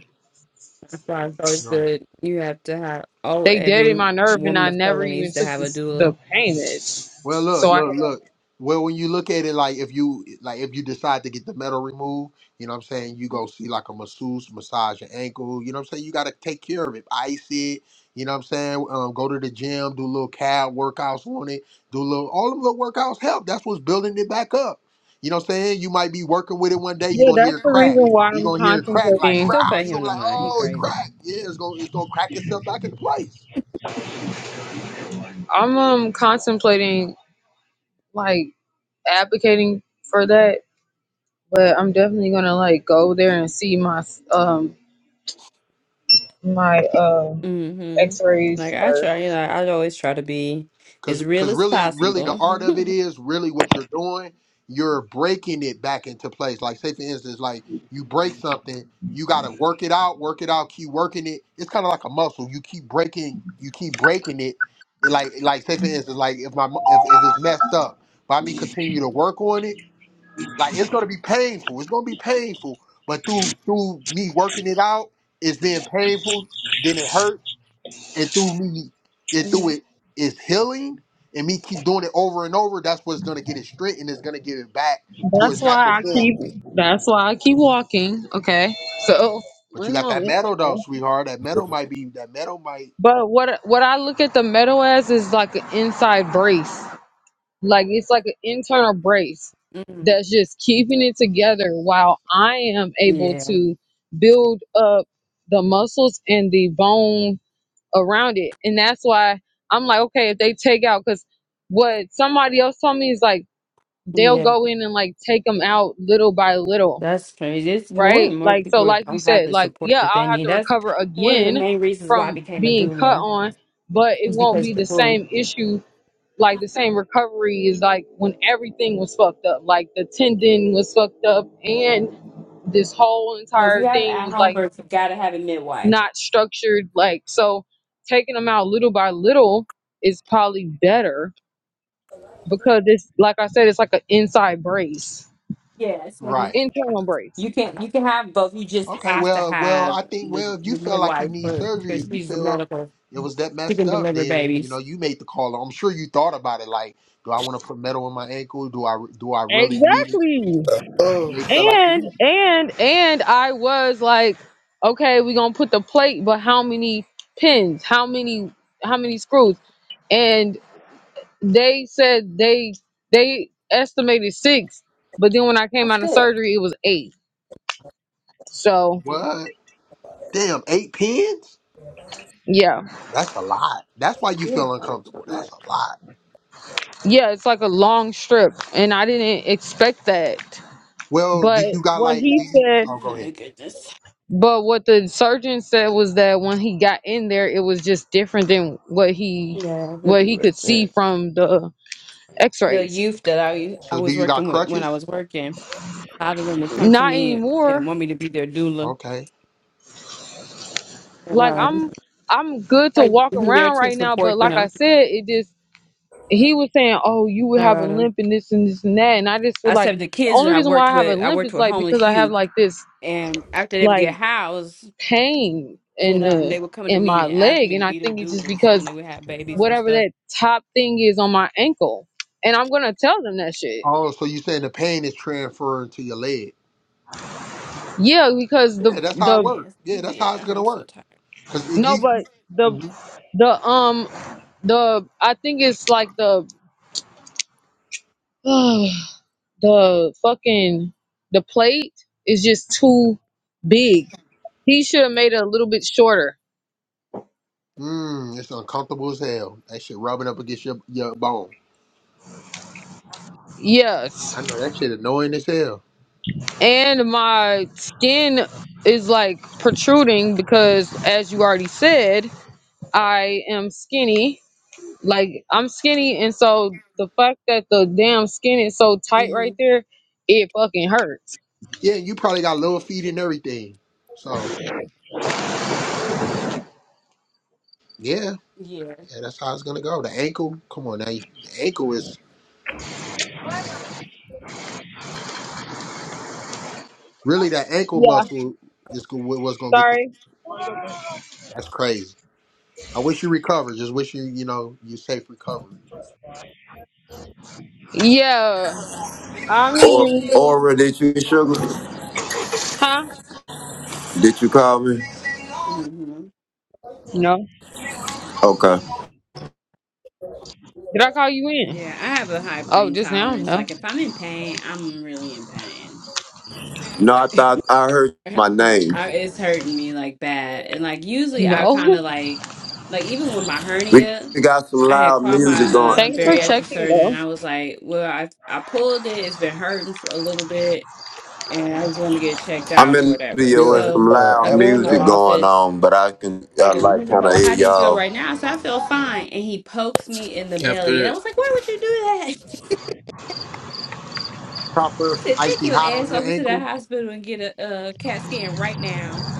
That's why it's always
Right.
good. You have to have. Oh,
They deadened
every
my nerve, and
woman
I
of
never
color
even
needs to
took
have a
this, the
doula.
pain meds.
Well, look,
So I have
look,
a
look. Well, when you look at it, like if you like if you decide to get the metal removed, you know what I'm saying. You go see like a masseuse, massage your ankle. You know what I'm saying. You got to take care of it, ice it. You know what I'm saying. Um, go to the gym, do little calf workouts on it, do little all them little workouts help. That's what's building it back up. You know what I'm saying. You might be working with it one day. You're
yeah.
gonna hear
That's
it
the reason
crack.
why
You're
I'm
gonna hear it crack like
contemplating.
crowd. You're gonna be like, oh, it cracked. Yeah, it's gonna it's gonna crack itself back into place.
I'm um contemplating like advocating for that but I'm definitely gonna like go there and see my um my um
Mm-hmm.
x-rays
Like I
first.
try, you know, I always try to be
Cause,
as real
cause
as
really, really, the
possible.
art of it
(laughs)
is really what you're doing. You're breaking it back into place. Like, say for instance, like you break something, you gotta work it out, work it out, keep working it. It's kind of like a muscle. You keep breaking, you keep breaking it. And like, like say for instance, like if my mu- if, if it's messed up, by me continue to work on it, like it's gonna be painful. It's gonna be painful, but through through me working it out, it's being painful. Then it hurt and through me and through
Mhm.
it is healing and me keep doing it over and over that's what's going to get it straight and it's going to give it back to its
That's why
natural
I
form
keep that's why I keep walking. Okay. So
but you
one
got that
moment.
metal though
Okay.
sweetheart that metal might be that metal might
But what what I look at the metal as is like an inside brace. Like it's like an internal brace
Mhm.
that's just keeping it together while I am able
Yeah,
to build up the muscles and the bone around it. And that's why I'm like, okay, if they take out, because what somebody else told me is like they'll
yeah,
go in and like take them out little by little,
that's crazy. It's more
right?
and more
Like, so,
people
like you
don't have
said,
the
like,
support
yeah,
that
I'll
they
have
need.
to
That's
recover
one of the
again
main reasons why I
from
became a
being cut
doula,
on, but it
is
won't
because
be the
people
same issue. Like the same recovery is like when everything was fucked up, like the tendon was fucked up, and this whole
Well, if
entire
you have
thing
at
was like
home birth, you gotta have a midwife.
not structured like so taking them out little by little is probably better because it's like i said it's like an inside brace
Yeah, so you
right
internal brace
can you can have both. You just
okay
have to
well well
have
i think
the,
well if you
the
feel like you
midwife
need
for
surgery
because
if you
she's the
feel
medical.
it was that
She
messed
can
up
deliver
then you
babies.
know you made the call i'm sure you thought about it like do i want to put metal in my ankle do i do i really need it
exactly
you may
Oh,
feel like you
and
need it.
and and i was like okay we're gonna put the plate but how many pins how many how many screws and they said they they estimated six but then when i came
That's
out of
good.
surgery it was eight so
what damn eight pins
yeah
That's a lot. That's why you
We have
feel
fun and
uncomfortable. That's
children.
a lot.
Yeah, it's like a long strip, and I didn't expect that.
Well, do
But
you got
what
like?
he
Do you?
said,
Oh, go
My
ahead.
goodness.
but what the surgeon said was that when he got in there, it was just different than what he
Yeah, that'd
what
be
he could see
listed. The
from the
the
X-rays.
youth that I I
So, do
was
you got
working with when I
crutches?
was working, a lot of them would come to
Not
me and
anymore.
want me to be their doula.
Okay.
And
Like I'm
um,
I'm good to
I'd
walk
be there
around
to
right now,
support
but like I
them.
said, it just he was saying, "Oh, you would
I
have a
rather-
limp and this and this and that," and I just feel
I
like
said the
the
kids that
only
I
reason why
worked
I have a
with, I
limp
worked
is
with
like because
homeless
I have
youth,
like this
and after they would
like
get housed,
pain in
and um,
the
they would come to
in my
me and ask
leg
me to
and i
be their
think it's just
doulas
because
when they would have babies and
whatever
stuff.
that top thing is on my ankle and i'm gonna tell them that shit
Oh, so you saying the pain is transferring to your leg?
yeah because
I
the
Yeah,
need to
that's
take
how it
the
my
works.
ass
Yeah,
to
that's how
bed.
it's gonna
I'm so
work.
tired.
Cause it, you,
no but the
mm
the um the i think it's like the (sighs) the fucking the plate is just too big he should have made it a little bit shorter
mm, it's uncomfortable as hell. That shit rubbing up against your your bone.
yes
I know that shit annoying as hell.
and my skin is like protruding because as you already said i am skinny like i'm skinny and so the fact that the damn skin is so tight
hmm
right there it fucking hurts
Yeah, you probably got little feet and everything. So yeah,
Yeah.
yeah, that's how it's gonna go. The ankle, come on now. The ankle is Really, that ankle
yeah
muscle is go- what- what's going to get the.
sorry
That's crazy. I wish you recover. Just wish you, you know, you safe recovery.
yeah i mean
Or, or did you sugar?
huh
Did you call me?
Mm-hmm.
no
Okay.
did i call you in
Yeah, I have a high
oh
pain
just now
tolerance.
no
Like if I'm in pain, I'm really in pain.
No, I thought I heard
I
my
have a high-
name.
I- It's hurting me like bad, and like usually I
no
kind of
(laughs)
like, like even with my
We
hernia,
we got some
I had
loud
called my
music going.
uh,
thanks for
bariatric
checking
surgeon. and I
though
was like, well, I I pulled it. It's been hurting for a little bit, and I just want to get checked
I'm
out
in
or
the
whatever.
studio
yeah,
with some
So
yeah.
I
loud
go
After
in the
music
that.
going
office.
on, but I can I
And he
like
was
kind
like,
of
Well,
hear
how do you feel
y'all.
right now? So I said, "I feel fine. And he pokes me in the belly. And I was like, Why would you do that?
Try putting some
To take
icy
your
hot on
ass
your
over to the
ankle.
hospital and get a, a CAT scan right now.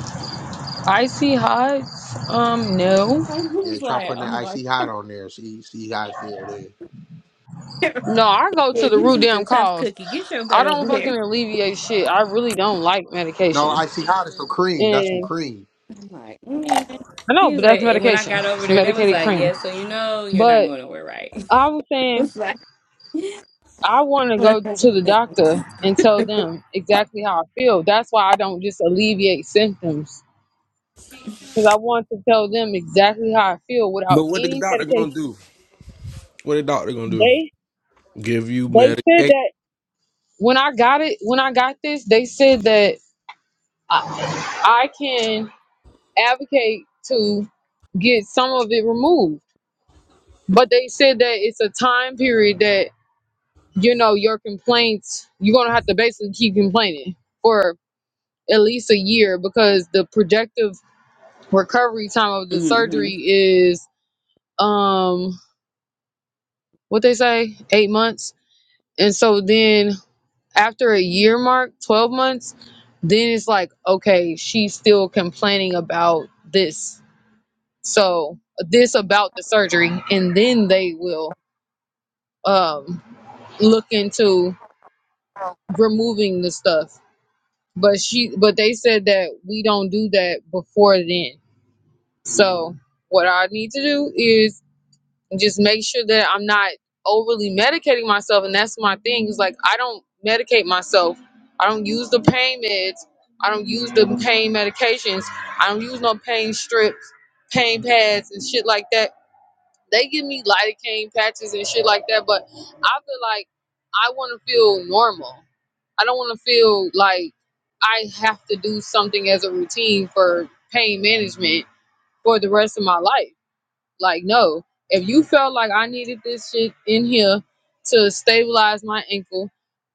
icy hot um
(laughs)
no
I
Yeah,
was
try
like,
putting
oh
that
my,
icy hot on there. See, see how it feel there.
no i go
yeah,
to the
you
root
just a
damn
tough
cause
cookie. Get your
I
butt
don't
over
fucking
here.
alleviate shit. I really don't like
No,
medication.
icy hot is some cream. That's some
And
cream.
I'm like, man.
I know,
He
but
was like,
that's
and when I
medication.
got over
It's
there, they was
medicated
like,
cream.
yeah, so you know you're not
But
going nowhere, right?
I was
(laughs) I
saying
was like,
I want to go to the doctor and tell them exactly how I feel. That's why I don't just alleviate symptoms because I want to tell them exactly how I feel without
But what the
any
doctor gonna
medication.
do? What the doctor gonna do?
They
Give you
they said
medication.
that when I got it, when I got this, they said that I can advocate to get some of it removed But they said that it's a time period that, you know, your complaints, you're going to have to basically keep complaining for at least a year because the projective recovery time of the surgery is, um, what they say, eight months. And so then after a year mark, 12 months, then it's like, okay, she's still complaining about this. So this about the surgery. And then they will, um, look into removing the stuff. But she but they said that we don't do that before then. So what I need to do is just make sure that I'm not overly medicating myself and that's my thing. Is like I don't medicate myself. I don't use the pain meds. I don't use the pain medications. I don't use no pain strips, pain pads and shit like that they give me lidocaine patches and shit like that, but I feel like I want to feel normal. I don't want to feel like I have to do something as a routine for pain management for the rest of my life. Like, no, if you felt like I needed this shit in here to stabilize my ankle,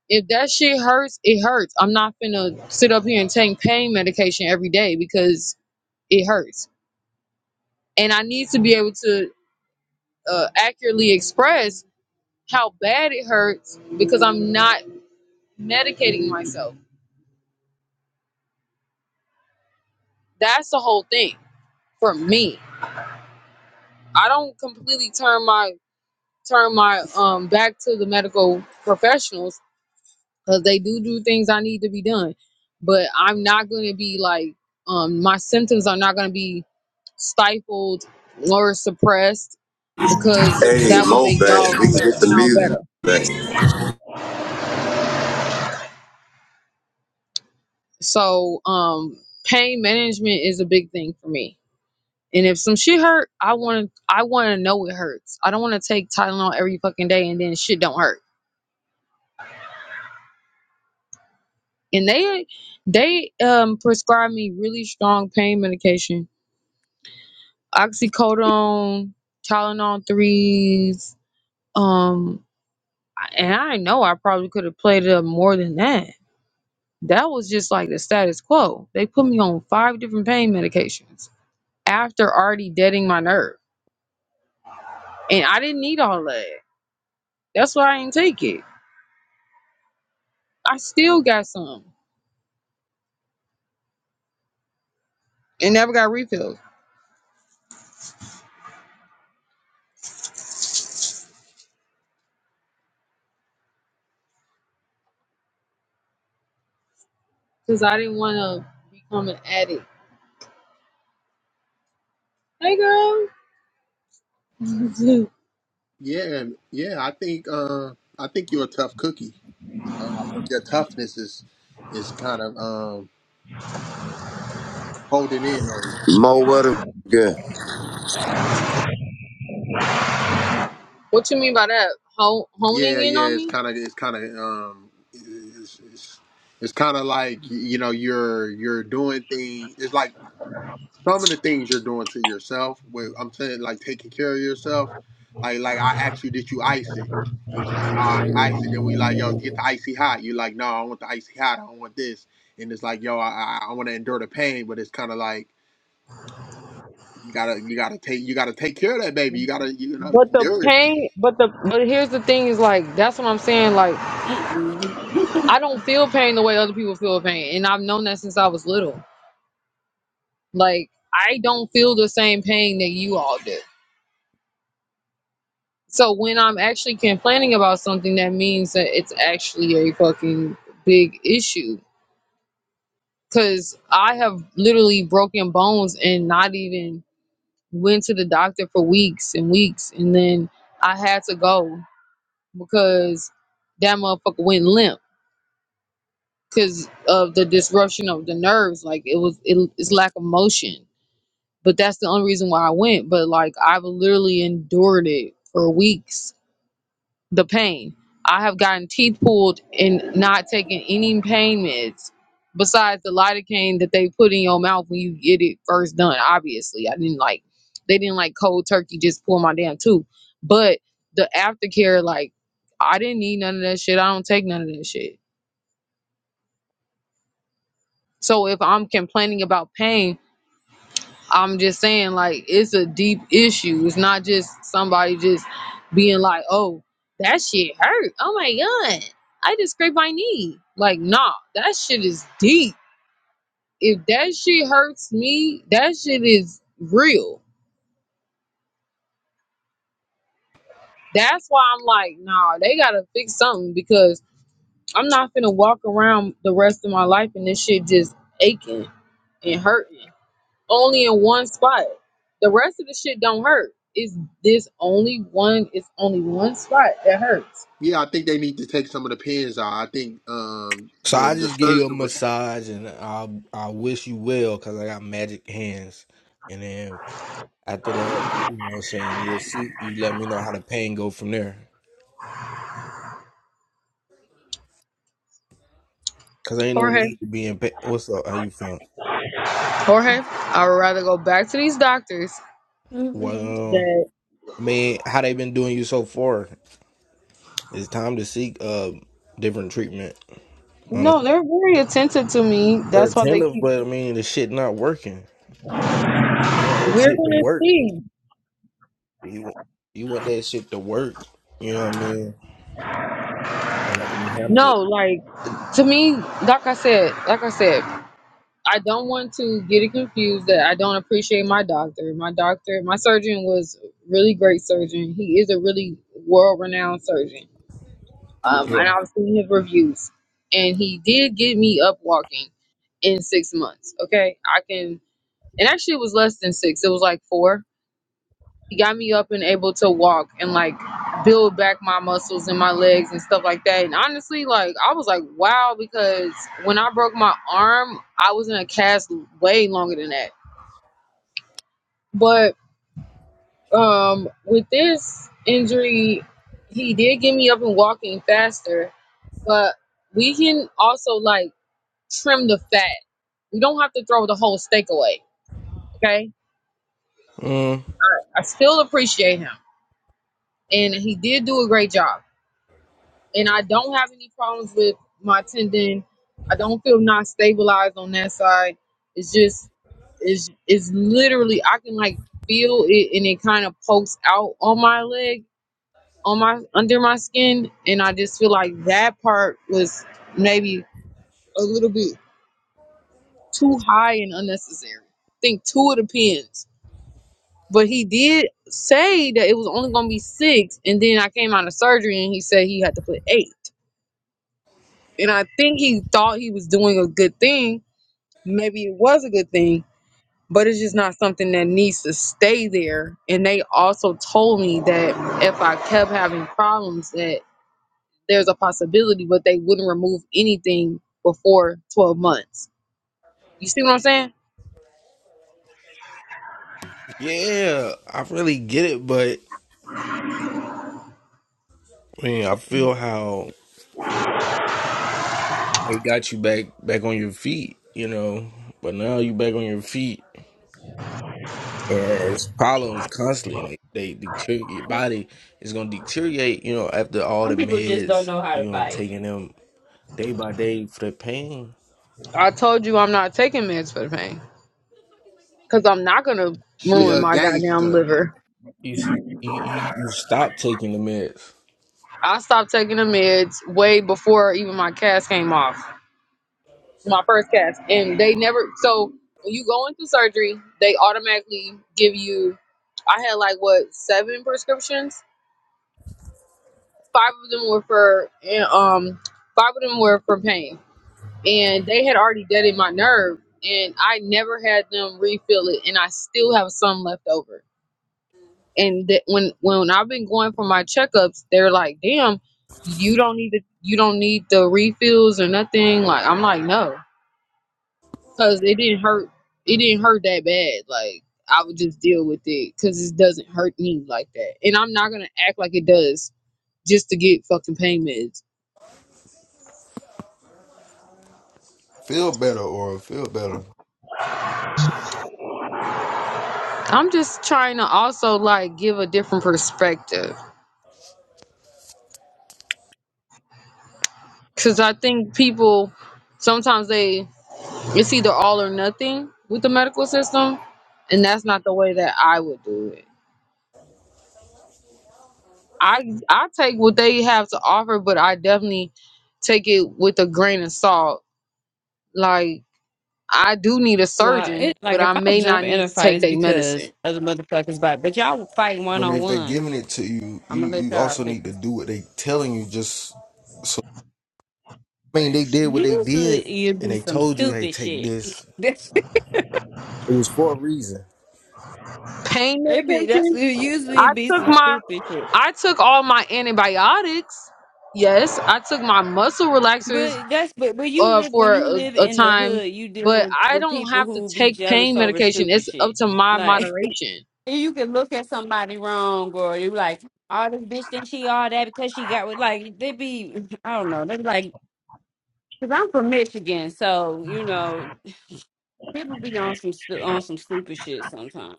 if that shit hurts, it hurts. I'm not finna sit up here and take pain medication every day because it hurts. And I need to be able to uh, accurately express how bad it hurts because I'm not medicating myself. That's the whole thing for me. I don't completely turn my turn my um back to the medical professionals because they do do things I need to be done, but I'm not going to be like um my symptoms are not going to be stifled or suppressed because
Hey,
that will
Mo,
make
back.
y'all
We can get the
sound
music
better.
back.
So um pain management is a big thing for me And if some shit hurt, I want to I want to know it hurts. I don't want to take Tylenol every fucking day and then shit don't hurt. And they they um prescribed me really strong pain medication, oxycodone, Tylenol threes. Um, and I
(laughs) hmm
know I probably could have played it up more than that. That was just like the status quo. They put me on five different pain medications after already deading my nerve, and I didn't need all that. That's why I didn't take it. I still got some. and never got refilled because I didn't want to become an addict. Hey, girl. (laughs)
Yeah, and- yeah. I think, uh, I think you're a tough cookie. You know, I think your toughness is, is kind of um holding in on you.
Mo, what a good.
what you mean by that? Ho-
Yeah,
honing in
yeah,
on
it's
me?
kind of it's kind of um it's it's, it's kind of like y- you know you're you're doing things. It's like some of the things you're doing to yourself. With I'm saying like taking care of yourself. Like like I asked you, did you ice it? You was like, no, I ain't ice it. Then we like, yo, get the icy hot. You like, no, I want the icy hot. I don't want this. And it's like, yo, I I, I want to endure the pain, but it's kind of like you gotta you gotta take you gotta take care of that baby. You gotta you know
But the
nourish it.
pain, but the but here's the thing is like that's what I'm saying. Like I don't feel pain the way other people feel pain, and I've known that since I was little. Like I don't feel the same pain that you all do. So when I'm actually complaining about something, that means that it's actually a fucking big issue. Cause I have literally broken bones and not even went to the doctor for weeks and weeks and then I had to go because that motherfucker went limp because of the disruption of the nerves. Like it was it, it's lack of motion. But that's the only reason why I went. But like I've literally endured it for weeks the pain. I have gotten teeth pulled and not taking any pain meds besides the lidocaine that they put in your mouth when you get it first done. Obviously, I didn't like they didn't like cold turkey just pull my damn tooth. But the aftercare, like I didn't need none of that shit. I don't take none of that shit. So if I'm complaining about pain I'm just saying, like, it's a deep issue. It's not just somebody just being like, oh, that shit hurt. Oh my God. I just scraped my knee. Like, nah, that shit is deep. If that shit hurts me, that shit is real. That's why I'm like, nah, they gotta fix something because I'm not gonna walk around the rest of my life and this shit just aching and hurting. only in one spot. The rest of the shit don't hurt. It's this only one? It's only one spot that hurts.
Yeah, I think they need to take some of the pins out. I think um,
So
the
I
the
just gave you a
surgeon was
massage and I I wish you well because I got magic hands. And then after that, you know what I'm saying, you'll see you let me know how the pain go from there. Cause ain't no
Jorge,
need to be in pain. What's up? How you feeling?
Jorge, I would rather go back to these doctors
Well um,
that
I mean, how they been doing you so far? It's time to seek uh different treatment on a
no, they're very attentive to me.
they're
That's why they
attentive,
keep.
but I mean the shit not working. You want that
We're
shit to
gonna
work.
see.
You want, you want that shit to work. You know what I mean? Or let me handle
No,
it.
like to me, like I said, like I said, I don't want to get it confused that I don't appreciate my doctor. My doctor, my surgeon was a really great surgeon. He is a really world renowned surgeon Um,
Yeah.
and I was seeing his reviews, and he did get me up walking in six months. Okay, I can, and actually it was less than six. It was like four. He got me up and able to walk and like build back my muscles and my legs and stuff like that. And honestly, like I was like, wow, because when I broke my arm, I was in a cast way longer than that. But um, with this injury, he did get me up and walking faster. But we can also like trim the fat. We don't have to throw the whole steak away. Okay.
Mm,
I, I still appreciate him. And he did do a great job. And I don't have any problems with my tendon. I don't feel not stabilized on that side. It's just it's it's literally I can like feel it and it kind of pokes out on my leg, on my under my skin. And I just feel like that part was maybe a little bit too high and unnecessary. I think two of the pins But he did say that it was only going to be six, and then I came out of surgery and he said he had to put eight. And I think he thought he was doing a good thing. Maybe it was a good thing, but it's just not something that needs to stay there. And they also told me that if I kept having problems, that there's a possibility, but they wouldn't remove anything before 12 months. You see what I'm saying?
yeah, I really get it, but I mean, I feel how it got you back back on your feet. You know, but now you back on your feet. And it's problems constantly. They they deteriorate your body. It's gonna deteriorate. You know, after all
Some
the
people just don't
meds.
know how to
You know,
fight.
taking them day by day for the pain.
I told you I'm not taking meds for the pain because I'm not going to
she
Cause
ruin
a
my goddamn
gangster.
liver.
you you, you you stop taking the meds.
I stopped taking the meds way before even my cast came off, my first cast, and they never. So when you go into surgery, they automatically give you. I had like what seven prescriptions. Five of them were for and, um, five of them were for pain, and they had already deaded my nerve, and I never had them refill it, and I still have some left over. and that when when I've been going for my checkups, they're like, "Damn, you don't need the you don't need the refills or nothing." Like I'm like, "No," because it didn't hurt. It didn't hurt that bad. Like I would just deal with it because it doesn't hurt me like that, and I'm not gonna act like it does just to get fucking pain meds.
feel better or feel better.
I'm just trying to also like give a different perspective because I think people sometimes they It's either all or nothing with the medical system, and that's not the way that I would do it. I I take what they have to offer, but I definitely take it with a grain of salt. Like I do need a
No,
surgeon,
it
but
like if
I
I
may
jump
not
in
need
a
to
fight,
take
it's
their medicine.
because other motherfuckers fight. But y'all fight
I
one
mean,
on
if they're
one.
giving it to you, you,
I'm gonna let
you
y'all
also need to
bitches.
do what they telling you. Just so I mean, they did what they
Usually
did,
it
and
be
they
some
told you, hey,
stupid
take
shit. (laughs)
this.
That's it.
It was for a reason.
Pain
Be that's
medication.
it usually
I
it be
took
some
my
stupid shit.
I took all my antibiotics. Yes, I took my muscle relaxers
But that's but but you
uh,
live when
for
you live
a, a
in the
time,
hood, you deal
but
with
I
with
don't
people
have to
who be
take
jealous
pain
over
medication.
stupid
It's up
shit.
to my
Like
moderation.
(laughs) you can look at somebody wrong, or you like, all this bitch think she all that because she got with like they be (clears throat) I don't know they be like because I'm from Michigan, so you know people be on some stu- on some stupid shit sometimes.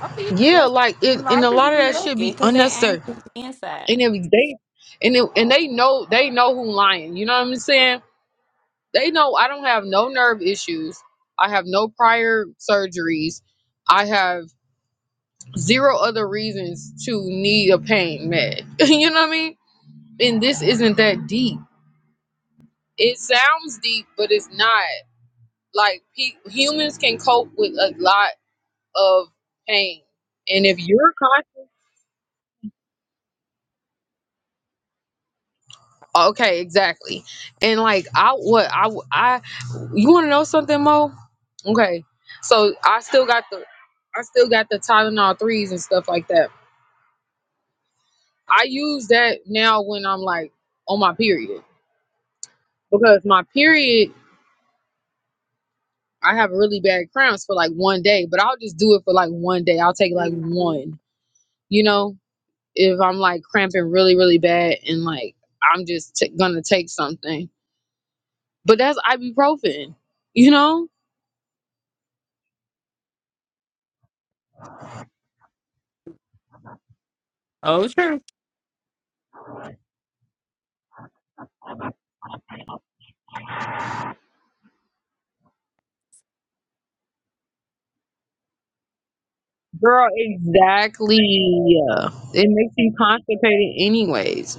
Oh yeah,
Yeah,
that's
like
a
it,
lot
and a
of people
lot of
be
that should
looking
be
because they
unnecessary.
ain't from the inside
And if they and it, and they know they know who lying. You know what I'm saying? They know I don't have no nerve issues. I have no prior surgeries. I have zero other reasons to need a pain med. (laughs) you know what I mean? And this isn't that deep. It sounds deep, but it's not. Like pe- humans can cope with a lot of pain. And if you're Okay, exactly. And like I what I I you want to know something, Mo? Okay. So I still got the I still got the Tylenol threes and stuff like that. I use that now when I'm like on my period because my period I have really bad cramps for like one day, but I'll just do it for like one day. I'll take like one, you know, if I'm like cramping really really bad and like I'm just t- gonna take something. But that's ibuprofen, you know Girl, exactly. It makes you constipated anyways.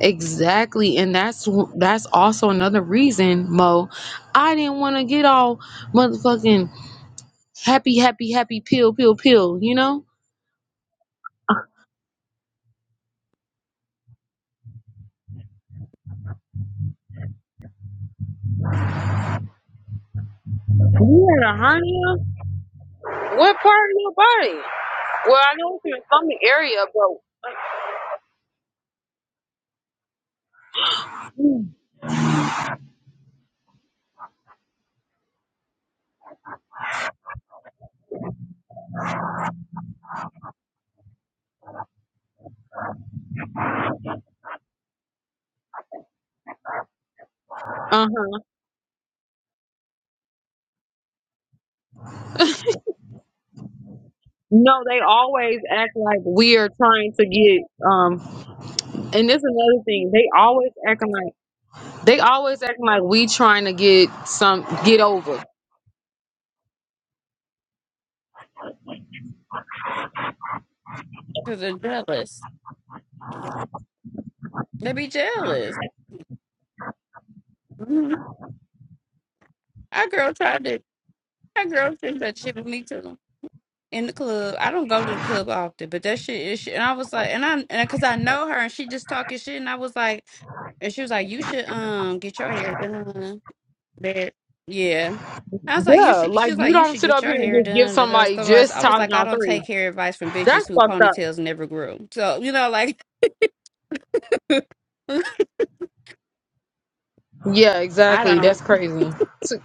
Exactly. And that's that's also another reason, Mo, I didn't want to get all motherfucking happy, happy, happy pill, pill, pill, you know? You had a hernia? What part of your body? Well, I know it's your stomach area, but uh-huh. No, they always act like we are trying to get um and this is another thing. They always acting like They always act like we trying to get some get over.
because they're jealous. They be jealous. Mhm. Our girl tried to. That girl sings that shit with me too in the club. I don't go to the club often, but that shit is shit. And I was like, and I, and because I know her, and she just talking shit, and I was like, and she was like, you should um get your hair done. That yeah. I was like, you
Yeah,
should. She
like
was
you
like, you
don't
should
sit
get
up
your
here and
hair
just give
done. Da, da,
somebody
stuff. like that.
just
I was like, I
Tylenol
don't
three.
take hair advice from
That's
bitches who
fucked up.
ponytails never grew. So you know, like
Yeah,
(laughs) I
exactly.
don't.
That's crazy.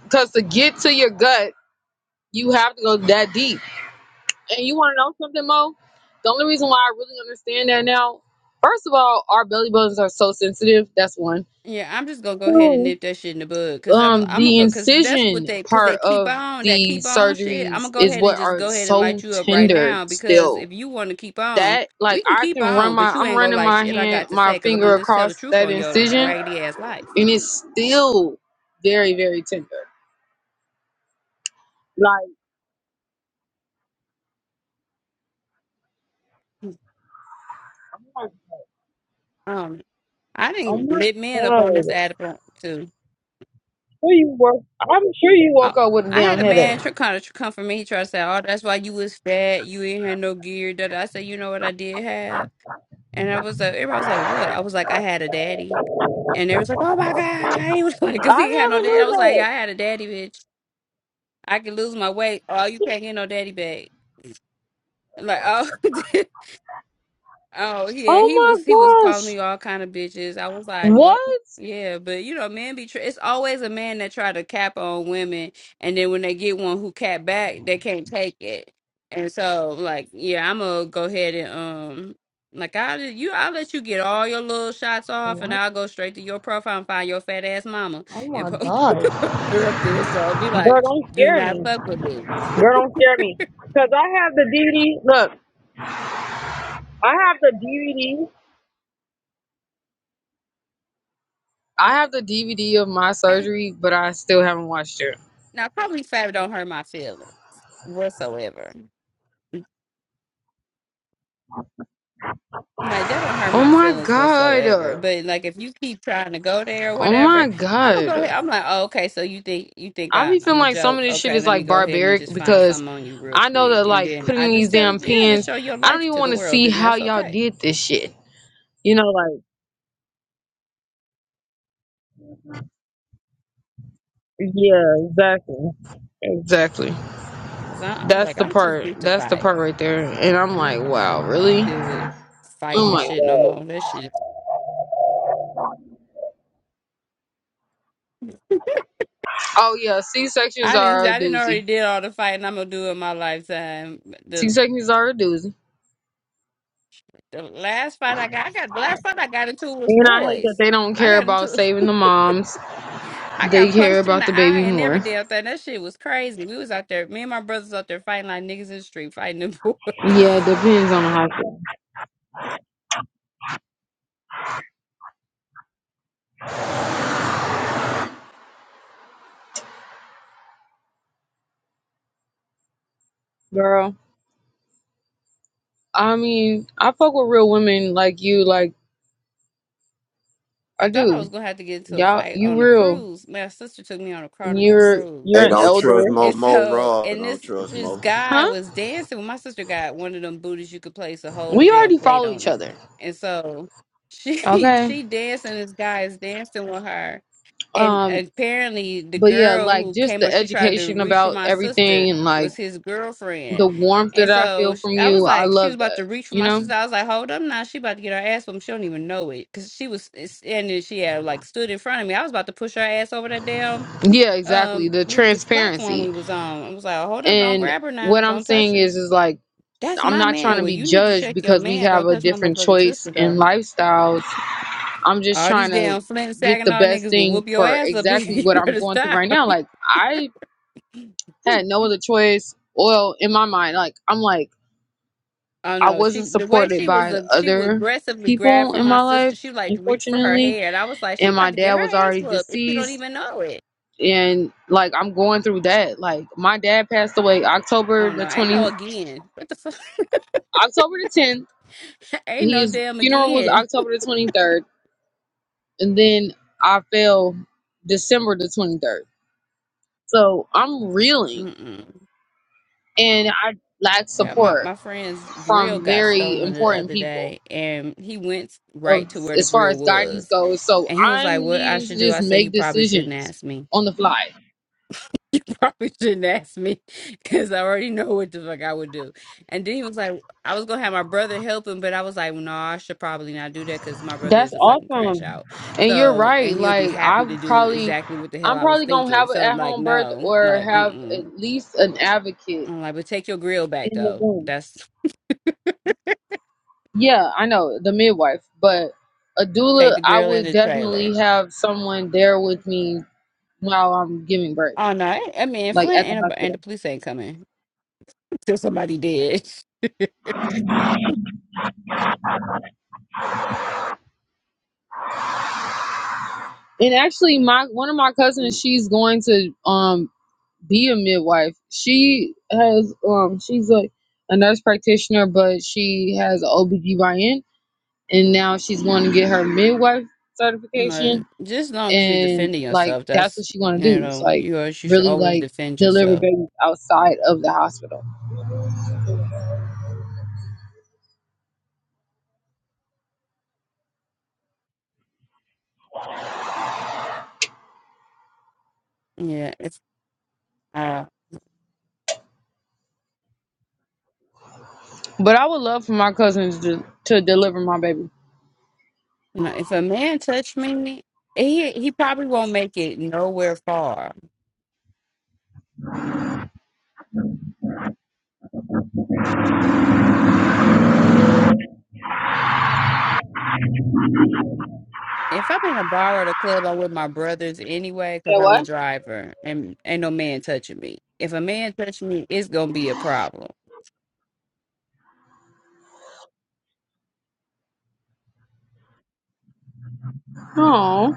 Because to get to your gut, you have to go that deep. And you want to know something, Mo? The only reason why I really understand that now, first of all, our belly buttons are so sensitive. That's one.
Yeah, I'm just gonna go ahead and
Two,
nip that shit in the bud, cause I'm
um,
I'm gonna
the
go, cause that's what
incision
they, cause they
part
keep
of
on that
the
keep on shit. I'm
surgeries
gonna go
is
ahead and
what
just
are
go ahead and light
so
you up right
tender
now, because
still
if you want to keep on,
that like
we can
I
keep
can run
on,
my
but you
I'm
ain't gonna
running
like
my
shit I
hand
got to
my
say, cause I'm
finger
gonna just tell
across
the truth
that
on your
incision
raggedy ass life.
and it's still very very tender. Like you're like,
Um, I
oh
didn't
my
lit men up
god,
on this ad front, too.
sure you woke I'm sure you
I,
woke up with a
I had
damn
a
headache.
man try kind of come for me. He tried to say, "Oh, that's why you was fat. You ain't had no gear." That I said, "You know what I did have," and I was like, everybody was like, "What?" I was like, "I had a daddy." And they was like, "Oh my God!" I was (laughs) like, "Cause
I
he had no
never
dad."
knew
I was like,
that.
"I had a daddy, bitch. I could lose my weight. Oh, you can't get no daddy bag." Like, oh, (laughs) oh yeah,
Oh
he was he was
my
calling
gosh,
me all kind of bitches. I was like, "Well,
what?
yeah, but you know, men be. Tr- it's always a man that try to cap on women, and then when they get one who cap back, they can't take it. And so, like, yeah, I'm gonna go ahead and um. Like I will you, I'll let you get all your little shots off, and I'll go straight to your profile and find your fat ass mama and po- (laughs) (laughs) They're up there, so I'll be
Girl,
like,
don't
do
scare
not
me.
fuck with me.
Girl, don't scare me. Cause I have the DVD. Look, I have the DVD. I have the DVD of my
And
surgery, but I still haven't watched it.
now, probably five don't hurt my feelings whatsoever. Like, that don't hurt
Oh
my
my
feelings whatsoever.
god.
But, like, if you keep trying to go there or
Oh my
whatever, I'm gonna go ahead.
god.
I'm like, oh, okay, so you think you think
I
I,
be
I'm
feeling
a
like some of
joke.
this shit
Okay,
is
let me
like
go ahead and
barbaric
just find
because
something on you real
I know
quick.
that
And
like
then I
putting these
just tell,
damn
yeah, to
pins,
show your
I don't
life
even
to the
want to
world,
see
and
how
that's
y'all
okay.
did this shit. You know, like yeah, exactly. Exactly.
Because I, I'm
That's
like,
the
I'm too
part.
big to
That's the
fight.
part right there. And I'm
I ain't
like,
trying
wow,
to
really?
deal with
Oh
fighting and
my
shit no more.
god.
That shit
Oh yeah, C sections
I didn't.
are a
I didn't already
doozy.
did all the fighting I'm gonna do in my lifetime.
C
The
sections are a doozy.
the last fight I got, I got the last fight I got into was
And I hate that
boys.
they don't
I
care
got
about
into,
saving the moms.
(laughs) I
They
got
care
punched in
about
the
the
eye
baby
and every
more.
damn thing. That shit was crazy. We was out there, me and my brothers out there fighting like niggas in the street, fighting the
Yeah,
boys.
it depends on the
(laughs)
hospital. Girl. I mean, I fuck with real women like you. Like I
I thought I was
do.
gonna have to get into a
Y'all,
fight
you
on the
real.
cruise. My sister took me on a carnival
You're
cruise.
you're
Hey,
an
don't trust
elder,
Mo.
And
Mo
so,
Raw.
and
Don't
this
trust
this
Mo.
guy
huh?
was dancing. Well, my sister got one of them booties you could place a whole
We
damn
already
plate
follow
on
each
it.
other.
And so she (laughs)
Okay.
she dancing. This guy is dancing with her. And
Um.
apparently, the
But yeah,
girl
like
who
just
came
the
up, she tried to
education
reach for
about
my
everything
sister,
and like
was his girlfriend.
the warmth that
And
I
so
feel
sh-
from
I was
you. I
like, she was
love
about
that.
to reach for
You
my
know.
sister. I was like, hold up now. She about to get her ass whooped. She don't even know it. Because she was, and then she had like stood in front of me. I was about to push her ass over that damn
Yeah. Exactly.
um
The
we- platform
transparency
we was on. I was like, hold up, don't
and
grab her now,
what I'm
don't touch
saying
her.
is is like.
That's
I'm
my
not trying
man.
to
Well,
be
you need to
judged
check your
because we
man.
have
Don't
a
touch my
different
motherfucking
choice
sister
in
though.
lifestyles I'm just
All these
trying to
damn Flint and
get the
Saginaw
best
niggas will
thing
whoop your
for
ass up (laughs) if
exactly
you
what
were
I'm
to
going through
stop.
right now. Like I had no other choice. Well, in my mind, like I'm like
Oh
I
no,
wasn't
she the way
supported
she was,
by
uh, she would
other
aggressively grab
people
for
in
my
my
sister.
life,
She would, like reach for her
unfortunately,
hair, and I was like, she
and my
about to get
dad was
her ass
already
whooped if she don't
deceased.
even know it.
And like I'm going through that. Like my dad passed away
Oh
October the
no, ain't
twenty,
no again. What the fuck?
October the tenth.
(laughs) ain't no
His
damn
funeral was
again.
October the twenty third, and then I fell December the twenty third. So I'm reeling
Mm-mm.
and I lack
Yeah, my,
support
my friend's grill
from
got
very
stolen the
important
other
people
day, and he went
of
right to where the
as far
grill
as guidance
was.
goes. So
And he was
I'm
like, What I
needing to
should do?
just
I said,
make
You probably shouldn't
decisions
ask me. (laughs)
on the fly.
You probably shouldn't ask me because I already know what the fuck I would do. And then he was like, I was going to have my brother help him, but I was like, No, I should probably not do that because my brother
That's
is a fucking crash
awesome.
out.
And you're
So, and
right.
he'll be
Like I
happy to do
probably
exactly what the hell
I'm
I was
probably gonna
thinking.
have an
So,
at
like,
home birth
no,
or
like, mm
have
mm.
at least an advocate
I'm like, But take your grill back,
in the
though.
room.
That's.
Yeah, I know, the midwife, but a
Take
doula
the
I
grill and
would
the
definitely
trailer.
have someone there with me while I'm giving birth,
Oh no, I I mean
like
Flint
at the
and
hospital.
and the police ain't coming (laughs) till somebody dead. (laughs)
And actually, my one of my cousins, she's going to um be a midwife. She has um she's a, a nurse practitioner, but she has a OBGYN and now she's going to get her midwife
No,
certification
just as long as you're
and
defending
like
yourself,
that's
that's
what she want to
you
do. It's
know
like
you always you should
really
always
like
defend
deliver
yourself.
babies outside of the hospital.
Yeah, if uh,
But I would love for my cousins to, to deliver my baby.
you know, if a man touch me, he he probably won't make it nowhere far. If I'm in a bar or the club, I'm with my brothers anyway
Yeah,
because I'm the
what?
driver and ain't no man touching me. If a man touch me, it's gonna be a problem.
Oh,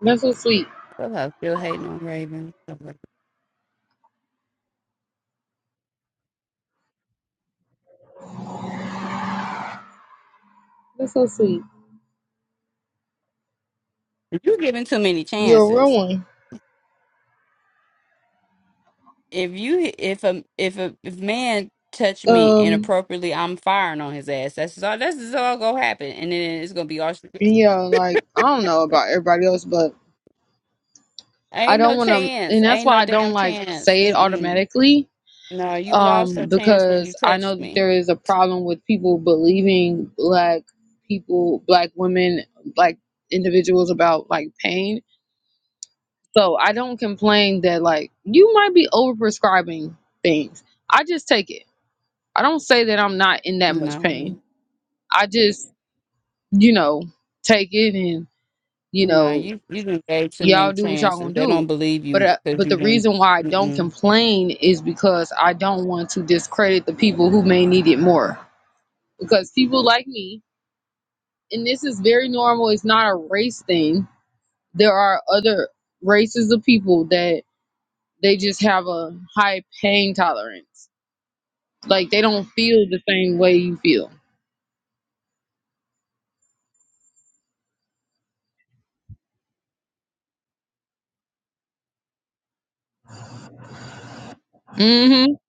that's so sweet.
Clubhouse still hating on Raven.
That's so sweet.
You giving too many
You're a real
chances.
one.
If you if a if a if man touch me
Um
inappropriately, I'm firing on his ass. That's all. That's just all gonna happen, and then it's gonna be all.
Yeah, like I don't know about everybody else, but I
Ain't
don't
no
want to,
chance.
and that's
Ain't
why
no
I don't
damn
like
chance.
say it
Mm-mm.
automatically.
No, you lost your
Um,
chance when you
because I know
touched
that
me.
there is a problem with people believing black people, black women, black individuals about like pain. So I don't complain that like you might be overprescribing things. I just take it. I don't say that I'm not in that much
No.
pain. I just, you know, take it and, you
No,
know,
you you done gave too many
y'all do what y'all gonna
chances. They don't
do.
believe
But
you
uh,
because
but
you
the
didn't.
reason why I don't
Mm-mm.
complain is because I don't want to discredit the people who may need it more. Because people like me, and this is very normal. It's not a race thing. There are other races of people that they just have a high pain tolerance. Like they don't feel the same way you feel. Mm-hmm.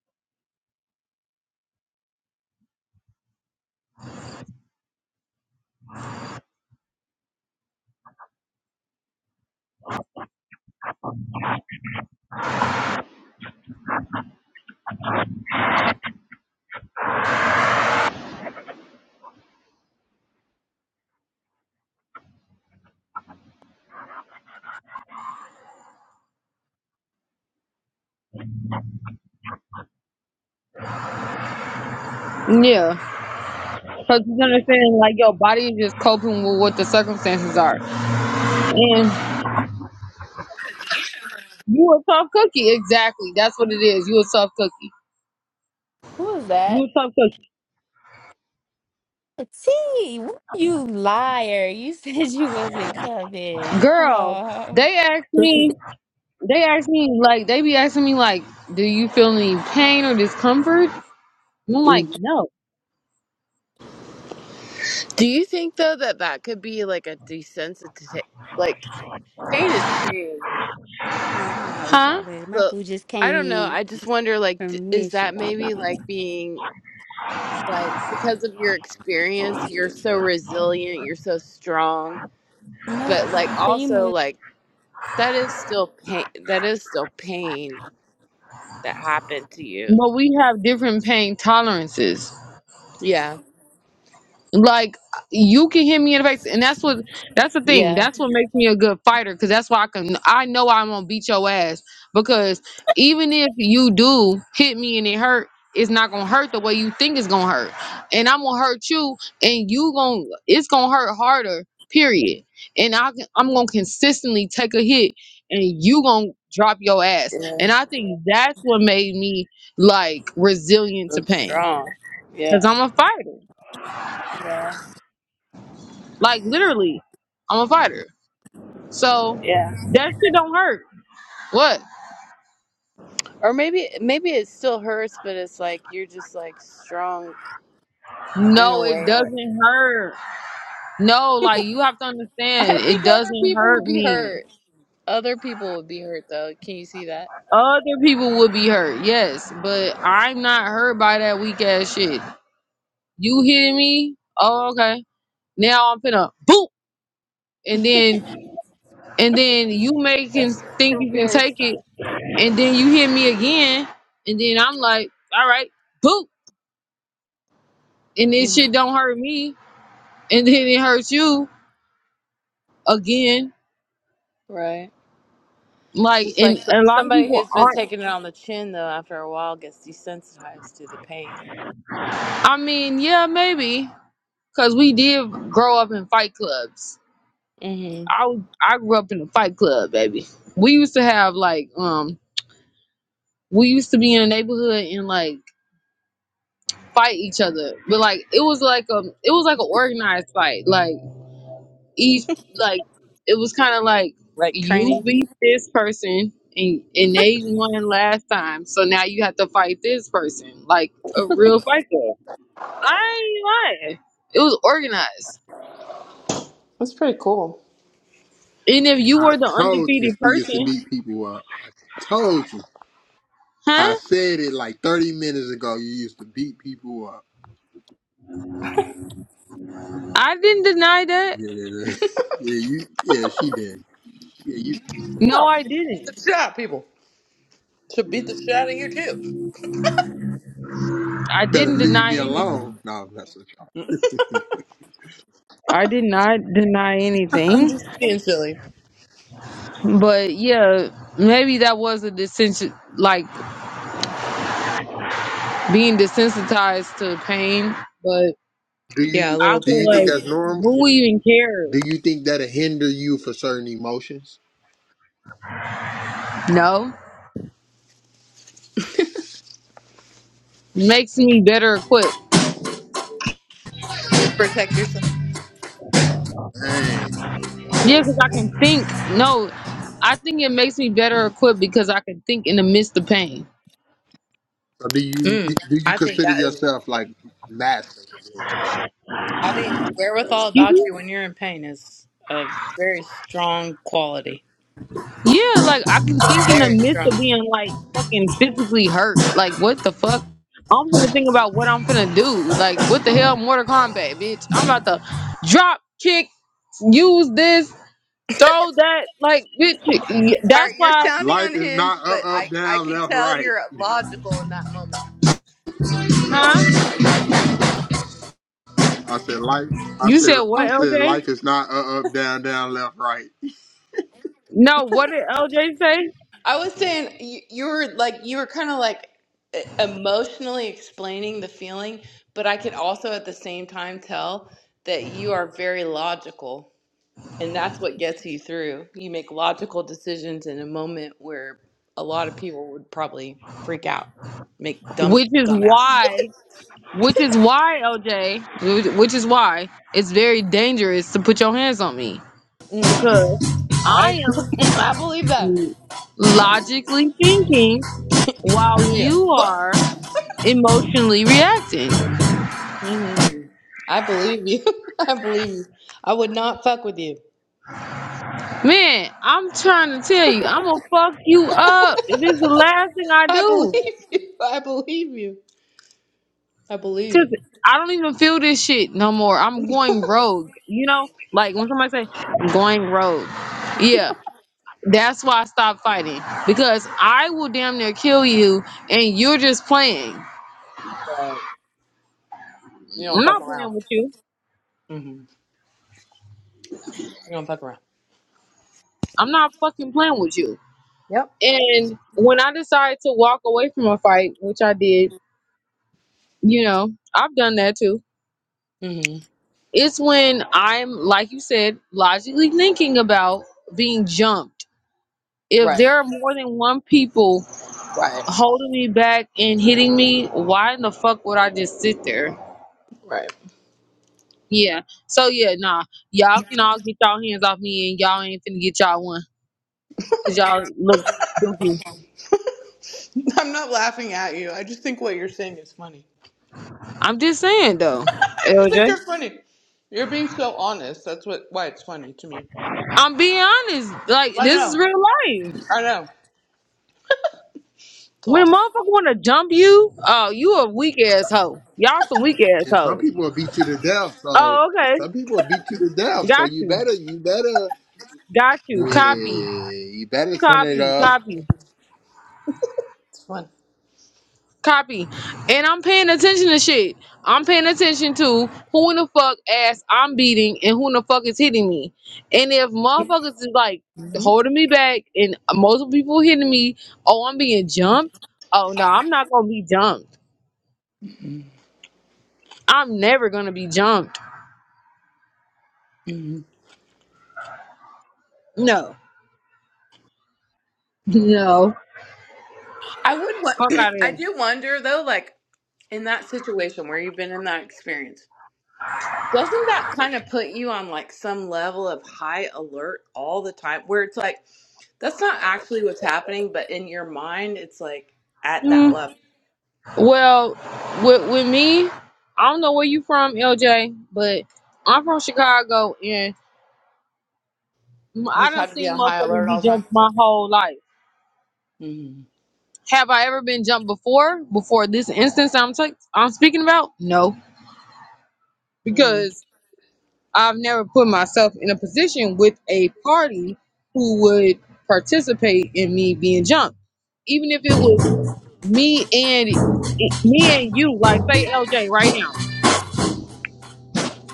Yeah. Because you understand, like your body is just coping with what the circumstances are. And You a tough cookie. Exactly. That's what it is. You a tough cookie.
Who is
You
that?
a tough cookie.
T, what- you liar! You (laughs) said you wasn't coming. Oh.
Girl, they asked me, they asked me, like, they be asking me, like, do you feel any pain or discomfort? And I'm like,
Mm.
no.
Do you think though that that could be like a desensitization? Like pain is pain.
All right, I'm gonna holler at
Huh?
y'all later. My
So
boo just
I
came
don't know.
in
I just wonder. Like,
from
d- is that
getting.
maybe like being like because of your
I'm gonna put
experience,
this
you're
stuff
so
up.
resilient, you're so strong,
No
but like also like that is still pain. That is still pain that happened to you.
But we have different pain tolerances.
Yeah.
Like you can hit me in the face, and that's what that's the thing.
Yeah.
That's what makes me a good fighter, because that's why I can. I know I'm gonna beat your ass because even if you do hit me and it hurt, it's not gonna hurt the way you think it's gonna hurt, and I'm gonna hurt you, and you gonna it's gonna hurt harder. Period. And I can- I'm gonna consistently take a hit, and you gonna drop your ass.
Yeah.
And I think that's what made me like resilient
So
to pain,
strong.
because
Yeah.
I'm a fighter.
Yeah.
Like literally, I'm a fighter. So
Yeah.
that shit don't hurt. What?
Or maybe maybe it still hurts, but it's like you're just like strong in a
No, it
way. Or
doesn't hurt. No, like you have to
(laughs) I
understand,
think
it
other
doesn't
people would
hurt
be
me.
hurt. Other people would be hurt though. Can you see that?
Other people would be hurt, yes, but I'm not hurt by that weak ass shit. You hitting me? Oh, okay. Now I'm finna boop, and then and then you making
Yes, (laughs)
think
you're
you can
very
take
strong.
it, and then you hit me again, and then I'm like, all right, boop, and this
hmm
shit don't hurt me. and then it hurts you again.
Right. It's
Like,
Just like
and
so-
a lot of
somebody
people
who's been
aren't.
taking it on the chin though, after a while gets desensitized to the pain.
I mean, yeah, maybe because we did grow up in fight clubs.
hmm
I was- I grew up in a fight club, baby. We used to have like um we used to be in a neighborhood and like fight each other, but like it was like um it was like an organized fight. Like. each like it was kind of like
Like
you
training.
beat this person and and they won last time, so now you have to fight this person like a real fight club. I ain't lying. It was organized,
That's pretty cool.
and if you
I
were the
told you she
undefeated
used to
person,
beat people up. I told you. I
huh?
said it like thirty minutes ago. You used to beat people up. (laughs)
I didn't deny that.
Yeah, yeah, yeah. (laughs) Yeah, you, yeah she did. Yeah, you
No,
No,
I
you should beat
didn't.
the shit out of people. Should beat the shit out of you too.
I
better
didn't
leave me
deny
alone.
anything.
No, that's what y'all.
I did not deny
(laughs) I'm
anything,
just being silly.
but yeah, maybe that was a dissension, like being desensitized to pain, but.
Do
Yeah, a
you
I
little
do
feel
you
bit
think
like
that's
maybe.
normal?
who even
Do
cares?
you think that'll hinder you for certain emotions?
No, makes me better equipped.
Protect
Dang.
Yeah, because I can think. No, I think it makes me better equipped because I can think in the midst of pain.
So do you
Mm,
do you
I think
consider
that is
yourself
legit.
like master?
I think wherewithal
Excuse
about
me?
you when you're in pain is a very strong quality.
Yeah, like I can think in the
Very
midst
strong.
of being like fucking physically hurt. Like what the fuck? I'm gonna think about what I'm gonna do. Like what the hell, Mortal Kombat, bitch? I'm about to drop kick, use this, throw that. Like bitch,
All
that's
right, you're
why,
sounding
Life is
unhinged,
not up,
but
up,
I I
down,
could
left,
tell
right.
you're logical in that moment.
huh?
I said life. I
You
said
said what,
I said
LJ?
life is not up, up, down, down, left, right.
No, what did LJ say?
I was saying you, you were like you were kind of like e- emotionally explaining the feeling, but I could also at the same time tell that you are very logical And that's what gets you through. You make logical decisions in a moment where a lot of people would probably freak out, make dumb
Which is
dumbasses.
why, which is why LJ, which which is why it's very dangerous to put your hands on me
Mm,
because I
I (laughs) I believe that.
am logically thinking while
You're gonna get
you
fucked.
are emotionally reacting.
hmm I believe you. (laughs) I believe you. I would not fuck with you.
Man, I'm trying to tell you, I'm gonna fuck you up. This is the last thing I
I believe
do
(laughs) you. I believe you. I
because
believe
I don't even feel this shit no more. I'm
you. (laughs)
going rogue. You know, like when somebody say, "I'm going rogue," yeah. That's why I stopped fighting because I will damn near kill you, and you're just playing. I'm
Right. You don't fuck
not
around.
playing with you.
hmm You don't fuck around.
I'm not fucking playing with you.
Yep.
And when I decide to walk away from a fight, which I did, you know, I've done that too.
hmm
It's when I'm, like you said, logically thinking about being jumped. If
Right.
there are more than one people
Right.
holding me back and hitting me, why in the fuck would I just sit there?
Right.
Yeah. So yeah, nah. Y'all can all get y'all hands off me and y'all ain't finna get y'all one. Cause y'all look goofy.
(laughs) I'm not laughing at you. I just think what you're saying is funny.
I'm just saying though,
you think
LJ.
you're funny. You're being so honest. That's what why it's funny to me.
I'm being honest. Like
I
this is
know.
real life.
I know. It's
When a
awesome.
motherfucker wanna jump you, oh, you a weak ass hoe. Y'all some weak ass
And some
hoes.
people will beat you to death. So
Oh, okay.
some people will beat you to death. So
Got
you
you.
better, you better,
Got you. Copy.
yeah, you better turn it
Copy.
up.
Copy.
It's fun.
Copy. And I'm paying attention to shit. I'm paying attention to who in the fuck ass I'm beating and who in the fuck is hitting me. And if motherfuckers is like
Mhm.
holding me back and multiple people hitting me, oh, I'm being jumped. Oh, no, I'm not going to be jumped. I'm never going to be jumped.
Mhm.
No. No.
I would want.
Fuck out of
(clears throat)
here.
I do wonder though, like in that situation where you've been in that experience, doesn't that kind of put you on like some level of high alert all the time? Where it's like that's not actually what's happening, but in your mind, it's like at that
Mm.
level.
Well, with, with me, I don't know where you from, LJ, but I'm from Chicago and
You
I
just
done
have to be
seen
on high
motherfuckers
alert all
be
the time.
jumped my whole life.
Mm-hmm.
Have I ever been jumped before? Before this instance I'm i I'm speaking about? No,
Mm-hmm.
because I've never put myself in a position with a party who would participate in me being jumped. Even if it was me and me and you, like say LJ right now.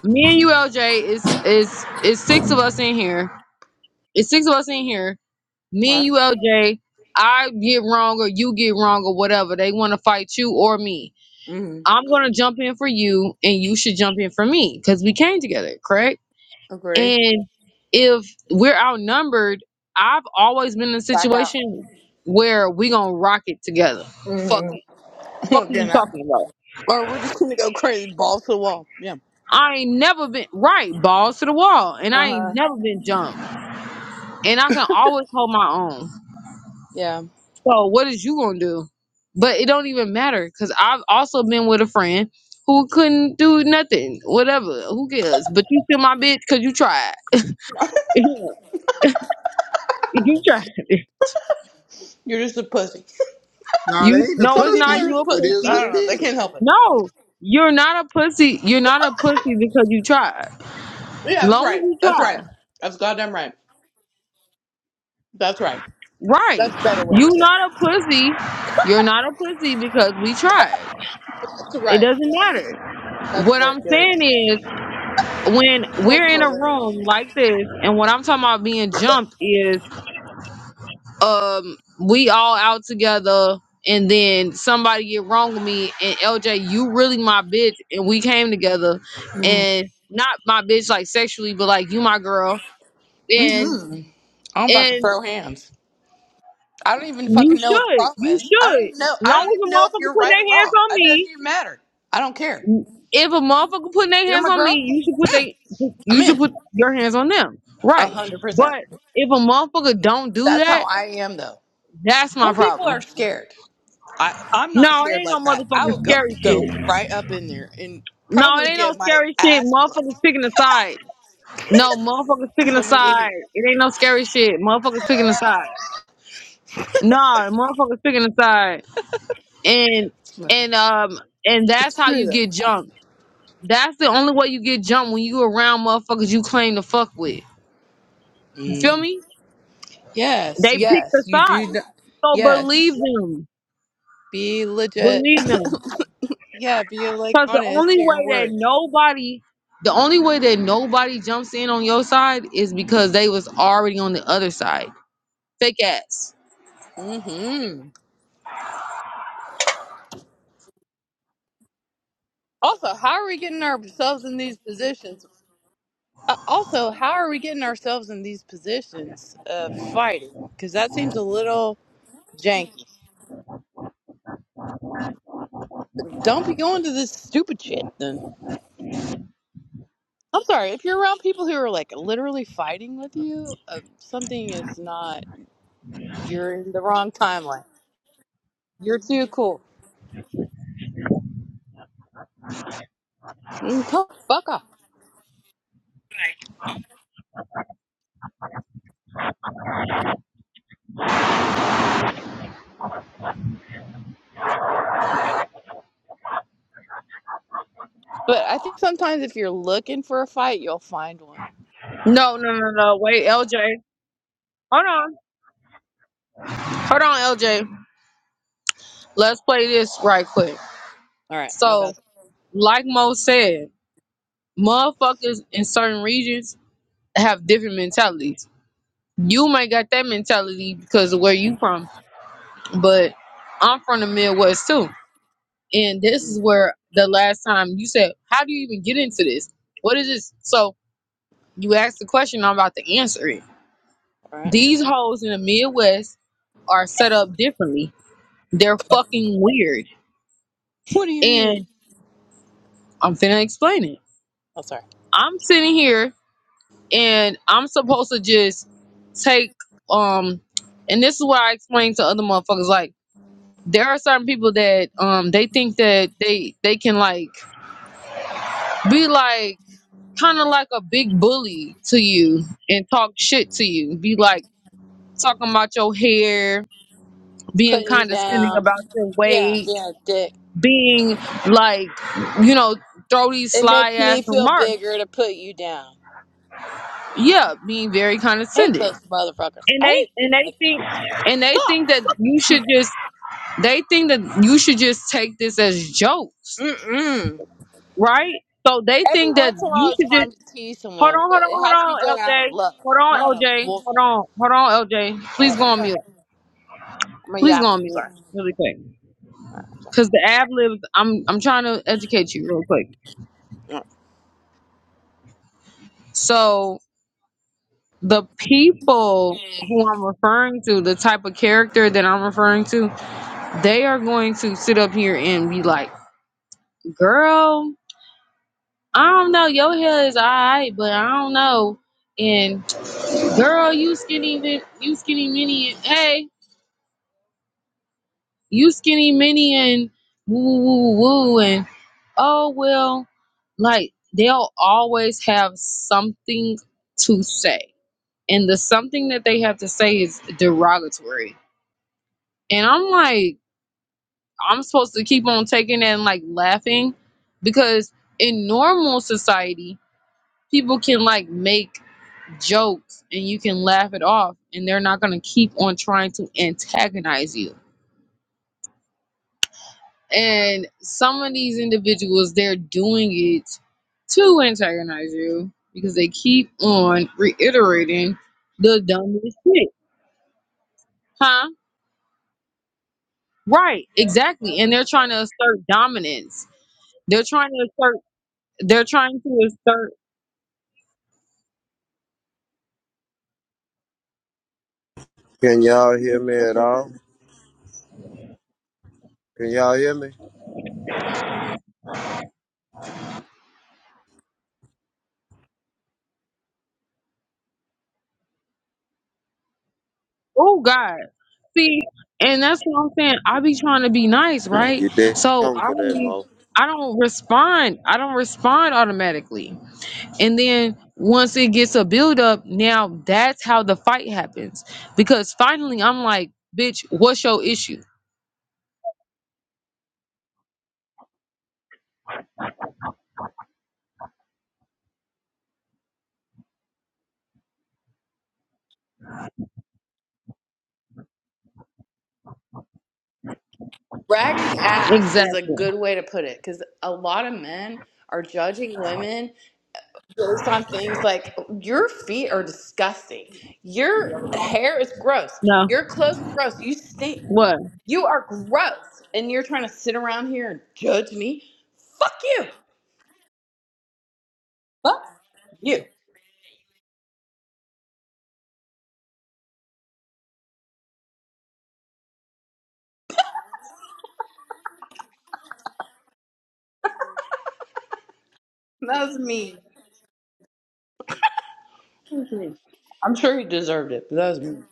Me and you, LJ, is is is six of us in here. It's six of us in here. Me and
Right.
you, LJ. I get wrong or you get wrong or whatever. They want to fight you or me
Mm-hmm.
I'm gonna jump in for you, and you should jump in for me because we came together, correct?
Agree.
And if we're outnumbered, I've always been in a
Back out.
situation where we gonna rock it together. Fuck
Mm-hmm.
it. Fuck
we (laughs)
are you talking about?
Or we're just gonna go crazy, balls to the wall. Yeah.
I ain't never been right, balls to the wall, and
Uh
I
huh.
ain't never been jumped, and I can always hold my own.
Yeah.
So what is you gonna do? But it don't even matter because I've also been with a friend who couldn't do nothing, whatever. Who cares? But you still my bitch because you tried. Yeah, you try
You're just a pussy.
No, they
you
ain't the
no
Some
it's
people
pussy.
not
are
you
just
a
It
pussies.
is
pussy
what
I don't
it
know. They can't
is.
help it.
no you're not a pussy you're not a pussy because you tried
Yeah, that's
long as
right.
you
That's right.
try
That's goddamn right. That's right. That's a
right
better way to
you
say it.
not a pussy you're not a pussy because we tried
That's
it
right.
doesn't matter
That's
what
very
i'm
good.
saying is when we're
Mm
in a room like this and what i'm talking about being jumped is um we all out together and then somebody get wrong with me and LJ you really my bitch and we came together and not my bitch like sexually but like you my girl and
hmm I'm about to
and
throw hands. I don't even
you
fucking know what the
should
problem
you
is. I don't
should
even know. I
long
don't
as a
even know if
motherfucker
you're
put
right or
their hands
wrong.
on
It doesn't
me
even matter. I don't care.
if a motherfucker putting their
You're
hands
my
on me
girl.
you should put
Mm,
they
I'm
you should
in.
put your hands on them
A
right
hundred percent.
but if a motherfucker don't do
That's how
that
I am, though.
that's my
Some people
problem
are scared. I, I'm
no
not
it
scared
ain't no
like that. I would
motherfucking
go
scary
go
shit
right up in there and
No, it
probably
ain't no
get my
scary shit.
ass whooped
Motherfuckers picking a side. No, motherfuckers
because
picking a
I'm an
side.
idiot.
It ain't no scary shit. Motherfuckers picking a side. No, motherfuckers picking a side. And and
It's
um and that's how
true
you get
though.
jumped. That's the only way you get jumped when you around motherfuckers you claim to fuck with. You feel
Mm.
me?
Yes,
They picked
yes,
a
you do.
side.
kn-
So believe
Yes,
them.
be legit.
Believe them.
(laughs) yeah, be like
Cause the
honest
only
to your
way that
word.
nobody the only way that nobody jumps in on your side is because they was already on the other side. Fake ass.
Mm-hmm. Also, how are we getting ourselves in these positions? Uh, also, how are we getting ourselves in these positions of fighting? Because that seems a little janky. Don't be going to this stupid shit then. I'm sorry, if you're around people who are like literally fighting with you, uh, something is not, you're in the wrong timeline. You're too cool. Mm, to- fuck off. But I think sometimes if you're looking for a fight, you'll find one.
No, no, no, no. Wait, LJ. Hold on. Hold on, LJ. Let's play this right quick.
All right, my bad.
So, like Mo said, motherfuckers in certain regions have different mentalities. You might got that mentality because of where you from, but I'm from the Midwest too. And this
Mm,
is where the last time you said, How do you even get into this? What is this? So you asked the question, I'm about to answer it.
All right. (laughs)
These hoes in the Midwest are set up differently They're fucking weird.
What do you mean?
And I'm finna explain it.
Oh, sorry.
I'm sitting here and I'm supposed to just take um and this is what I explain to other motherfuckers like there are certain people that um they think that they they can like be like kind of like a big bully to you and talk shit to you. Be like talking about your hair, being
Putting you
condescending
down.
about your
Yeah,
weight,
yeah, dick.
being like, you know, throw these
It
sly
makes
ass
me feel
remarks
bigger to put you down.
yeah, being very
I hate
condescending.
those motherfuckers.
And
I
they
hate
and
people
they
like that.
think and they
God,
think that
fuck
you
those
should
people.
just they think that you should just take this as jokes,
Mm-mm.
right? So they
Every
think that
once in a
you
while, it's
should
fun
just
to tease
hold
someone,
on,
but
hold on,
it has to be
hold on,
done out
LJ.
of love,
Hold
not
on,
out of
LJ.
bull.
Hold on, hold on, LJ.
All
Please
right,
go
I'm
on
sorry.
mute.
I'm a
Please go
yap. I'm
on mute
sorry.
really quick.
All
Cause the ad libs, I'm I'm trying to educate you real quick.
right.
So the people who I'm referring to, the type of character that I'm referring to, they are going to sit up here and be like, girl, I don't know. Your hair is all right, but I don't know. And girl, you skinny, vi- you skinny mini, and hey, you skinny mini, and woo, woo, woo, woo. And oh, well, like they'll always have something to say. And the something that they have to say is derogatory. And I'm like, I'm supposed to keep on taking that and like laughing because in normal society, people can like make jokes and you can laugh it off and they're not going to keep on trying to antagonize you. And some of these individuals, they're doing it to antagonize you because they keep on reiterating the dumbest shit. Huh? Right, exactly. And they're trying to assert dominance. They're trying to assert, they're trying to assert,
Can y'all hear me at all? Can y'all hear me?
oh God. See, and that's what I'm saying. I be trying to be nice, right?
You did
So
wrong
I
for
don't
that,
be-
Mo.
I don't respond. I don't respond automatically. And then once it gets a build up, now that's how the fight happens. Because finally I'm like, bitch, what's your issue?
Raggedy ass is a
Exactly.
good way to put it because a lot of men are judging women based on things like your feet are disgusting, your hair is gross,
No.
your clothes are gross, you stink,
What?
you are gross, and you're trying to sit around here and judge me. Fuck you. Fuck you. That was mean. Mhm. I'm sure he deserved it, but that was me.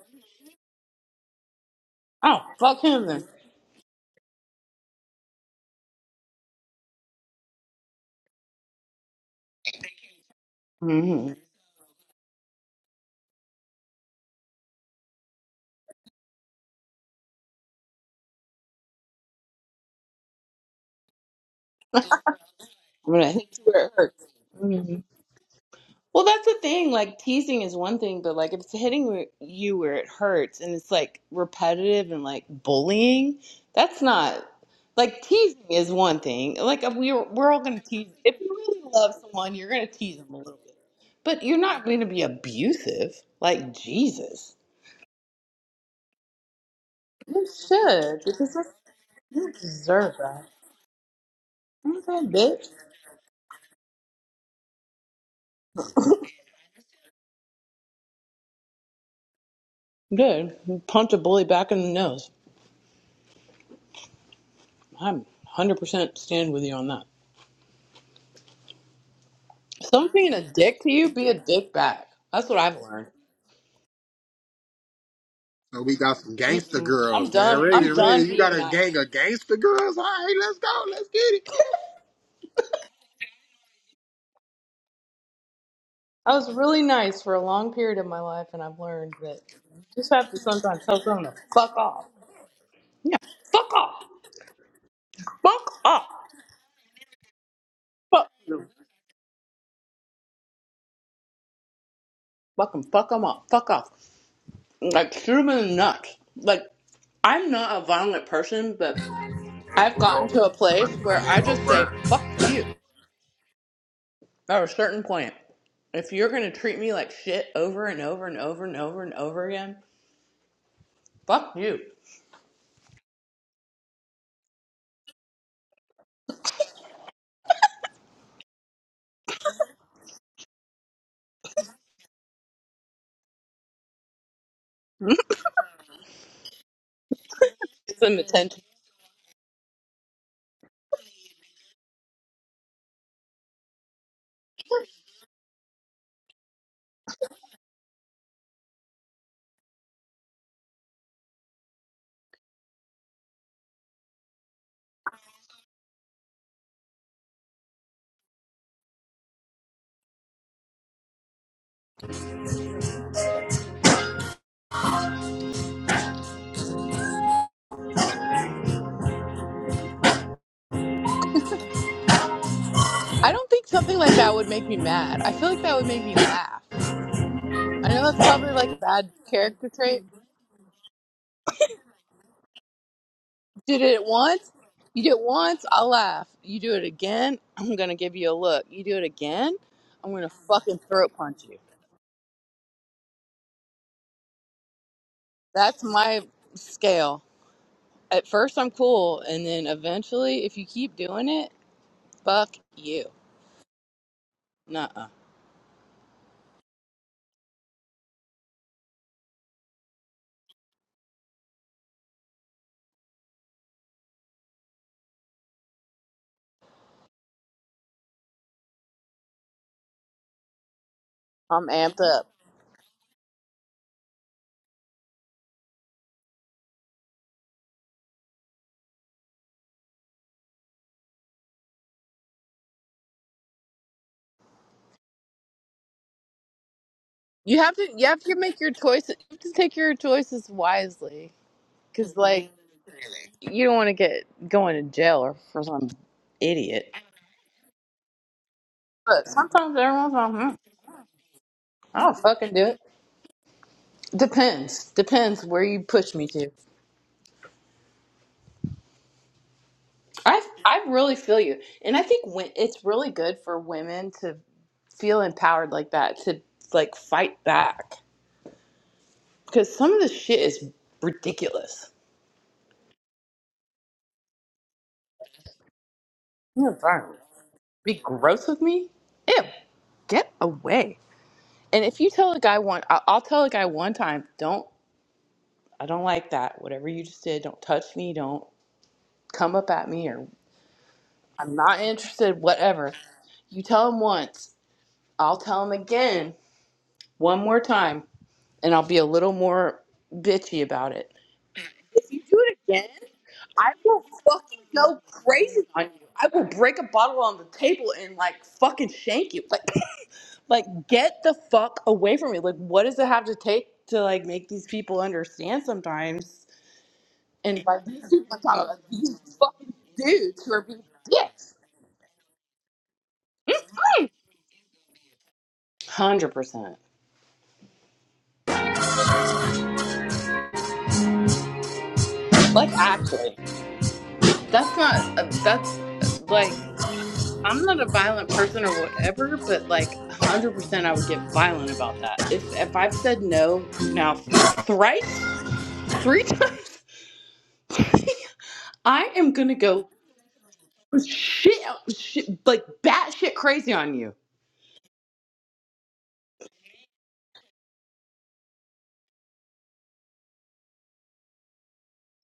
Oh, fuck him then. hmm I'm gonna hit you where it hurts. hmm Well, that's the thing. Like teasing is one thing, but like if it's hitting where- you where it hurts and it's like repetitive and like bullying, that's not like teasing is one thing. Like we're we're all gonna tease. If you really love someone, you're gonna tease them a little bit, but you're not gonna be abusive. Like Jesus, you should because that's, you deserve that. Okay, bitch. Good. Punch a bully back in the nose. I'm 100% stand with you on that. Someone being a dick to you, be a dick back. That's what I've learned.
So we got some gangster
Mm-mm. I'm
girls, man.
done.
Raven,
I'm done
Raven, you got
being
a
nice.
gang of gangster girls. All right, let's go. Let's get it.
I was really nice for a long period of my life, and I've learned that you just have to sometimes tell someone to fuck off. Yeah, fuck off. Fuck off. Fuck you. fuck them Fuck them off. Fuck off. Like shoot 'em in the nuts. Like I'm not a violent person, but I've gotten to a place where I just say fuck you At a certain point, if you're gonna treat me like shit over and over and over and over and over again, fuck you. (laughs) Get some attention. I don't think something like that would make me mad. I feel like that would make me laugh. I know that's probably like a bad character trait. Did it once? You did it once, I'll laugh. You do it again, I'm gonna give you a look. You do it again, I'm gonna fucking throat punch you. That's my scale. At first I'm cool, and then eventually, if you keep doing it, fuck you. Nuh I'm amped up. You have to you have to make your choices. You have to take your choices wisely, because like you don't want to get going to jail or for some idiot. But sometimes everyone's like, hmm, I'll fucking do it. Depends. Depends where you push me to. I I really feel you, and I think when, it's really good for women to feel empowered like that to like fight back because some of the shit is ridiculous. You're fine. Be gross with me? Ew. Get away. And if you tell a guy one, I- I'll tell a guy one time, don't, I don't like that. Whatever you just did, don't touch me, don't come up at me, or I'm not interested, whatever. You tell him once, I'll tell him again, one more time, and I'll be a little more bitchy about it. If you do it again, I will fucking go crazy on you. I will break a bottle on the table and like fucking shank you. Like, (laughs) like get the fuck away from me. Like, what does it have to take to like make these people understand sometimes? And like these people are talking about (laughs) these fucking dudes who are being dicks. Hundred percent. Like actually. That's not uh, that. uh, Like, I'm not a violent person or whatever, but like, hundred percent, I would get violent about that. If if I've said no now thrice, three (laughs) times, I am gonna go shit, shit like batshit crazy on you.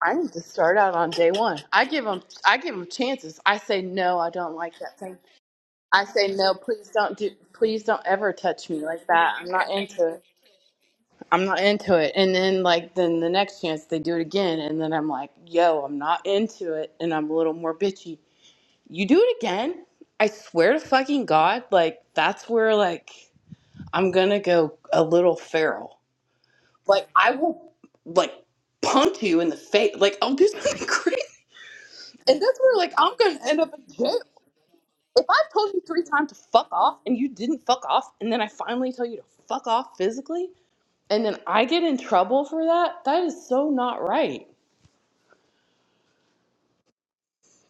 I need to start out on day one. I give them, I give them chances. I say no, I don't like that. thing. I say no, please don't do please don't ever touch me like that. I'm not into it. I'm not into it. And then like then the next chance they do it again and then I'm like, yo, I'm not into it and I'm a little more bitchy. You do it again? I swear to fucking God, like that's where like I'm gonna go a little feral. Like I will like punch you in the face. Like I'll do something (laughs) crazy. And that's where like I'm gonna end up in jail. If I've told you three times to fuck off and you didn't fuck off, and then I finally tell you to fuck off physically, and then I get in trouble for that, that is so not right.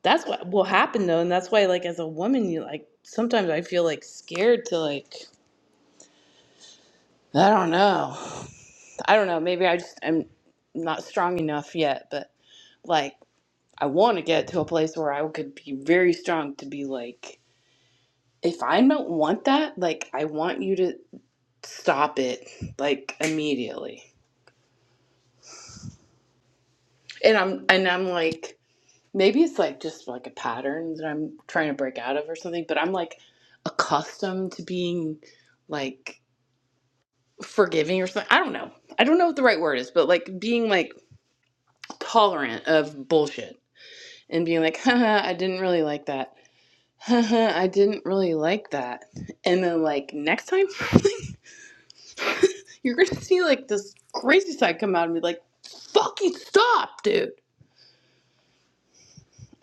That's what will happen though, and that's why, like, as a woman, you like sometimes I feel like scared to like I don't know, I don't know. Maybe I just am not strong enough yet, but like I want to get to a place where I could be very strong to be like, if I don't want that, like I want you to stop it like immediately. and I'm and I'm like maybe it's like just like a pattern that I'm trying to break out of or something, but I'm like accustomed to being like forgiving or something. I don't know. I don't know what the right word is, but like being like tolerant of bullshit and being like, haha, I didn't really like that. Haha, I didn't really like that. And then like next time (laughs) you're gonna see like this crazy side come out and be like, fucking stop, dude.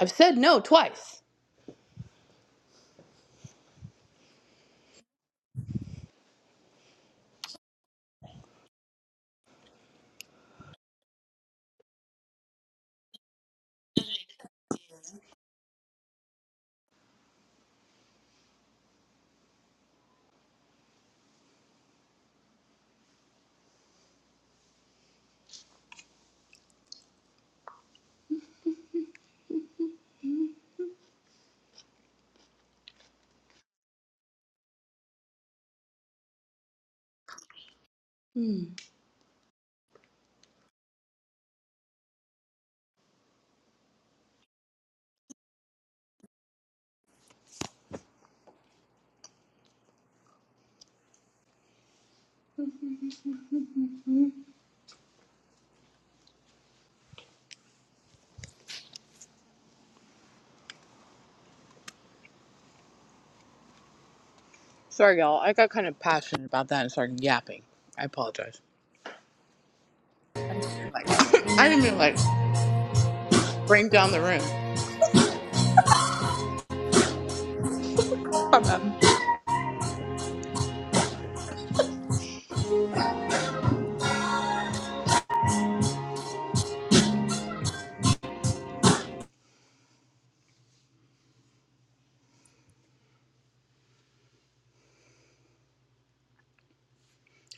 I've said no twice. Hmm. Sorry, y'all. I got kind of passionate about that and started yapping. I apologize. Like, (coughs) I didn't mean like bring down the room. My bad.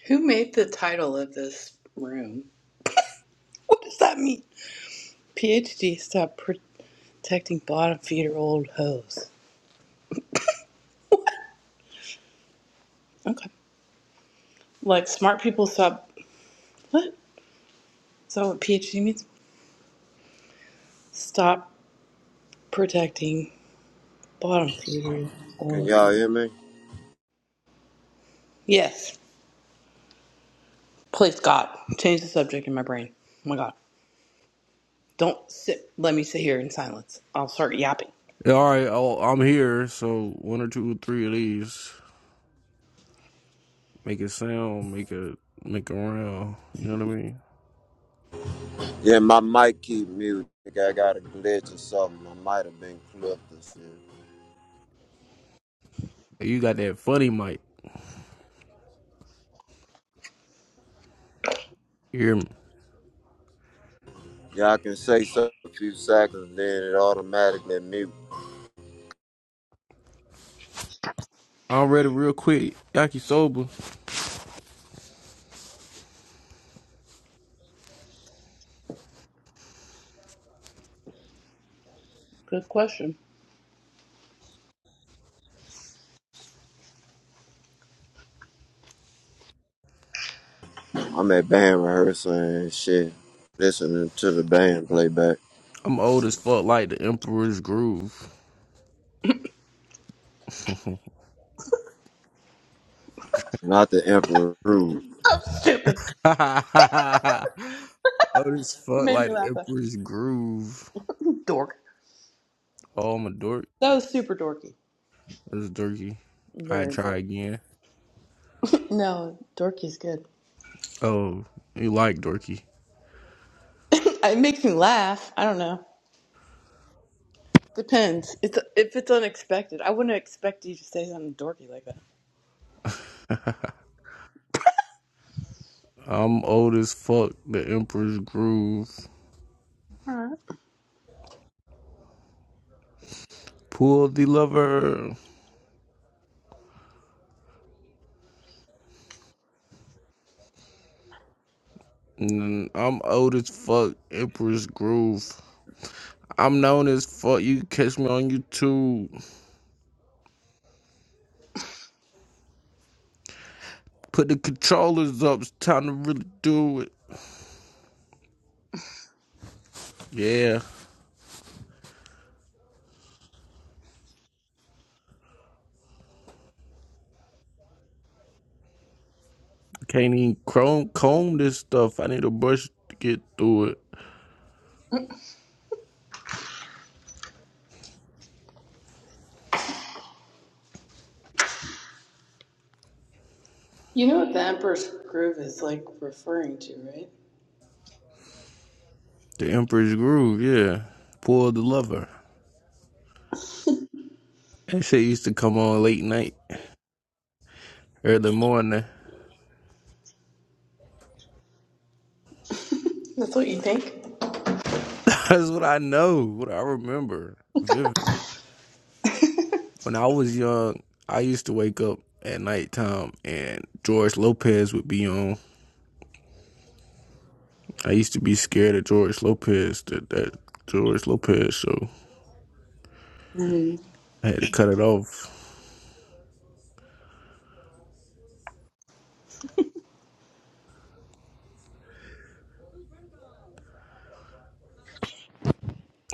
Who made the title of this room? What does that mean? PhD stop protecting bottom feeder old hoes. Okay. Like smart people stop. What? Is that what PhD means? Stop protecting bottom feeder
Can
old.
y'all hear me?
Yes. Please God, change the subject in my brain. Oh my God. Don't sit. Let me sit here in silence. I'll start yapping.
Yeah, all right, I'll, I'm here. So one or two or three of these make it sound, make it make a round. You know what I mean?
Yeah, my mic keep muted. I got a glitch or something. I might have been clipped or something.
Hey, You got that funny mic. You hear me?
Y'all can say something a few seconds, then it automatically mute.
I'm ready real quick. Yakisoba.
Good question.
I'm at band rehearsal and shit, listening to the band playback,
I'm old as fuck, like the Emperor's Groove. (laughs)
not the emperor Rude.
Oh, stupid.
(laughs) Old as
It
fuck,
made me
like the
laugh.
Emperor's Groove.
Dork.
Oh, I'm a dork.
That was super dorky.
That's dorky. I
Very
try
dorky.
again.
No, dorky's good.
Oh, you like dorky.
(laughs) it makes me laugh. I don't know. Depends. It's if it's unexpected. I wouldn't expect you to say something dorky like that.
(laughs) I'm old as fuck. The Emperor's Groove. Pull the lever. Mm, I'm old as fuck. Emperor's Groove. I'm known as fuck. You can catch me on YouTube. Put the controllers up. It's time to really do it. Yeah. Can't even comb, comb this stuff. I need a brush to get through it.
You know what the Emperor's Groove is like referring to, right?
The Emperor's Groove, yeah. Pull the lever. That shit used to come on late night, early morning.
That's what you think.
(laughs) That's what I know, what I remember vividly. When I was young, I used to wake up at nighttime and George Lopez would be on. I used to be scared of George Lopez, that, that George Lopez show.
Mm.
I had to cut it off.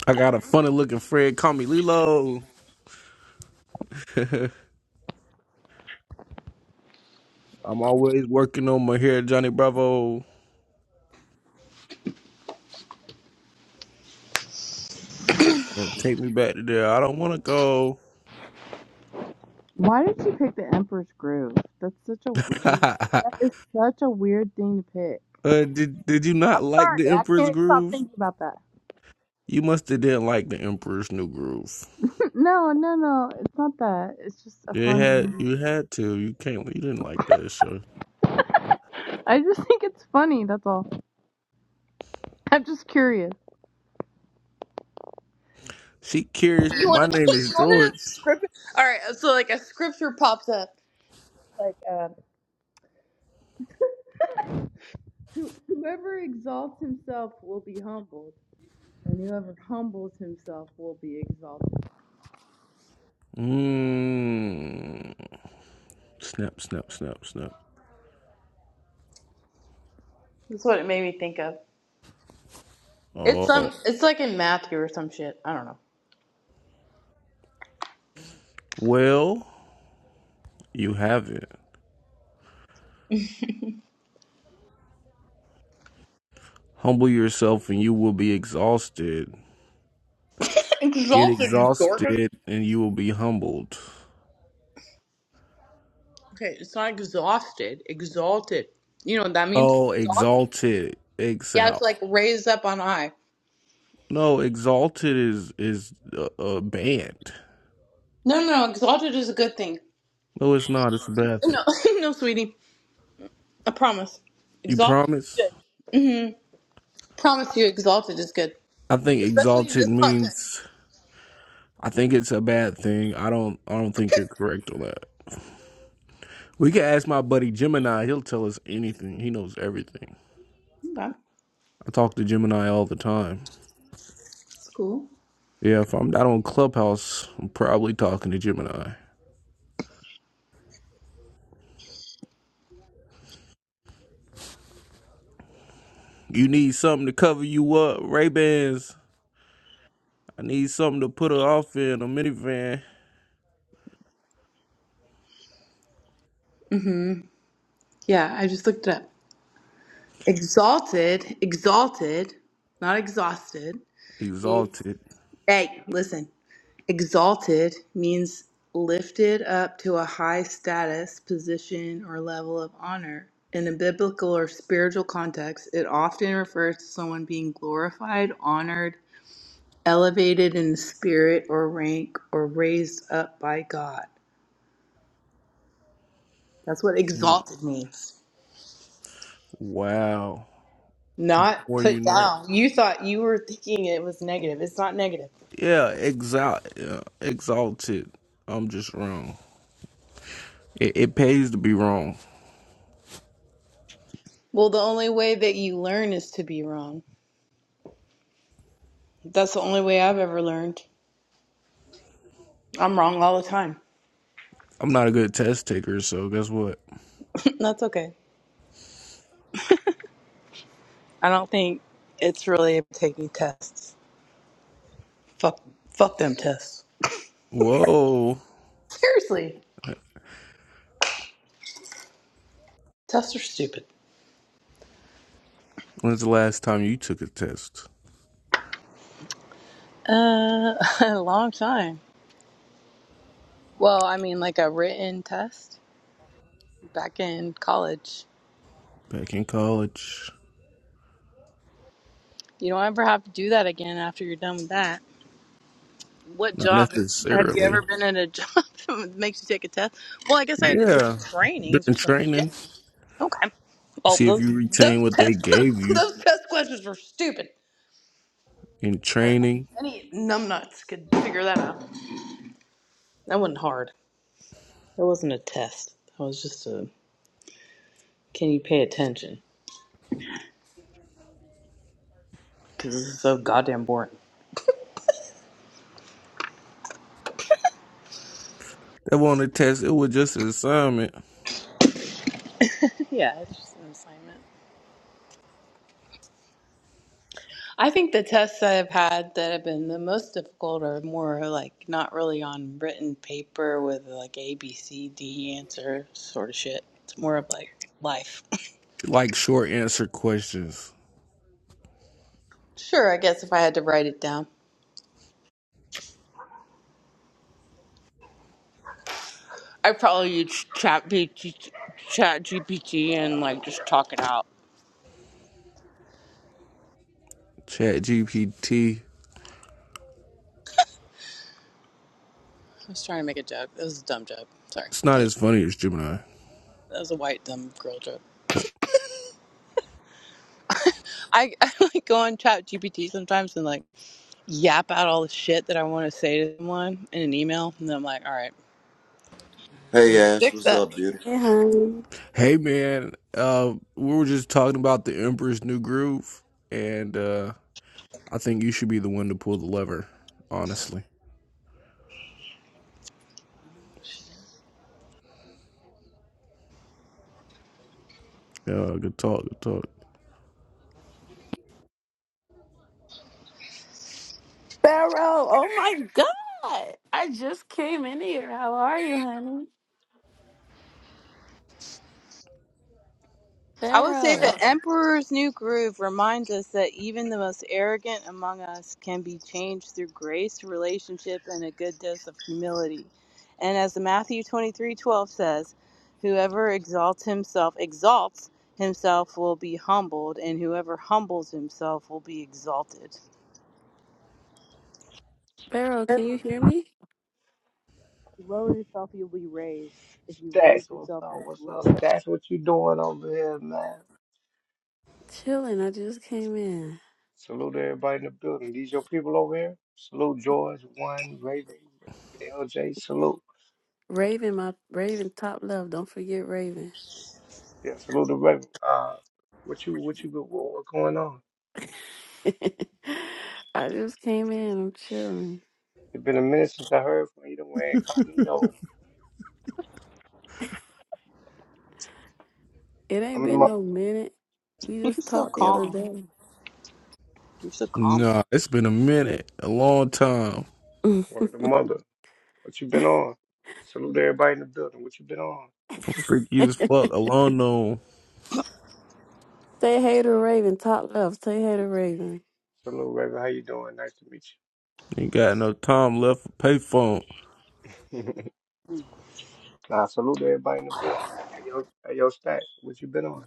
I got a funny looking friend, call me Lilo. (laughs) I'm always working on my hair, Johnny Bravo. Don't take me back to there. I don't want to go.
Why did you pick the Emperor's Groove? That's such a
(laughs) uh,
that is such a weird thing to pick.
did Did you not
I'm
like
sorry,
the
I
Emperor's
can't stop
Groove?
thinking about that.
You must have didn't like the Emperor's New Groove.
No, no, no, it's not that. It's just a
You
fun.
had you had to. You can't. You didn't like that show.
I just (laughs) think it's funny. That's all. I'm just curious.
She curious, but
You want
my
to? (laughs)
name is
You want
George.
to script? All right. So like a scripture pops up. Like uh, who, whoever exalts himself will be humbled, and whoever humbles himself will be exalted.
Mmm. Snap, snap, snap, snap.
That's what it made me think of. It's
Oh.
some. It's like in Matthew or some shit. I don't know.
Well, you have it. Humble yourself and you will be exhausted. Get
Exalted, you dorcas.
exhausted and you will be humbled.
Okay, it's not exhausted. Exalted. You know what that means?
Oh,
Exalted.
exalted,
Yeah, it's
exalt.
like raised up on high.
No, exalted is is a, a band.
No, no, no. Exalted is a good thing.
No, it's not. It's a bad thing.
No, (laughs) no, sweetie. I promise.
You
Exalted
promise?
is good. hmm Promise you, exalted is good,
I think
especially in
exalted
this context.
means. I think it's a bad thing. I don't. I don't think you're correct on that. We can ask my buddy Gemini. He'll tell us anything. He knows everything.
Okay,
I talk to Gemini all the time.
that's cool.
Yeah, if I'm not on Clubhouse, I'm probably talking to Gemini. You need something to cover you up, Ray Bans. I need something to put her off in a minivan.
hmm Yeah, I just looked it up. Exalted, exalted, not exhausted.
Exalted.
Hey, listen. Exalted means lifted up to a high status, position, or level of honor. In a biblical or spiritual context, it often refers to someone being glorified, honored, elevated in spirit or rank or raised up by God. That's what
Mm,
exalted means,
Wow.
not
Or
put
you know.
down. You thought you were thinking it was negative. It's not negative.
Yeah, exalt yeah, exalted. I'm just wrong. It, it pays to be wrong.
Well, the only way that you learn is to be wrong. That's the only way I've ever learned. I'm wrong all the time.
I'm not a good test taker, so guess what?
(laughs) That's okay. I don't think it's really taking tests. Fuck, fuck them tests.
Whoa.
Seriously, tests are stupid.
When's the last time you took a test?
Uh, (laughs) a long time. Well, I mean, like a written test. back in college.
Back in college.
You don't ever have to do that again after you're done with that. What
Not
job have you
necessarily.
ever been in a job (laughs) that makes you take a test? Well, I guess I had to do
Yeah.
trainings or
During
some shit.
training.
Okay. Well,
See if
those
you retain
those
what they
test
gave
(laughs)
you
those test questions were stupid.
in
Uh,
training.
Any numbnuts could figure that out. That wasn't hard. That wasn't a test. That was just a can you pay attention? Because this is so goddamn boring.
That wasn't a test, it was just an assignment.
(laughs) Yeah, it's just an assignment. I think the tests I've had that have been the most difficult are more like not really on written paper with like A, B, C, D answer sort of shit. It's more of like life.
like short answer questions.
Sure, I guess if I had to write it down, I'd probably use Chat GPT, Chat GPT, and like just talk it out.
Chat GPT.
I was trying to make a joke. That was a dumb joke. Sorry,
It's
that
not
was,
as funny as Gemini.
that was a white dumb girl joke. (laughs) I, I like go on Chat GPT sometimes and like yap out all the shit that I want to say to someone in an email, and then I'm like, all right.
Hey Ash,
Fix
what's
that.
up,
Hey,
beautiful?
honey.
Hey man, uh, we were just talking about the Emperor's New Groove, and uh, I think you should be the one to pull the lever. Honestly, yeah, good talk, good talk.
Pharaoh, oh my God. I just came in here. How are you, honey?
I would say
Pharaoh.
the Emperor's New Groove reminds us that even the most arrogant among us can be changed through grace, relationship, and a good dose of humility. And as Matthew twenty-three twelve says, whoever exalts himself, exalts himself will be humbled, and whoever humbles himself will be exalted.
Pharaoh,
If
can you hear me?
you lower yourself, you'll be raised. If you raise
Stacks, what's
yourself,
up?
you'll
What's up,
be lowered.
Stacks? What you doing over here, man?
Chilling. I just came in.
Salute everybody in the building. These your people over here. Salute George, One, Raven, LJ. Salute.
Raven, my Raven top love. Don't forget Raven.
Yeah, salute the Raven. Uh, what you, what you, what, what going on?
(laughs) I just came in. I'm chilling.
It's been a minute since I heard from you. The way incognito.
It ain't
I'm in
been
my
no minute. We
You're
just
so
talked the other
calm.
day.
You're so calm.
Nah, it's been a minute, a long time.
(laughs)
word of mother. What you been on? Salute everybody in the building. What you been on?
Freaky as fuck, alone though.
Say hey to Raven, top love. Say hey to Raven.
Salute Raven. How you doing? Nice to meet
Ain't got no time left for payphone.
you. (laughs) nah, salute everybody in the building. Hey, yo, hey, yo, Stacks. What you been on?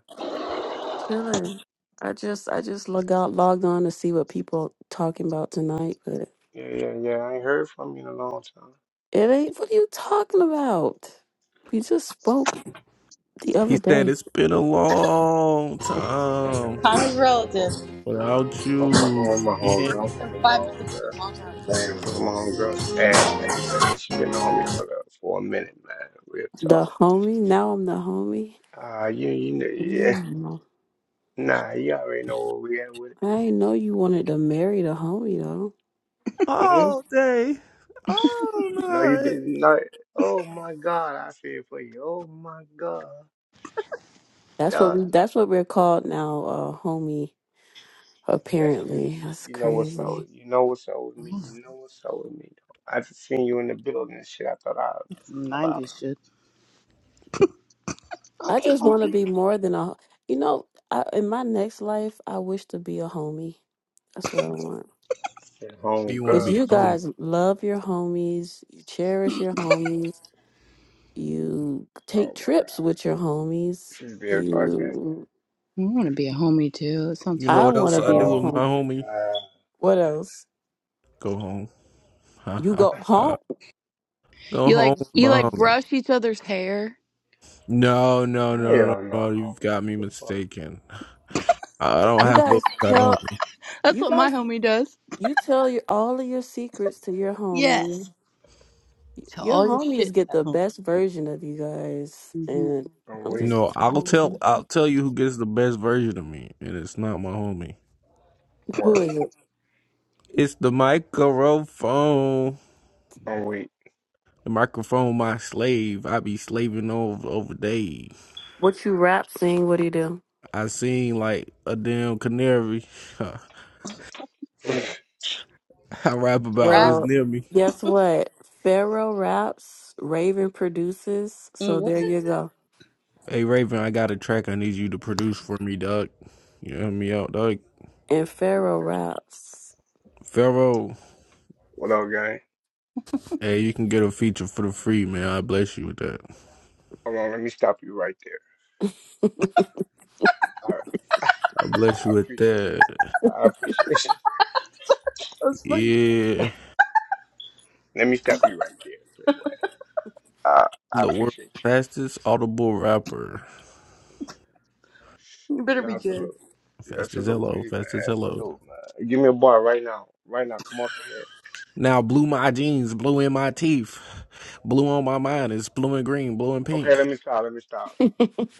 Chilling. I just I just log out, logged on to see what people talking about tonight, but
Yeah, yeah, yeah. I ain't heard from you in a long time.
it ain't what are you talking about? We just spoke the
He
other
said
day.
it's been a long
(laughs) I'm
time
Time is relative.
fucking,
without
I'm fucking
you,
with my
friend.
For
homegirl. I'm
him,
fucking with my
five minutes is a
homegirl.
long time.
Hey
Look at my homegirl's ass ass, man. She been a homie for the, for a minute, man. Real talk.
The homie, now I'm the homie.
Uh, you, you know, yeah.
Mm.
Nah, you already know where we at with
I
it.
didn't know you wanted to marry the homie though.
hmm
all day, all
No, you
night.
didn't. No. Oh my God, I feel for you. Oh my God,
That's what
Dog,
we that's what we're called now, uh homie,
That you,
apparently. That's
you know what's up.
crazy.
with- You know what's up with me. You know what's up with me. I just seen you in the building and shit. I thought I'd
Some
pop out.
90s shit.
I
Okay. I
just wanna be more than a you know, I, in my next life I wish to be a homie. That's what I want.
Said home
You want to
Because
girl.
be
you
a
Said,
homie.
guys love your homies, you cherish your homies, you
oh
take
my
trips
god,
with your homies.
she's being sarcastic.
You,
want to be a homie too. It sounds
You
fun.
know
I
what
want
else
to
I
be a
do with
Oh
my
homie.
my
homie?
What else?
Go home. Ha
You
ha
go
god.
ha.
home.
Go
You
home
like
with
you
my
like
homie.
brush each other's hair.
No, no, no, no, no.
Hell no,
no. You've got
man.
me
What the fuck?
mistaken. I don't
You
have those
guys
kind of
tell
homie.
That's
you
what my
guys
homie does.
you tell your all of your secrets to your homie.
Yes. Tell
Your
all your
homies
shit to
get
that
the
homie.
best version of you guys, and
I'm
I'm
weak.
just
No, I'll
Mm-hmm.
tell. I'll tell you who gets the best version of me, and it's not my homie.
who
Word.
is it?
It's the microphone.
I'm weak.
The microphone, my slave. I be slaving over over days.
What you rap, sing? What do you do?
I seen like a damn canary. (laughs)
(sighs)
(laughs) I rap about
Rap.
what's
Well,
near me.
guess what? Pharaoh raps, Raven produces,
Mm,
so
what?
there you go.
Hey Raven, I got a track I need you to produce for me, Doug. You help me out, Doug.
And Pharaoh raps.
Pharaoh,
what up, gang?
hey, you can get a feature for the free, man. I bless you with that.
Hold on, let me stop you right there. All right.
I
(sighs)
bless you
I
with
appreciate
that.
I appreciate (laughs) you.
That's funny.
Yeah,
Let me stop you right there, Drake Way. I,
I'm
I
the world's
appreciate
fastest audible rapper.
you.
You
You
better be
know,
good.
salute. Yeah,
Fast as
salute to
hello,
you,
fast as
man.
hello.
Salute, man. Give me a bar right now. Right now. Come off the head.
Now blue my jeans, blue in my teeth, blue on my mind. It's blue and green, blue and
Okay,
pink.
let me stop. Let me stop.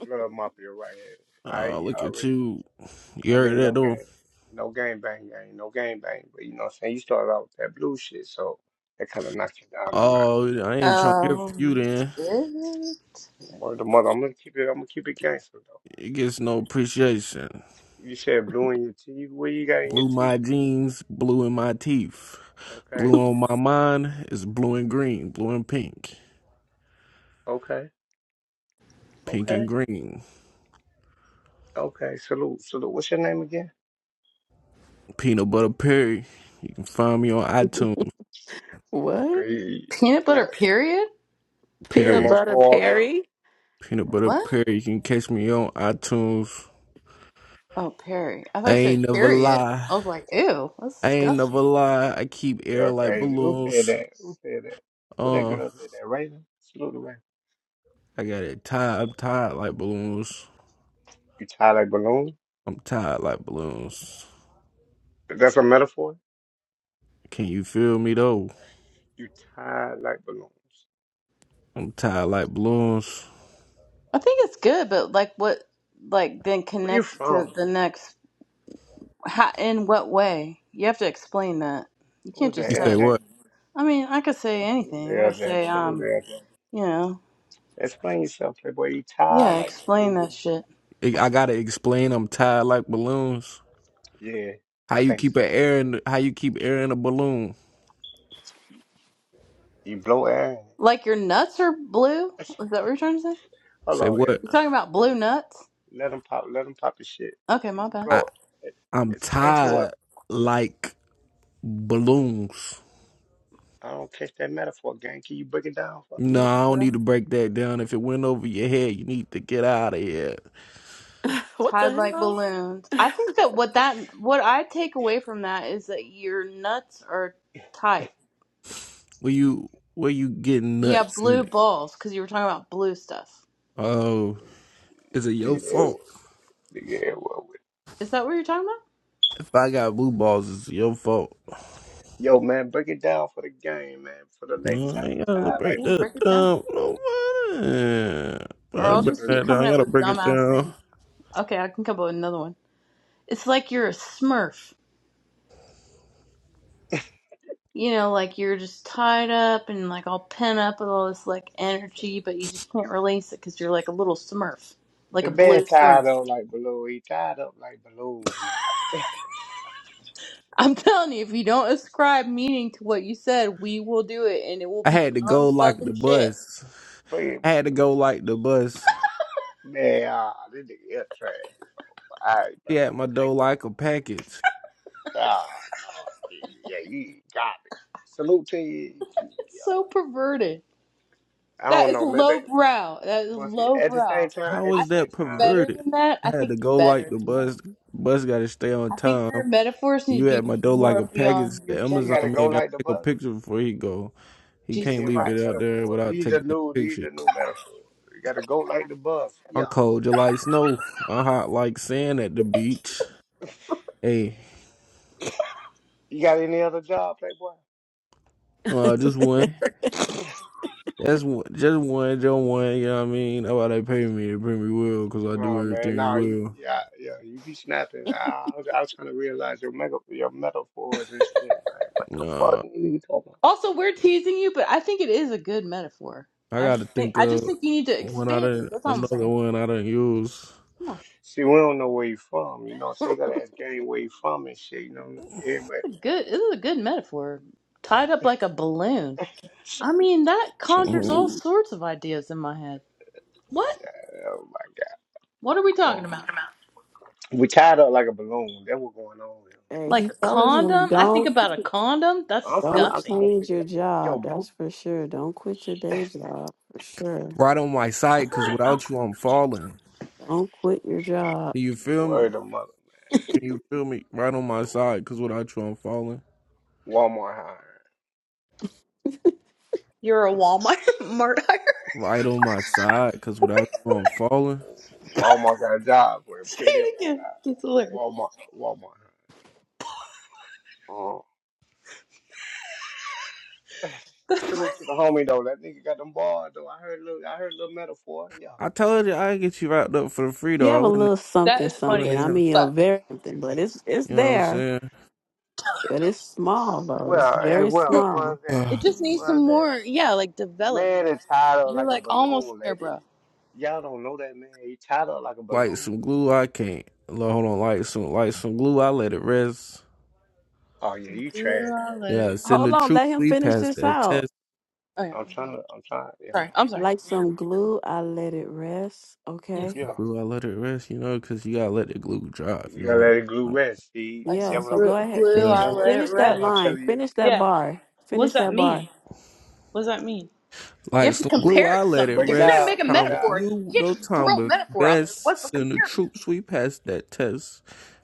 Blood Mafia right here. I
Uh,
you
look at
already
you. You
I
heard
mean
that,
no
though.
game no game bang gang, no game bang, but you know what I'm saying? You started out with that blue shit, so that kinda knocked you down a notch.
Oh, I ain't trying to hear from you
Um.
then.
eh,
Word the mother, I'm gonna keep it I'm gonna keep it gangster though.
It gets no appreciation.
You said blue in your teeth, what you got in your
Blue
teeth?
my jeans, blue in my teeth.
Okay,
Blue on my mind is blue and green, blue and pink,
okay,
pink and
okay,
green.
okay. Salute, salute. What's your name again?
Peanut Butter Perry, you can find me on iTunes.
What?
Okay. You
Peanut butter. Period.
you the
Peanut
Perry,
most
Butter
horrible
Perry?
Peanut Butter
What?
Perry, you can catch me on iTunes.
Oh, Perry. I thought
I
you said
ain't never
period.
lie.
I was like, ew, that's
I ain't
disgusting.
never lie. I keep air
girl
like
crazy. Who said
balloons.
that? Who said that? Who that
Uh,
girl said that? Raven? Salute the Raven.
I got it tied. I'm tied like balloons.
You tie like balloon?
I'm tied like balloons.
That's a metaphor?
Can you feel me though?
You tied like balloons.
I'm tied like balloons.
I think it's good, but like what? Like then
Where you
connect to
from?
the next How, in what way? You have to explain that. You can't
Who's that,
You
just
say
say.
LJ?
what?
I mean, I could say
Salute to
anything. I could
LJ.
say,
Salute to
um,
LJ.
you know,
Explain yourself, playboy. You tied
yeah,
like
explain
balloons.
that shit.
I gotta explain. I'm tied like balloons.
Yeah,
How
I
you
think
keep an
so.
air in? How you keep air in a balloon?
You blow air. (laughs) in
Like your nuts are blue? Is that what you're trying to say?
Hold
Say
on, LJ.
what?
You're talking about
Let,
blue nuts?
let him pop. Let him pop his shit,
Okay, my bad.
I
bro. e-
I'm
Explain to us.
tied like balloons.
I don't catch that metaphor, gang. Can you break it down for me?
No,
Yeah,
I don't
bro.
need to break that down. If it went over your head, you need to get out of here.
(laughs) what the
Tied like
hell?
balloons. I think that what that what I take away from that is that your nuts are tight.
Where you where you getting
Yeah,
nuts in
blue
it?
balls because you were talking about blue stuff.
Oh, is it your
Nigga, yeah,
fault?
well, nigga, yeah, well, well.
Is that what you're talking about?
If I got blue balls, it's your fault.
Yo, man, break it down for the game, man. For the ladies,
No,
how
I
you
ain't gotta
tied
break
like
Yeah,
balloons?
that
break it down.
down. No, man. I
Or
gotta
I'll
So
break
just
the.
keep
that down.
coming
I
up
gotta
with
break it
dumbass
down.
things. Okay, I can come up with another one. It's like you're a smurf. You know, like you're just tied up and like all pent up with all this like energy, but you just can't release it because you're like a little smurf, like
The
a
bed
blue smurf.
tied up like balloon. He tied up like balloons, man. (laughs)
I'm telling you, if you don't ascribe meaning to what you said, we will do it and it will
I
be
had to
dumb
go like
fucking
the
shit.
bus.
But,
I had to go
but-
like the bus.
man, ah, this nigga is trash. I know.
She had my
I
dough
can-
like a package.
Ah, no, dude. Yeah, you garbage. Salute to you. you-
It's so perverted.
I
That
don't
is
know, maybe.
lowbrow. That is
But see, at the same
lowbrow.
time,
How
at the
I
was
same
think
that
you're
time,
better
perverted?
than that. I
I had
think
to
you're
go like
better
the
than that.
bus. Bus got to stay on
I think your
time.
metaphors need
You
to
had
be
my dough like a
more
you,
package.
beyond your
The
you
Amazon
gotta
generals.
go
man got
like the
to take a
bus.
picture before he go. He
Nigga,
Jesus
can't
you
leave
got some
it
Christ.
out there
metaphors.
without
These are
taking a
new. These
picture.
are new metaphors. You gotta go like the bus. Yeah.
I'm cold. You like snow. I'm hot like sand at the beach. Hey,
You got any other job, Playboy?
uh, just one. That's one, just one, just one. You know what I mean? That's why they pay me. They pay me well because I do
No man,
everything
no, you
well.
yeah, yeah, you be snapping. I, I was I was trying to realize your mega your metaphors and shit. Like, what the fuck
Nah,
are you talking about?
Also, we're teasing you, but I think it is a good metaphor.
I
I
got
just
to
think
think
I
of
just think you need to
when I
expand it.
didn't
That's all I'm
another
saying.
one I didn't use.
Come on.
See, we don't know where you from, you know, so you gotta ask game where you from and shit, you know. Everybody
It's good. This is a good metaphor. Tied up like a balloon. I mean, that conjures
Mhm.
all sorts of ideas in my head. What?
oh my god.
What are we talking
Well,
about?
we tied up like a balloon. That's what's going on here.
And
Like
he
a
telling him,
condom? I think
don't
about a condom. That's
I'm trying to
don't
I'm
disgusting.
trying to
change
figure it
your
out.
job.
Yo,
That's for sure. Don't quit your day job for sure.
Right on my side, cause without you I'm falling.
Don't quit your job.
Can you feel me?
word of mother, man.
Can
You,
you feel me? Right on my side,
uh,
cause without you I'm falling.
Walmart hiring.
You're a Walmart (laughs) mart
Right on my side, cause without you I'm falling.
Walmart got a job for
(laughs)
him.
Say
Tell that
it
right
again. It's
now.
hilarious.
Walmart Walmart hiring. (laughs) Salute to the homie though. That nigga got them bars though. I heard a little I heard a little metaphor. Yeah.
I told you I get you wrapped up for the free
You
though. I
have a
wouldn't.
little
That
something,
is
You
funny
something.
wouldn't
I
as
even.
mean, a
fuck.
very something, but it's it's
You know what I'm
there.
saying? (sighs)
But it's small though. It's
Well, as
very
well,
small.
was that
It
Uh,
just needs
was
some
that
more, yeah, like
the man
development.
is tied up
You're
like a
like almost
balloon,
there,
lady.
bro.
Y'all don't know that man. He tied up like a
like
balloon.
some glue, I can't. Lord, Hold on, like some like some glue, I let it rest.
Oh yeah, you
Glue,
trash,
I let
bro.
Yeah,
it.
send
Hold
the
on,
truth.
let him
We
finish
passed
this
that
out.
test.
Oh yeah,
I'm trying to I'm trying yeah.
sorry. I'm sorry.
Like some glue, I let it rest.
Yeah,
Okay.
Yeah.
Glue, I let it rest, you know, because you gotta let the glue dry
You
you don't
gotta
let
let
it.
it glue
dry.
rest. See
like
Yeah.
that
some
what
So
gr-
go
I'm
ahead.
glue,
Yeah.
Finish
I
that what
let it
finish
that
that
what I'm
rest.
line.
telling you.
Finish that
Yeah.
bar.
What's
Finish
that
that bar.
mean? What's that mean? You
Like
have to
some glue,
compare
I
it to
Yeah,
let it
something.
break
If
it
you're gonna
rest.
down,
make a
break it
Time with
down.
metaphor,
you,
you can't
no
just
time
throw a
with
metaphor out there.
best.
What's the
Send the
comparison?
troops, we passed that test.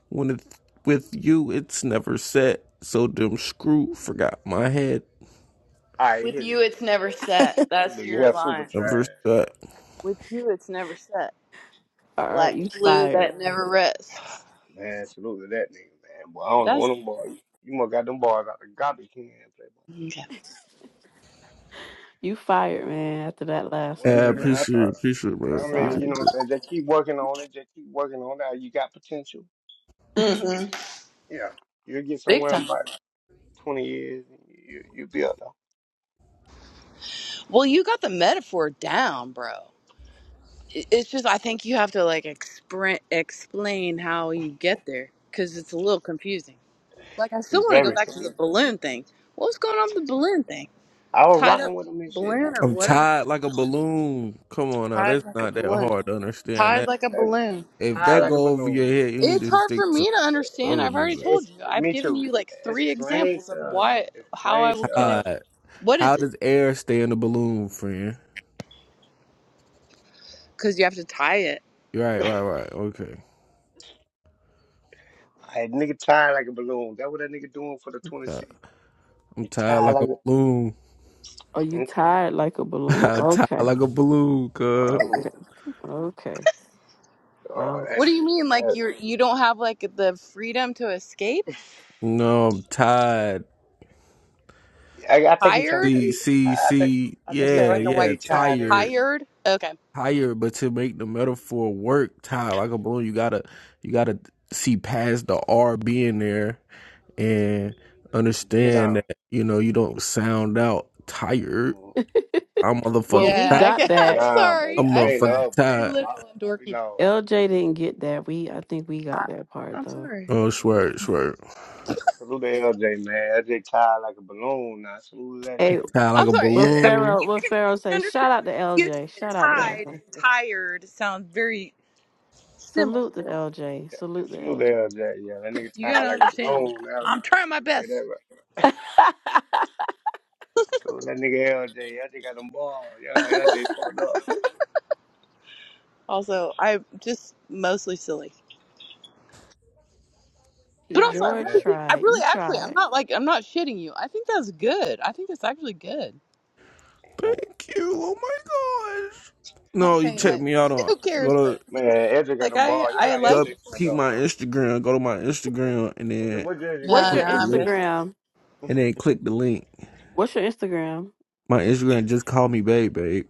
When it's with you, it's never set. So them screw forgot my head.
Alright,
With
here's the
you,
thing,
it's never
bro.
set.
This
That's
nigga
your
here super
line.
Never
trash.
shut.
With you, it's never set.
All right,
Like
you
glue
fired.
that never rests.
(sighs) Man, salute to that nigga, man. Boy, I don't know what
That's
them boy. You must got them boys out the garbage can, playboy.
okay.
You fired, man, after that last one,
Yeah,
Word, man. I
George.
appreciate it,
thought.
appreciate it,
I'm
man.
I mean,
Appreciate
you know
sorry.
it.
what I'm saying? Just keep working on it. Just keep working on that. You got potential.
hmm
Yeah, you'll get
Big
somewhere in
time.
about 20 years. And you you be up though.
Well, you got the metaphor down, bro. it- it's just I think you have to like expre- explain how you get there because it's a little confusing. Like I still
He's
want to go
very
back to the
talented.
balloon thing. What's going on with the balloon thing?
I was
Tied
rocking
up
with him and shit.
balloon
I'm
or
I'm
whatever?
tied like a balloon. Come on now,
Tied
that's
like a
not that
balloon.
hard to understand.
Tied
That
like a
like,
balloon.
if
tired
that
like a
go over your
balloon.
head, you need
It's
to
hard
stick
for
to
me to understand.
other
I've already
music.
It's
told you. I've
me
given
too.
you like three
Explain
examples
to
of
us.
why how
Explain
I
to
would connect.
us.
Tied.
What is
How
it?
does air stay in the balloon, friend?
Because you have to tie it.
Right, right, right. Okay.
I nigga tired like a balloon. That what that nigga doing for the
Uh,
26.
I'm
He
tired
tired
like a
like a
balloon.
Are you
Okay.
tired like a
(laughs)
balloon?
I'm tired
Okay.
like a balloon, cuz.
Mm,
Okay. Okay.
oh,
Wow.
that
What do you
shit.
mean?
That,
Like you're you don't have like the freedom to escape?
No, I'm tired.
I, I think he's trying to
Tired?
See,
say. I,
see,
I think.
see.
I
You
think
say
he's
Yeah,
like
trying
a
to
white
yeah.
say
person.
tied in.
Tired,
Tired? Okay.
tired. But to make the metaphor work, tired like a balloon, you gotta, you gotta see past the R being there and
Break it
understand
down.
that you know you don't sound out tired.
Mm,
I'm
Well,
motherfucking
we
Yeah,
tired.
I
got
can, (laughs)
break
I'm
it
that.
down, but
I'm
sorry. I'm
explain the
sorry.
other
motherfucking
I'm
book.
very
tired.
Oh, I,
literal and
we
dorky.
lost.
LJ didn't get that. We I think we got
I,
that part
I'm
though.
sorry.
Oh,
Okay.
swear, swear.
Yeah, salute to LJ, man. LJ tied like a balloon. Now salute that
Hey,
nigga.
Tied like
I'm
a
sorry.
what
Uh, uh,
balloon.
Pharaoh
You
what
can
Pharaoh say, shout
understand
out
my
to
confusion.
LJ.
And
Shout out to
Now. (laughs)
tied
LJ.
and tired sound very similar.
Salute to LJ.
Yeah,
Salute to
salute to LJ. Yeah, that nigga
You
tied
gotta
like a
understand.
balloon. Now, nah,
I'm trying my
I'll tell you that
best.
right. So that nigga LJ, LJ got them balls. Yeah, LJ
LJ.
fucked up.
(laughs)
Also, I'm just mostly silly.
He
But
Yeah,
also, I
George
really think I
tried. You
really actually I'm
tried.
not like I'm not shitting you. I think that's good. I think that's actually good. I'm
Thank you. Oh my gosh.
not
No, you
saying
man.
check
like
me out
(laughs)
on
who cares,
go to
but
Man, Edric got
like
them
I
ball. Y'all
I
got
go
like. It.
Edric fucked
peep
up.
my Instagram. Go to my Instagram and
What the
then
what jersey
What's
No, no,
your
click
ground?
the
I'm good.
link.
Instagram?
And then click the link.
What's your Instagram?
My Instagram just call me babe, babe.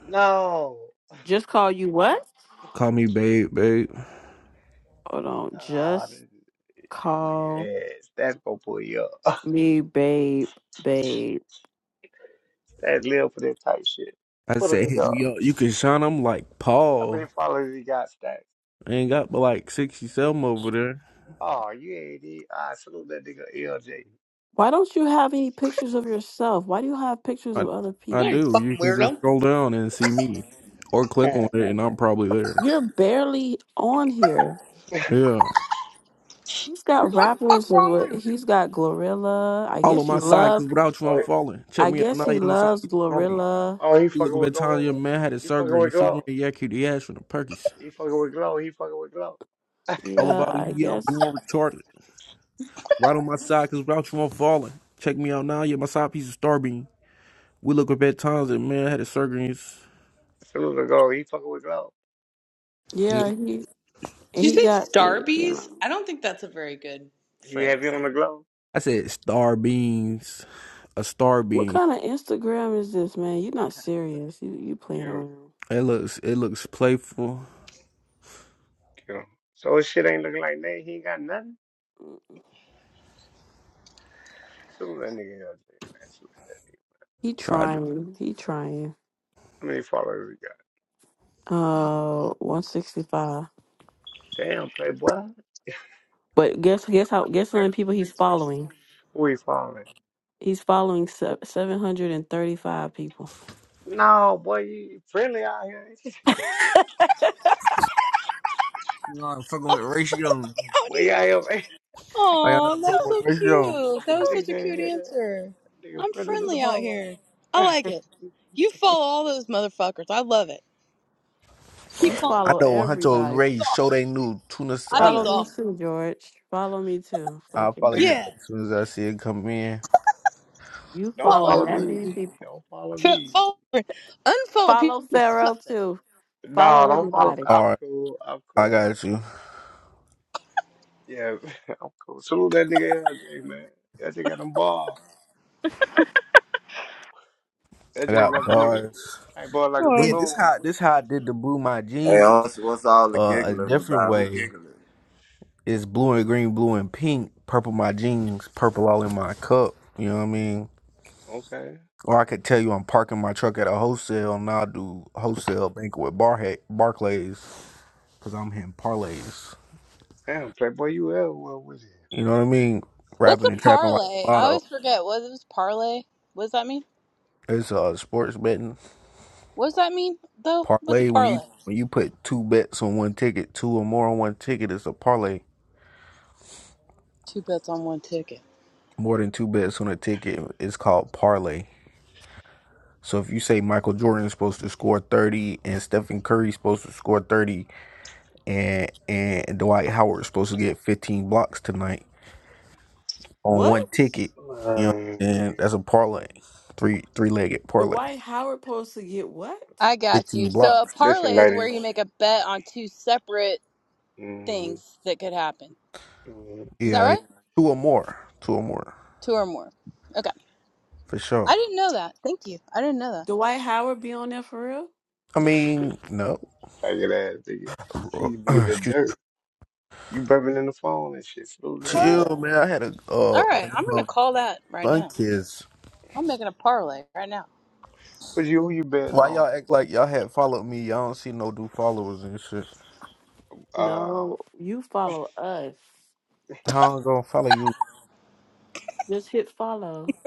No.
Just call you what?
Call me babe, babe.
Hold on.
Ah,
Just
look at
call
ass. That's gonna pull you up.
me babe, babe.
(laughs) That's live for that type shit.
I
Put a
said
nigga
hit me
up.
up. You can shine. I'm like
How many
Paul.
followers he got stacked?
I ain't got but like sixty seven over there.
Oh, you ain't need. I salute that nigga LJ.
Why don't you have any pictures of yourself? Why do you have pictures
I
of other
I
You're a
people?
do. You
fucking
can just
weirdo.
scroll down and see me, or click on it, and I'm probably there.
You're barely on here.
(laughs)
Yeah.
He's got
What the fuck
rappers of
wrong with you?
what he's got Glorilla. I
all on
guess you
my side
love
because without you, I'm
oh,
falling. Check
I
me out
guess
now.
he
oh,
I'm sorry.
loves
sorry.
Glorilla.
oh, he
You
fucking
look
with
at Tanya,
Gorilla.
man had a
He fucking
surgery
with
and Superman
Glow.
yanked the ass from the Perkies.
He fucking with Glow. He fucking with Glow.
All
Yeah,
about you,
I
yeah, I'm
guess.
born retarded. Right on my side because without you, I'm falling. Check me out now. Yeah, my side piece is Starbeam. We look up at Tanya, man had a surgery. and
Salute the Glow. He fucking with Glow.
I
Yeah, he and
Did
he
you say
got eh, you
starbies?
know.
I don't think that's a very good
He have you
phrase.
on the Glow?
said Starbeams. A
What
Starbeam.
kind of Instagram is this, man? You're not serious. You you
Get
playing
him.
around.
It looks it looks playful.
Get him. So his shit ain't looking like that. He ain't got nothing. Shoot that nigga LJ, man. Shoot that nigga.
He
Tried to.
trying. He trying.
How many followers we got?
Uh, one sixty five.
Damn, playboy.
But guess guess how guess how many people he's following?
Who he following?
He's following seven hundred and thirty five people.
No, boy, you friendly out here. (laughs)
You know, I'm fucking with ratio.
Oh
Boy, you out
dear.
here, man. (laughs)
Like, I know
Oh,
I'm fucking
that's
with
so
ratio.
cute. That was
That nigga
such a
said,
cute
yeah,
answer.
that nigga
I'm
friendly to the
friendly out
motherfucker.
here. I
(laughs)
like it. You follow all those motherfuckers. I love it.
You
Keep
Word up.
following
I
follow
people.
know Hunter
everybody.
Ray
It's
show they new tuna
aw- I think
Follow
it's
salad.
me
awesome.
too, George. Follow me too.
I'll
Fucking
follow you
Yeah.
back as soon as I see it come in.
you
Don't
Follow
following
follow
that
everybody.
many
me.
people.
Don't follow
Fo-
me.
Follow, unfollow people.
Follow
They
Pharaoh
suck though.
too.
No,
Follow
don't follow me.
everybody.
I'm
All right,
cool. I'm
I
cool. I'm
got you.
cool. Yeah, (laughs) I'm cool. Salute that nigga LJ, man. LJ got them balls.
I
LJ
got
rubber nigga.
bars.
Tight ball like a
Then this
balloon.
how this how I did the blue my jeans.
Ash, what's all the
Uh, a
giggling
different
about? Who
way
giggling?
is blue and green, blue and pink, purple my jeans, purple all in my cup. You know what I mean?
Okay.
Or I could tell you I'm parking my truck at a wholesale, and I'll do wholesale banquet with bar Barclays, cause I'm hitting parlays.
Damn, playboy, you everywhere with it.
You know what I mean?
What's
Rapping
a
and
Hmm.
trapping like
parlay?
a
I
lot of
always forget. What was parlay? What does that mean?
it's uh sports betting.
What does that mean though? What's a
parlay when you
parlay?
when you put two bets on one ticket, two or more on one ticket, it's a parlay.
Two bets on one ticket.
More than two bets on a ticket is called parlay. So if you say Michael Jordan's supposed to score thirty and Stephen Curry's supposed to score thirty and and Dwight Howard's supposed to get fifteen blocks tonight on
What?
one ticket, you know,
Man,
and
nigga.
that's a parlay, three three legged
The
parlay,
White Howard supposed to get what?
I got you.
fifteen
So a
blocks.
parlay
Listen,
is where
lady.
you make a bet on two separate
Mm-hmm.
things that could happen. Is that
Yeah, yeah,
right?
two or more, two or more
Two or more. Okay.
for sure.
I didn't know that. Thank you. I didn't know that.
Dwight Howard be on there for real?
I mean, no,
Faggot ass nigga. You
(clears throat)
She's being a
excuse. me.
jerk. You burping in the phone and shit. Smooth that nigga.
Parlay.
Chill, man. I had a
All
uh
right.
a
I'm going to
damn
call that right
sun
now.
kiss.
I'm making a parlay right now.
But you, who you betting
Why y'all
on?
act like y'all had followed me? Y'all don't see no new followers and shit.
Uh,
No, you follow us.
How I'm gonna follow you?
Just hit follow.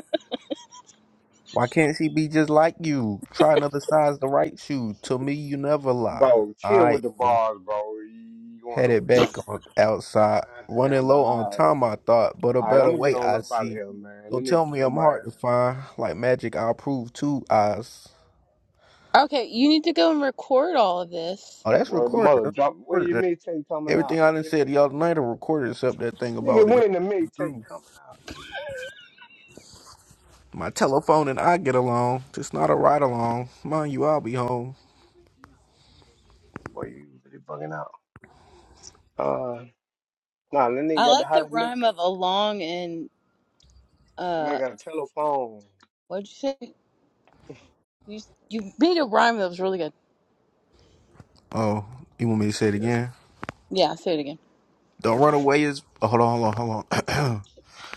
Why can't she be just like you? Try another size the right shoe. To me, you never lie.
bro, chill with
I
the bars, bro. You going
had
over
it
here.
back on outside, running
Goddamn,
low on
all right.
time. I thought, but a
All right, I'm
better
gonna get
way
on
I
up out of
see.
here, man. They
Don't
nigga
tell me
kill
I'm
my ass.
hard to find. Like magic, I'll prove two eyes.
Okay. You need to go and record all of this.
Oh, that's
Well, the
recorded.
mother
That's
drop. When your
recorded.
mixtape coming
Everything
out?
I
When
done
your
said the other
mixtape?
night are recorded, except that thing
Nigga,
about it.
when the mixtape coming out, nigga?
My telephone and I get along. Just not a ride along. Mind you, I'll be home.
Boy, you really bugging out. Uh, nah, that nigga
I
got the
like the
hottest
rhyme
mixtape.
of along and,
Man
uh,
got a telephone.
what'd you say? You, you made a rhyme that was really good.
Oh, you want me to
Be
say it
careful.
again?
Yeah. Say it again.
Don't run away is. Oh, hold on, hold on, hold on.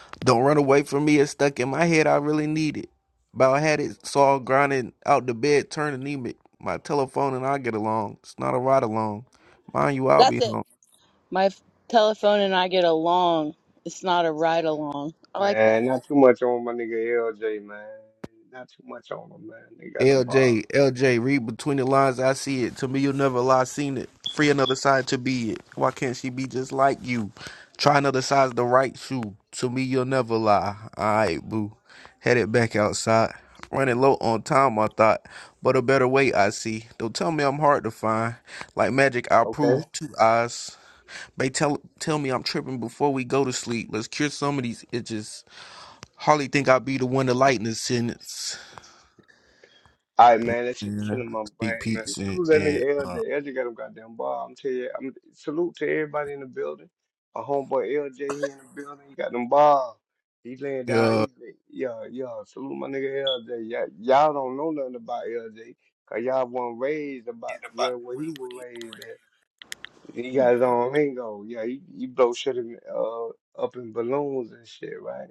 (clears throat) Don't run away from me. It's stuck in my head. I really need it. About had it saw grinding out the bed, turned anemic. My telephone and I get along. It's not a ride along. Mind you, I'll
That's
be
it.
home.
My f- telephone and I get along. It's not a ride along. I like that.
Man, not too much on my nigga LJ, man. Not too much on him, man. They got them bars.
LJ, LJ, read between the lines. I see it. To me, you'll never lie. Seen it. Free another side to be it. Why can't she be just like you? Try another size the right shoe. To me, you'll never lie. All right, boo. Headed back outside. Running low on time, I thought, but a better way I see. Don't tell me I'm hard to find. Like magic, I'll
Okay.
prove two eyes. They tell tell me I'm tripping before we go to sleep. Let's cure some of these itches. Hardly think I'll be the one to lighten the sentence.
All right, man. That shit
Yeah.
killing my
Sneak
brain, man.
peeks and,
Salute that
and
nigga
uh
LJ. LJ got them goddamn bar. I'm telling you, I'm salute to everybody in the building. My homeboy LJ, he in the building. He got them bars. He laying down.
yeah.
He, lay- yeah, yeah. Salute my nigga LJ. Y'all, y'all don't know nothing about LJ, cause y'all weren't raised about where where he was raised at. He got his own lingo. Yeah, he, he blow shit in, uh, up in balloons and shit, right?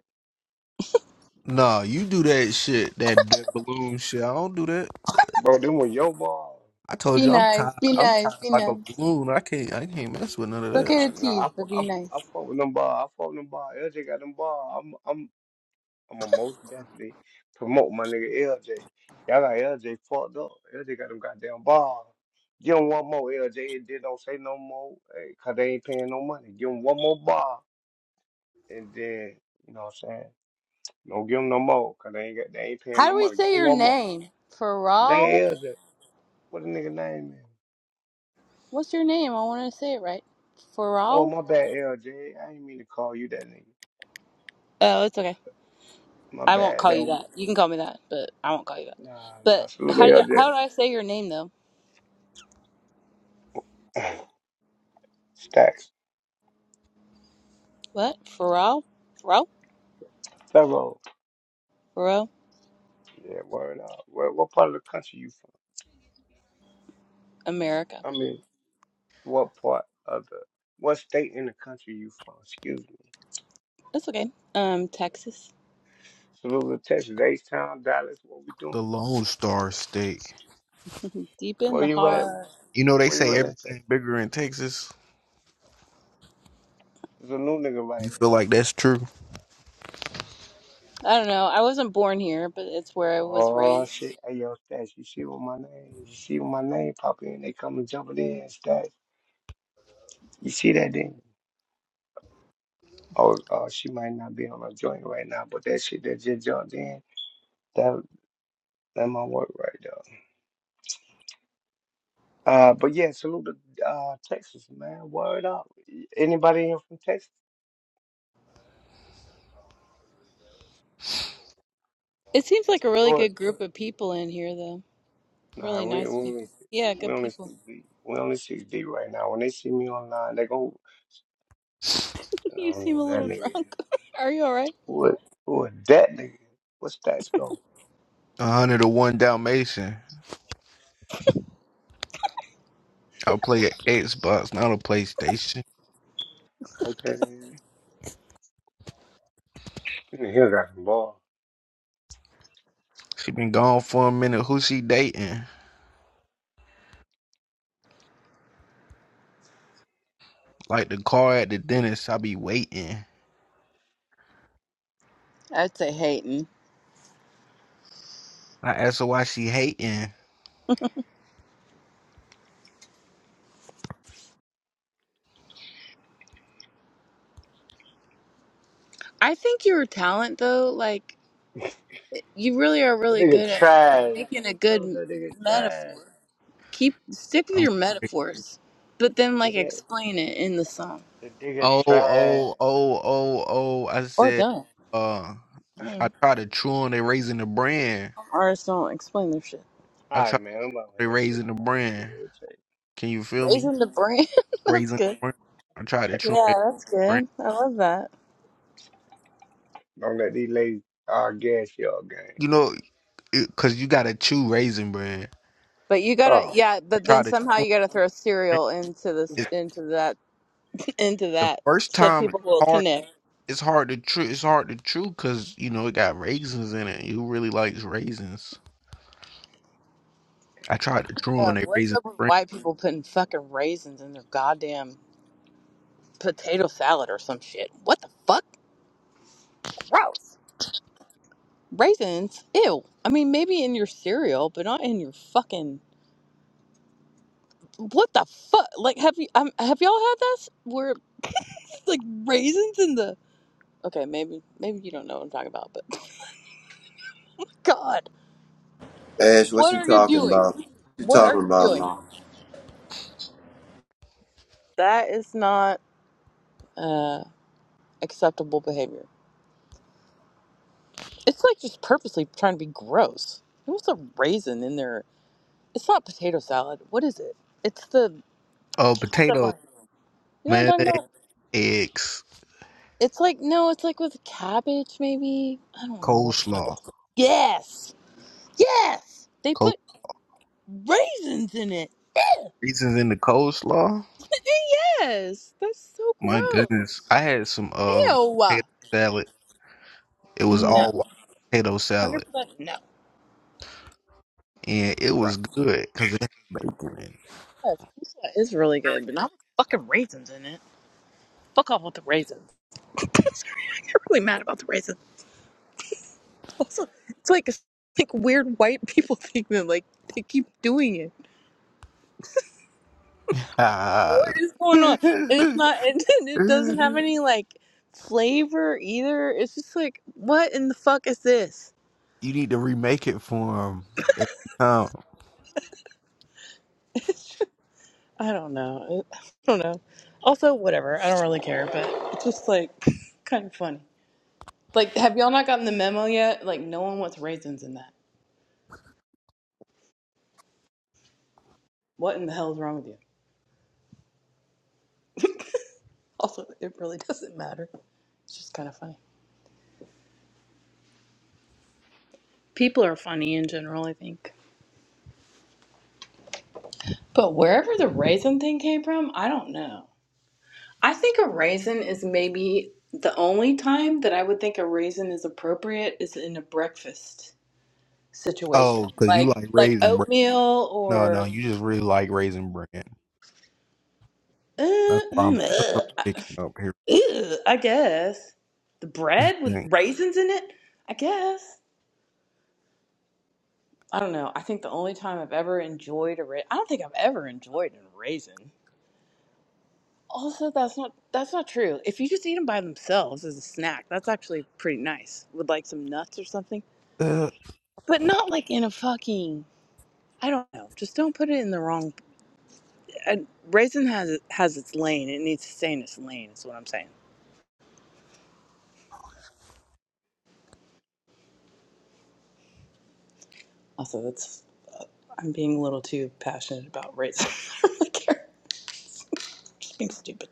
Nah, you do that shit, that, that balloon shit. I don't do that.
Bro, them were your ball.
I told
Be
you I'm tired.
nice, be
I'm
nice,
tired
be
like a
nice.
balloon. I can't I can't mess with none of
It's
that
okay
Nah,
to
shit.
tease,
nah, I, fu-
but
I,
be nice.
fu- I fought with them ball. I fought with them ball. LJ got them ball. I'm, I'm, I'm gonna most definitely promote my nigga LJ. Y'all got LJ fucked up. LJ got them goddamn ball. Give him one more LJ and then don't say no more eh, 'cause they ain't paying no money. Give him one more ball and then, you know what I'm saying? Don't give him no more 'cause they ain't, got, they ain't paying
How
no
do we
money. Give
say
him
your
one more.
name?
Damn
Pharrell?
LJ. What a nigga name is?
What's your name? I want to say it right.
Oh,
Pharrell?
my bad, LJ. I didn't mean to call you that nigga.
Oh, it's okay.
My
I won't
bad.
call
That
you that. You can call me that, but I won't call you that.
nah, nah.
But
Salute
how do you,
to
how do I say your name though?
LJ. (clears throat) (laughs) Stacks.
What? Pharrell? Pharrell?
Thorough.
Pharrell?
Yeah, word up. Where, what part of the country you from?
America.
I mean, what part of the, what state in the country you from? Excuse me.
That's okay. Um, Texas.
Salute to Texas, H-Town, Dallas. What we doing?
The Lone Star State.
Deep in
Where
the
you at?
heart.
You know they
Where you
say
at in Texas?
everything bigger in Texas.
There's a new nigga right
You
here.
feel like that's true?
I don't know. I wasn't born here, but it's where I was
Oh
raised.
shit. Hey yo, Stats, you see what my name? You see what my name popping in? They coming jumping in, Stats. You see that thing? or uh, she might not be on a joint right now, but that shit that just jumped in, that that might work right there. Uh, but yeah, salute to uh, Texas, man. Word up. Anybody here from Texas?
It seems like a really
Do it.
good group of people in here, though.
Nah,
Really
we we
nice
only
people. Yeah,
we
good
only
people.
six deep. we only six deep right now. When they see me online, they go, I
You
don't
seem a
know who that
little (laughs)
nigga
drunk.
is.
Are you all right?
What what that nigga? What's that go?
A hundred to one Dalmatian. I'll play an Xbox, not a PlayStation.
Okay, then. This nigga got the ball.
She been gone for a minute. Who she dating? Like the car at the dentist, I be waiting.
I'd say hating.
I ask her why she hating.
I think your talent, though, like you really are
That
really
nigga
good at
trash.
making a good
Tell him
m-
that nigga trash.
metaphor. Keep stick with your
I'm
metaphors, but then like
Yeah,
explain it in the song
the nigga
Oh,
trash.
oh, oh, oh, oh. I
or
said,
don't.
uh,
(laughs)
I
Mm.
tried to chew on they raising the brand.
Artists don't explain their shit.
I
All right,
tried
man. I'm about with
they
that shit
raising the
no more. That shit
brand. Can you feel me?
Raising the brand, (laughs) that's
Raising the
good.
brand. I tried to
irritating.
chew on they
Yeah, that's
brand.
good. I love that.
(laughs) Don't let these ladies all gas y'all
You
game.
know, it, cause you gotta chew raisin brand.
But you gotta,
Oh
yeah.
I
But
tried
then
to chew
somehow
on the
you gotta throw
brand.
cereal into this,
It's
into that, (laughs) into
the
that,
first
so
time it's
people will
hard.
connect.
It's hard to chew. It's hard to chew cause you know it got raisins in it. Who really likes raisins? I tried to chew on
No,
they
what's
raisin
up with
brand.
white people putting fucking raisins in their goddamn potato salad or some shit? What the fuck? Gross. Raisins? Ew. I mean, maybe in your cereal, but not in your fucking. What the fuck? Like, have you um, have y'all had this? Where like raisins in the? Okay, maybe maybe you don't know what I'm talking about, but (laughs) God,
Ash, what
what
you
are you
talking
doing?
about? What You
What are
talking
you
about,
doing?
man?
That is not uh, acceptable behavior. It's like just purposely trying to be gross. Who wants a raisin in there? It's not potato salad. What is it? It's the
Oh,
chopped up
potato,
one. You know what I'm talking
mayonnaise,
about?
eggs.
It's like no, it's like with cabbage maybe. I don't know what the heck
coleslaw.
it's called. Yes. Yes. They
Col-
put raisins in it. Ew. (laughs)
raisins in the coleslaw.
Yes. That's so
My goodness,
gross.
I had some um
Ew.
potato salad. It was
No. one
all white potato
Hundred
salad,
percent no.
and it
Gross.
was good because it had bacon in. it.
Yes, pizza is really good, but not with fucking raisins in it. Fuck off with the raisins. (laughs) Sorry, I get really mad about the raisins. Also, it's like like weird white people (laughs) thing that like they keep doing it. What
Ah.
is
(laughs)
going on? And it's
you
not. It, (laughs) it doesn't have any like flavor either. It's just like what in the fuck is this?
need to remake it for him every time.
(laughs) It's just, I don't know. I don't know. Also, whatever. I don't really care, but it's just like (laughs) kind of funny. Like, have y'all not gotten the memo yet? Like, no one wants raisins in that. What in the hell is wrong with you? (laughs) Also, it really doesn't matter. It's just kind of funny. People are funny in general, I think. But wherever the raisin thing came from, I don't know. I think a raisin is maybe the only time that I would think a raisin is appropriate is in a breakfast situation,
Oh, because you
like
like
like
raisin bread.
oatmeal
No, no,
or
you just really like raisin bread. That's
uh, (clears throat)
why I'm.
mm,
That's why
ugh,
I'm picking
I
up
ew, I guess the bread with raisins in it. I guess I don't know. I think the only time I've ever enjoyed a raisin, I don't think I've ever enjoyed a raisin. Also, that's not that's not true. If you just eat them by themselves as a snack, that's actually pretty nice with like some nuts or something.
here.
But not like in a fucking I don't know. Just don't put it in the wrong. Uh, raisin has has its lane. It needs to stay in its lane. Is what I'm saying. Also, that's I'm being a little too passionate about raisin. (laughs) I really care. Being stupid.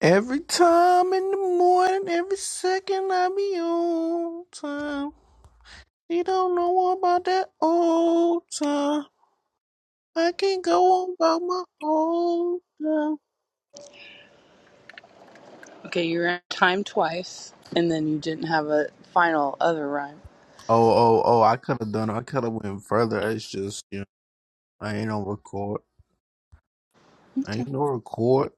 Every time in the morning, every second I be on time. You don't know about that old time. I can't go on about my old time.
Okay, you ran time twice, and then you didn't have a final other rhyme.
Oh, oh, oh, I could have done I could have went further. It's just, you know, I ain't on record. I
Okay.
ain't no record.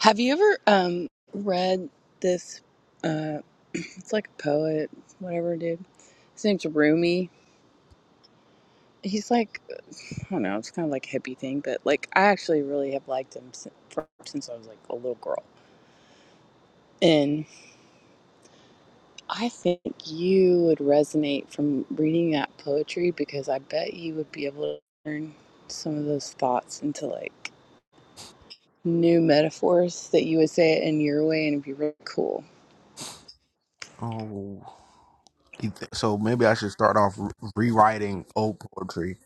Have you ever um read this? Uh, It's like a poet, whatever, dude. His name's Rumi. He's like, (sighs) I don't know, it's kind of like a hippie thing, but like, I actually really have liked him since, I was like a little girl. And I think you would resonate from reading that poetry because I bet you would be able to turn some of those thoughts into like new metaphors that you would say it in your way and it'd be really cool.
Oh. You th- So maybe I should start off re- rewriting old poetry.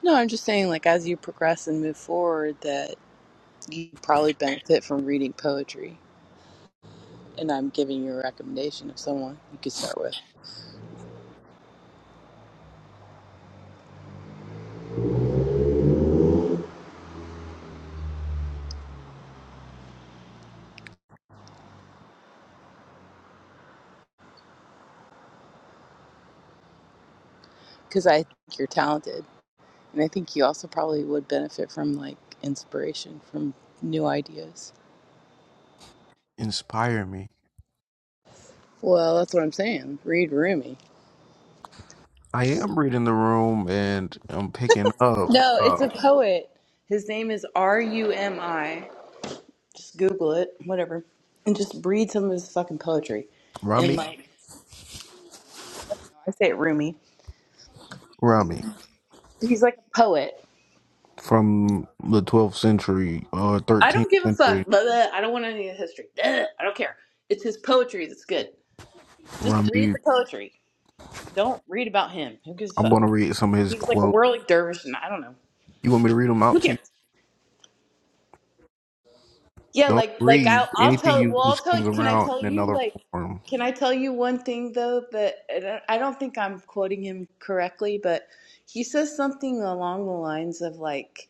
No, I'm just saying, like, as you progress and move forward, that you probably benefit from reading poetry. and I'm giving you a recommendation of someone you could start with because I think you're talented, and I think you also probably would benefit from like inspiration from new ideas.
Inspire me.
Well, that's what I'm saying. Read Rumi.
I am reading the room and I'm picking up
No,
uh,
it's a poet. His name is R U M I. Just Google it, whatever, and just read some of his fucking poetry. And
Rummy.
like I say it Rumi,
Rummy.
but he's like a poet.
from the 12th century or
I
13th
don't give a fuck.
century.
Blah, blah. I don't want any of the history. Blah. I don't care. It's his poetry that's good. Just read
Rami,
the poetry. Don't read about him. Who gives a
I'm going
fuck?
to read some of his
He was like a
quotes.
whirling dervish, and I don't know.
You want me to read them
Who
out to
cares?
you?
Yeah,
Don't
like like
grieve.
I'll I'll
Anything
tell.
you
Well, I'll
lose
tell.
comes
Can I
around
tell
in
you
another
like?
form.
Can I tell you one thing though that and I I don't think I'm quoting him correctly, but he says something along the lines of like,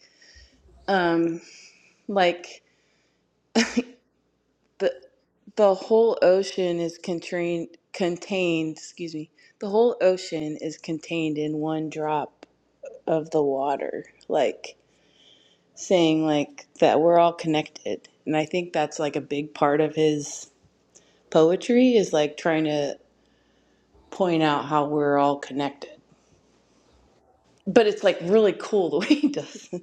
um, like the the whole ocean is contained contained. Excuse me. The whole ocean is contained in one drop of the water. Like saying like that we're all connected and i think that's like a big part of his poetry is like trying to point out how we're all connected but it's like really cool the (laughs) way he does it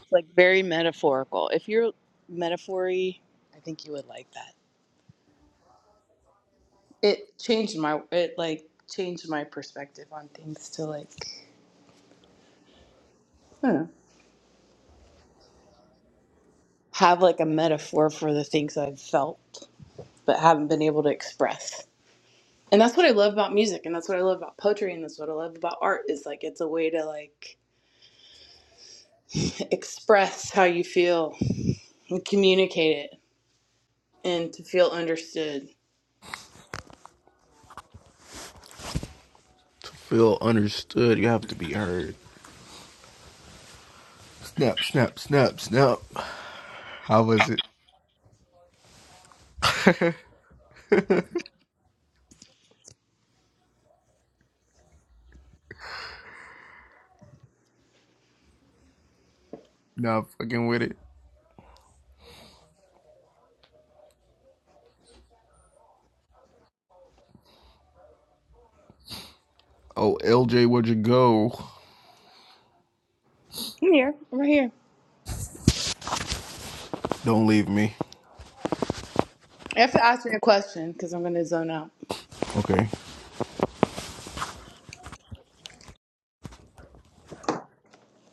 it's like very metaphorical if you're metaphory i think you would like that it changed my it like changed my perspective on things to like I don't know, have like a metaphor for the things i've felt but haven't been able to express and that's what i love about music and that's what i love about poetry and that's what i love about art is like it's a way to like (laughs) express how you feel and communicate it and to feel understood
To feel understood, you have to be heard. Snap, snap, snap, snap. How was it? Not fucking with it. Oh, LJ, where'd you go?
i'm here i'm right here
Don't leave me.
i have to ask you a question because i'm going to zone out
Okay.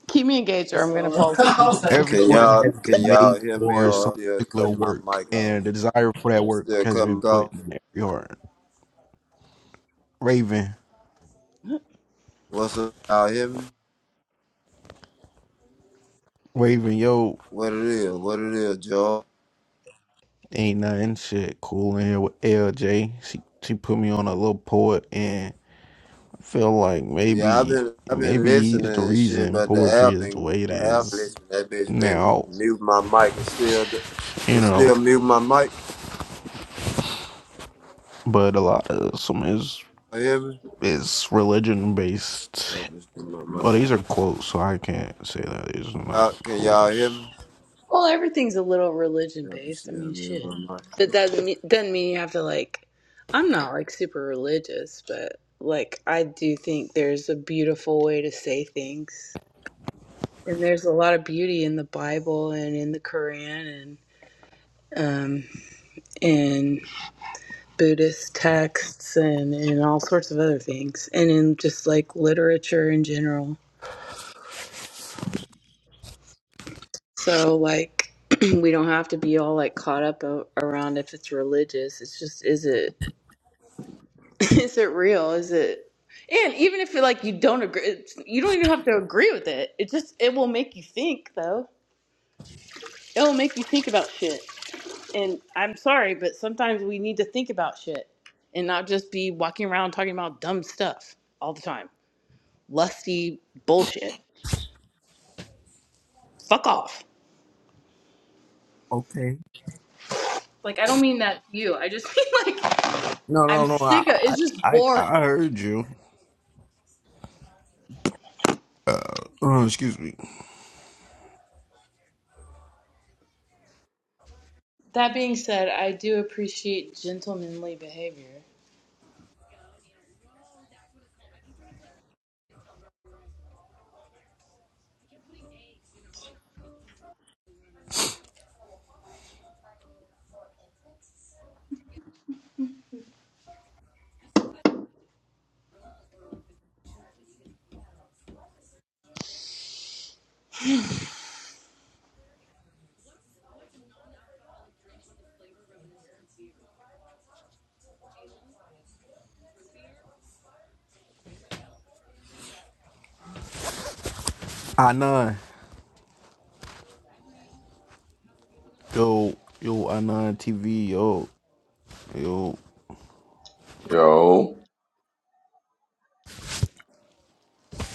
keep me engaged or i'm going to fall asleep
Can
Everyone
y'all
has
can
been
y'all
made
hear me
for
or
some
I'm still
particular
cutting my
work,
mic
and
off?
the desire for that
They
work
still
has
cutting me
been put
off.
in every heart. Raven,
What's up? Y'all hear me?
Raven, yo,
What it is? What it is, Joe?
Ain't nothing shit cool in here with LJ. She she put me on a little poet and I feel like
Yeah, I've
maybe
been I've been
maybe he's
listening
the
and shit,
reason
but the
poetry
app
is the
been
way it
the app
is
listen that bitch been
now,
mute my mic. It's still
you
it's
know.
still mute my mic.
But a lot of some is
You hear me?
is religion based.
Yeah, it's mute my
Well,
mic.
these are quotes, so I can't say that these are not
Y'all, can y'all hear
poems.
me?
well everything's a little religion
Yeah, it's
based i
still
mean
mute
shit
my mic.
that doesn't me- doesn't mean you have to like i'm not like super religious but like i do think there's a beautiful way to say things And there's a lot of beauty in the Bible and in the Quran and um, in Buddhist texts and in all sorts of other things and in just like literature in general. So like (clears throat) we don't have to be all like caught up a- around if it's religious. It's just is it (laughs) is it real? Is it and even if you like you don't agree, it's, you don't even have to agree with it. It just it will make you think though. It will make you think about shit. and I'm sorry, but sometimes we need to think about shit and not just be walking around talking about dumb stuff all the time. Lusty bullshit. Fuck off.
Okay.
Like I don't mean that to you. I just (laughs) mean like
No,
I'm
no, no. I
sick of
I
it's just
I
boring.
I heard you. Oh, excuse me.
That being said, I do appreciate gentlemanly behavior.
I nine. Yo, yo, I nine TV. Yo, yo.
Yo,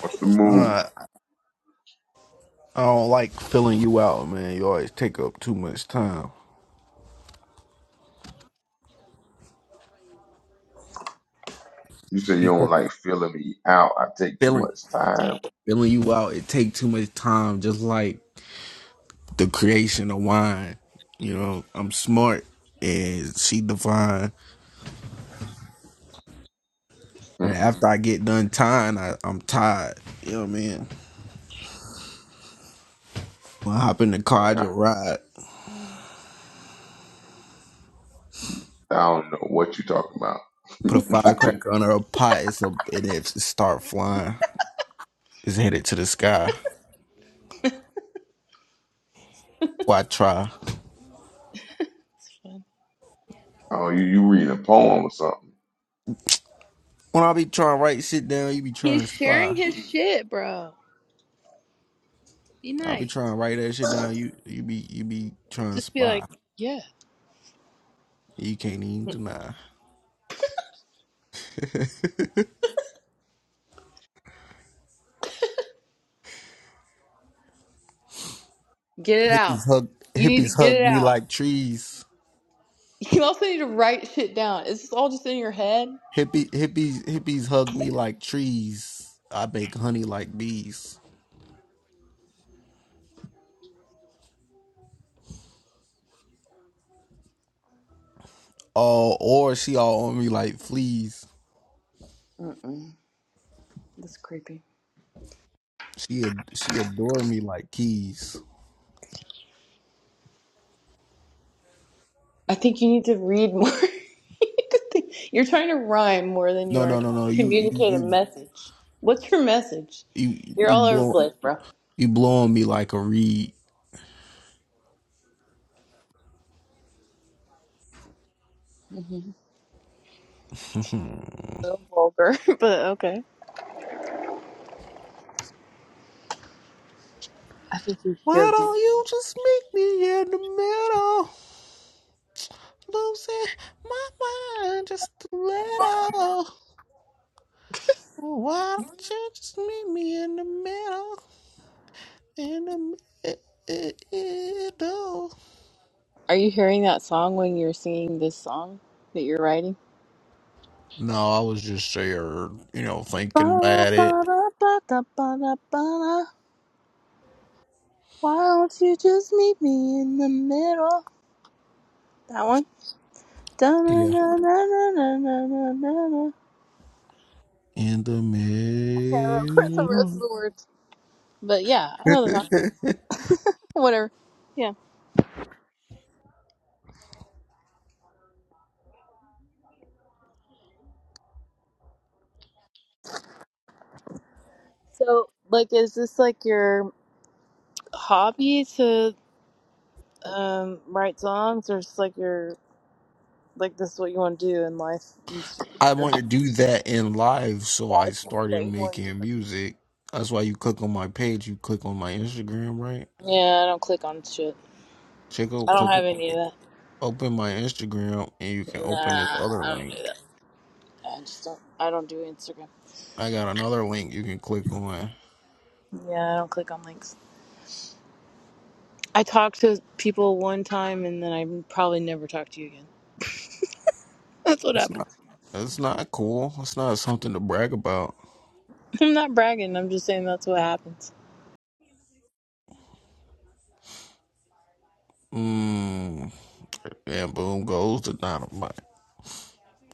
what's the move?
Uh, I don't like filling you out, man. You always take up too much time.
You say you
You
don't
take-
like filling me out. I take too
filling
much time.
filling you out, it take too much time. Just like the creation of wine. You know, I'm smart and she divine. And
Mm-mm.
after I get done tying, I, I'm tired. You know what I mean? When I hop in the car,
man,
I
I
just ride.
I don't know what you talking about.
Put a
(laughs)
firecracker under a pot, it's a and it start flying. It's headed to the sky. Why try?
oh, you, you reading a poem or something?
When I be trying to write shit down, you be trying
He's
to
sharing
spy.
his shit, bro. Be
I'll be
nice.
trying to write that shit down. You you be you be trying to
Just be
spy.
like, yeah.
You can't even deny. (laughs)
Get it out.
hippies hug
You need to
hippies
get
hug
it
me
out.
like trees.
You also need to write shit down. Is this all just in your head?
Hippie hippies hippies hug me like trees. I bake honey like bees. Oh, or she all on me like fleas.
Mm-mm. That's creepy.
She ad- she adore me like keys.
I think you need to read more. (laughs) You're trying to rhyme more than you
No
are
no no
trying
no.
to
You you
communicate a
you
message. What's your message?
you
You're
you
all over the
blow
place, bro.
you blow on me like a reed.
hmm
(laughs)
A little vulgar, (laughs) but okay. I think you should
Why
go deep.
don't you just meet me in the middle? Losing my mind just a little. Why don't you just meet me in the middle? In the middle.
Are you hearing that song when you're singing this song that you're writing?
No, I was just there, you know, thinking
Ba-da,
about it.
ba-da, ba-da, ba-da, ba-da. Why don't you just meet me in the middle? That one.
Yeah.
Da-na-na-na-na-na-na-na-na.
In the
I can't remember (laughs) the rest of
middle.
the words. But yeah, I know the song.
(laughs)
(laughs) Whatever. Yeah. So, like, is this like your hobby to um, write songs, or is like your like this is what you want to do in life? It's just
I
your-
want to do that in live, so I
That's what
started
you want to do.
making music. That's why you click on my page, you click on my Instagram, right?
Yeah, I don't click on shit.
Check
I
out,
don't
click on,
have any of that.
open my Instagram, and you can
Nah,
open this other
I don't
link.
do that. I just don't. I don't do Instagram.
I got another link you can click on.
Yeah, I don't click on links. I talked to people one time, and then I probably never talk to you again. (laughs) That's what
It's not.
happens.
It's not cool. It's not something to brag about.
(laughs) I'm not bragging. I'm just saying that's what happens.
Mmm. And boom goes the dynamite.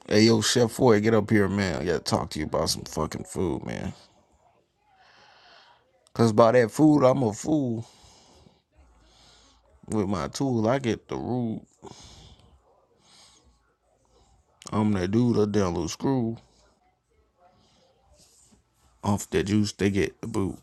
Hey yo, Chef Foy, get up here, man. I gotta talk to you about some fucking food, man. Cause by that food, I'm a fool. With my tool, I get the rude. I'm the dude, a damn little screw. Off that juice, they get the boot.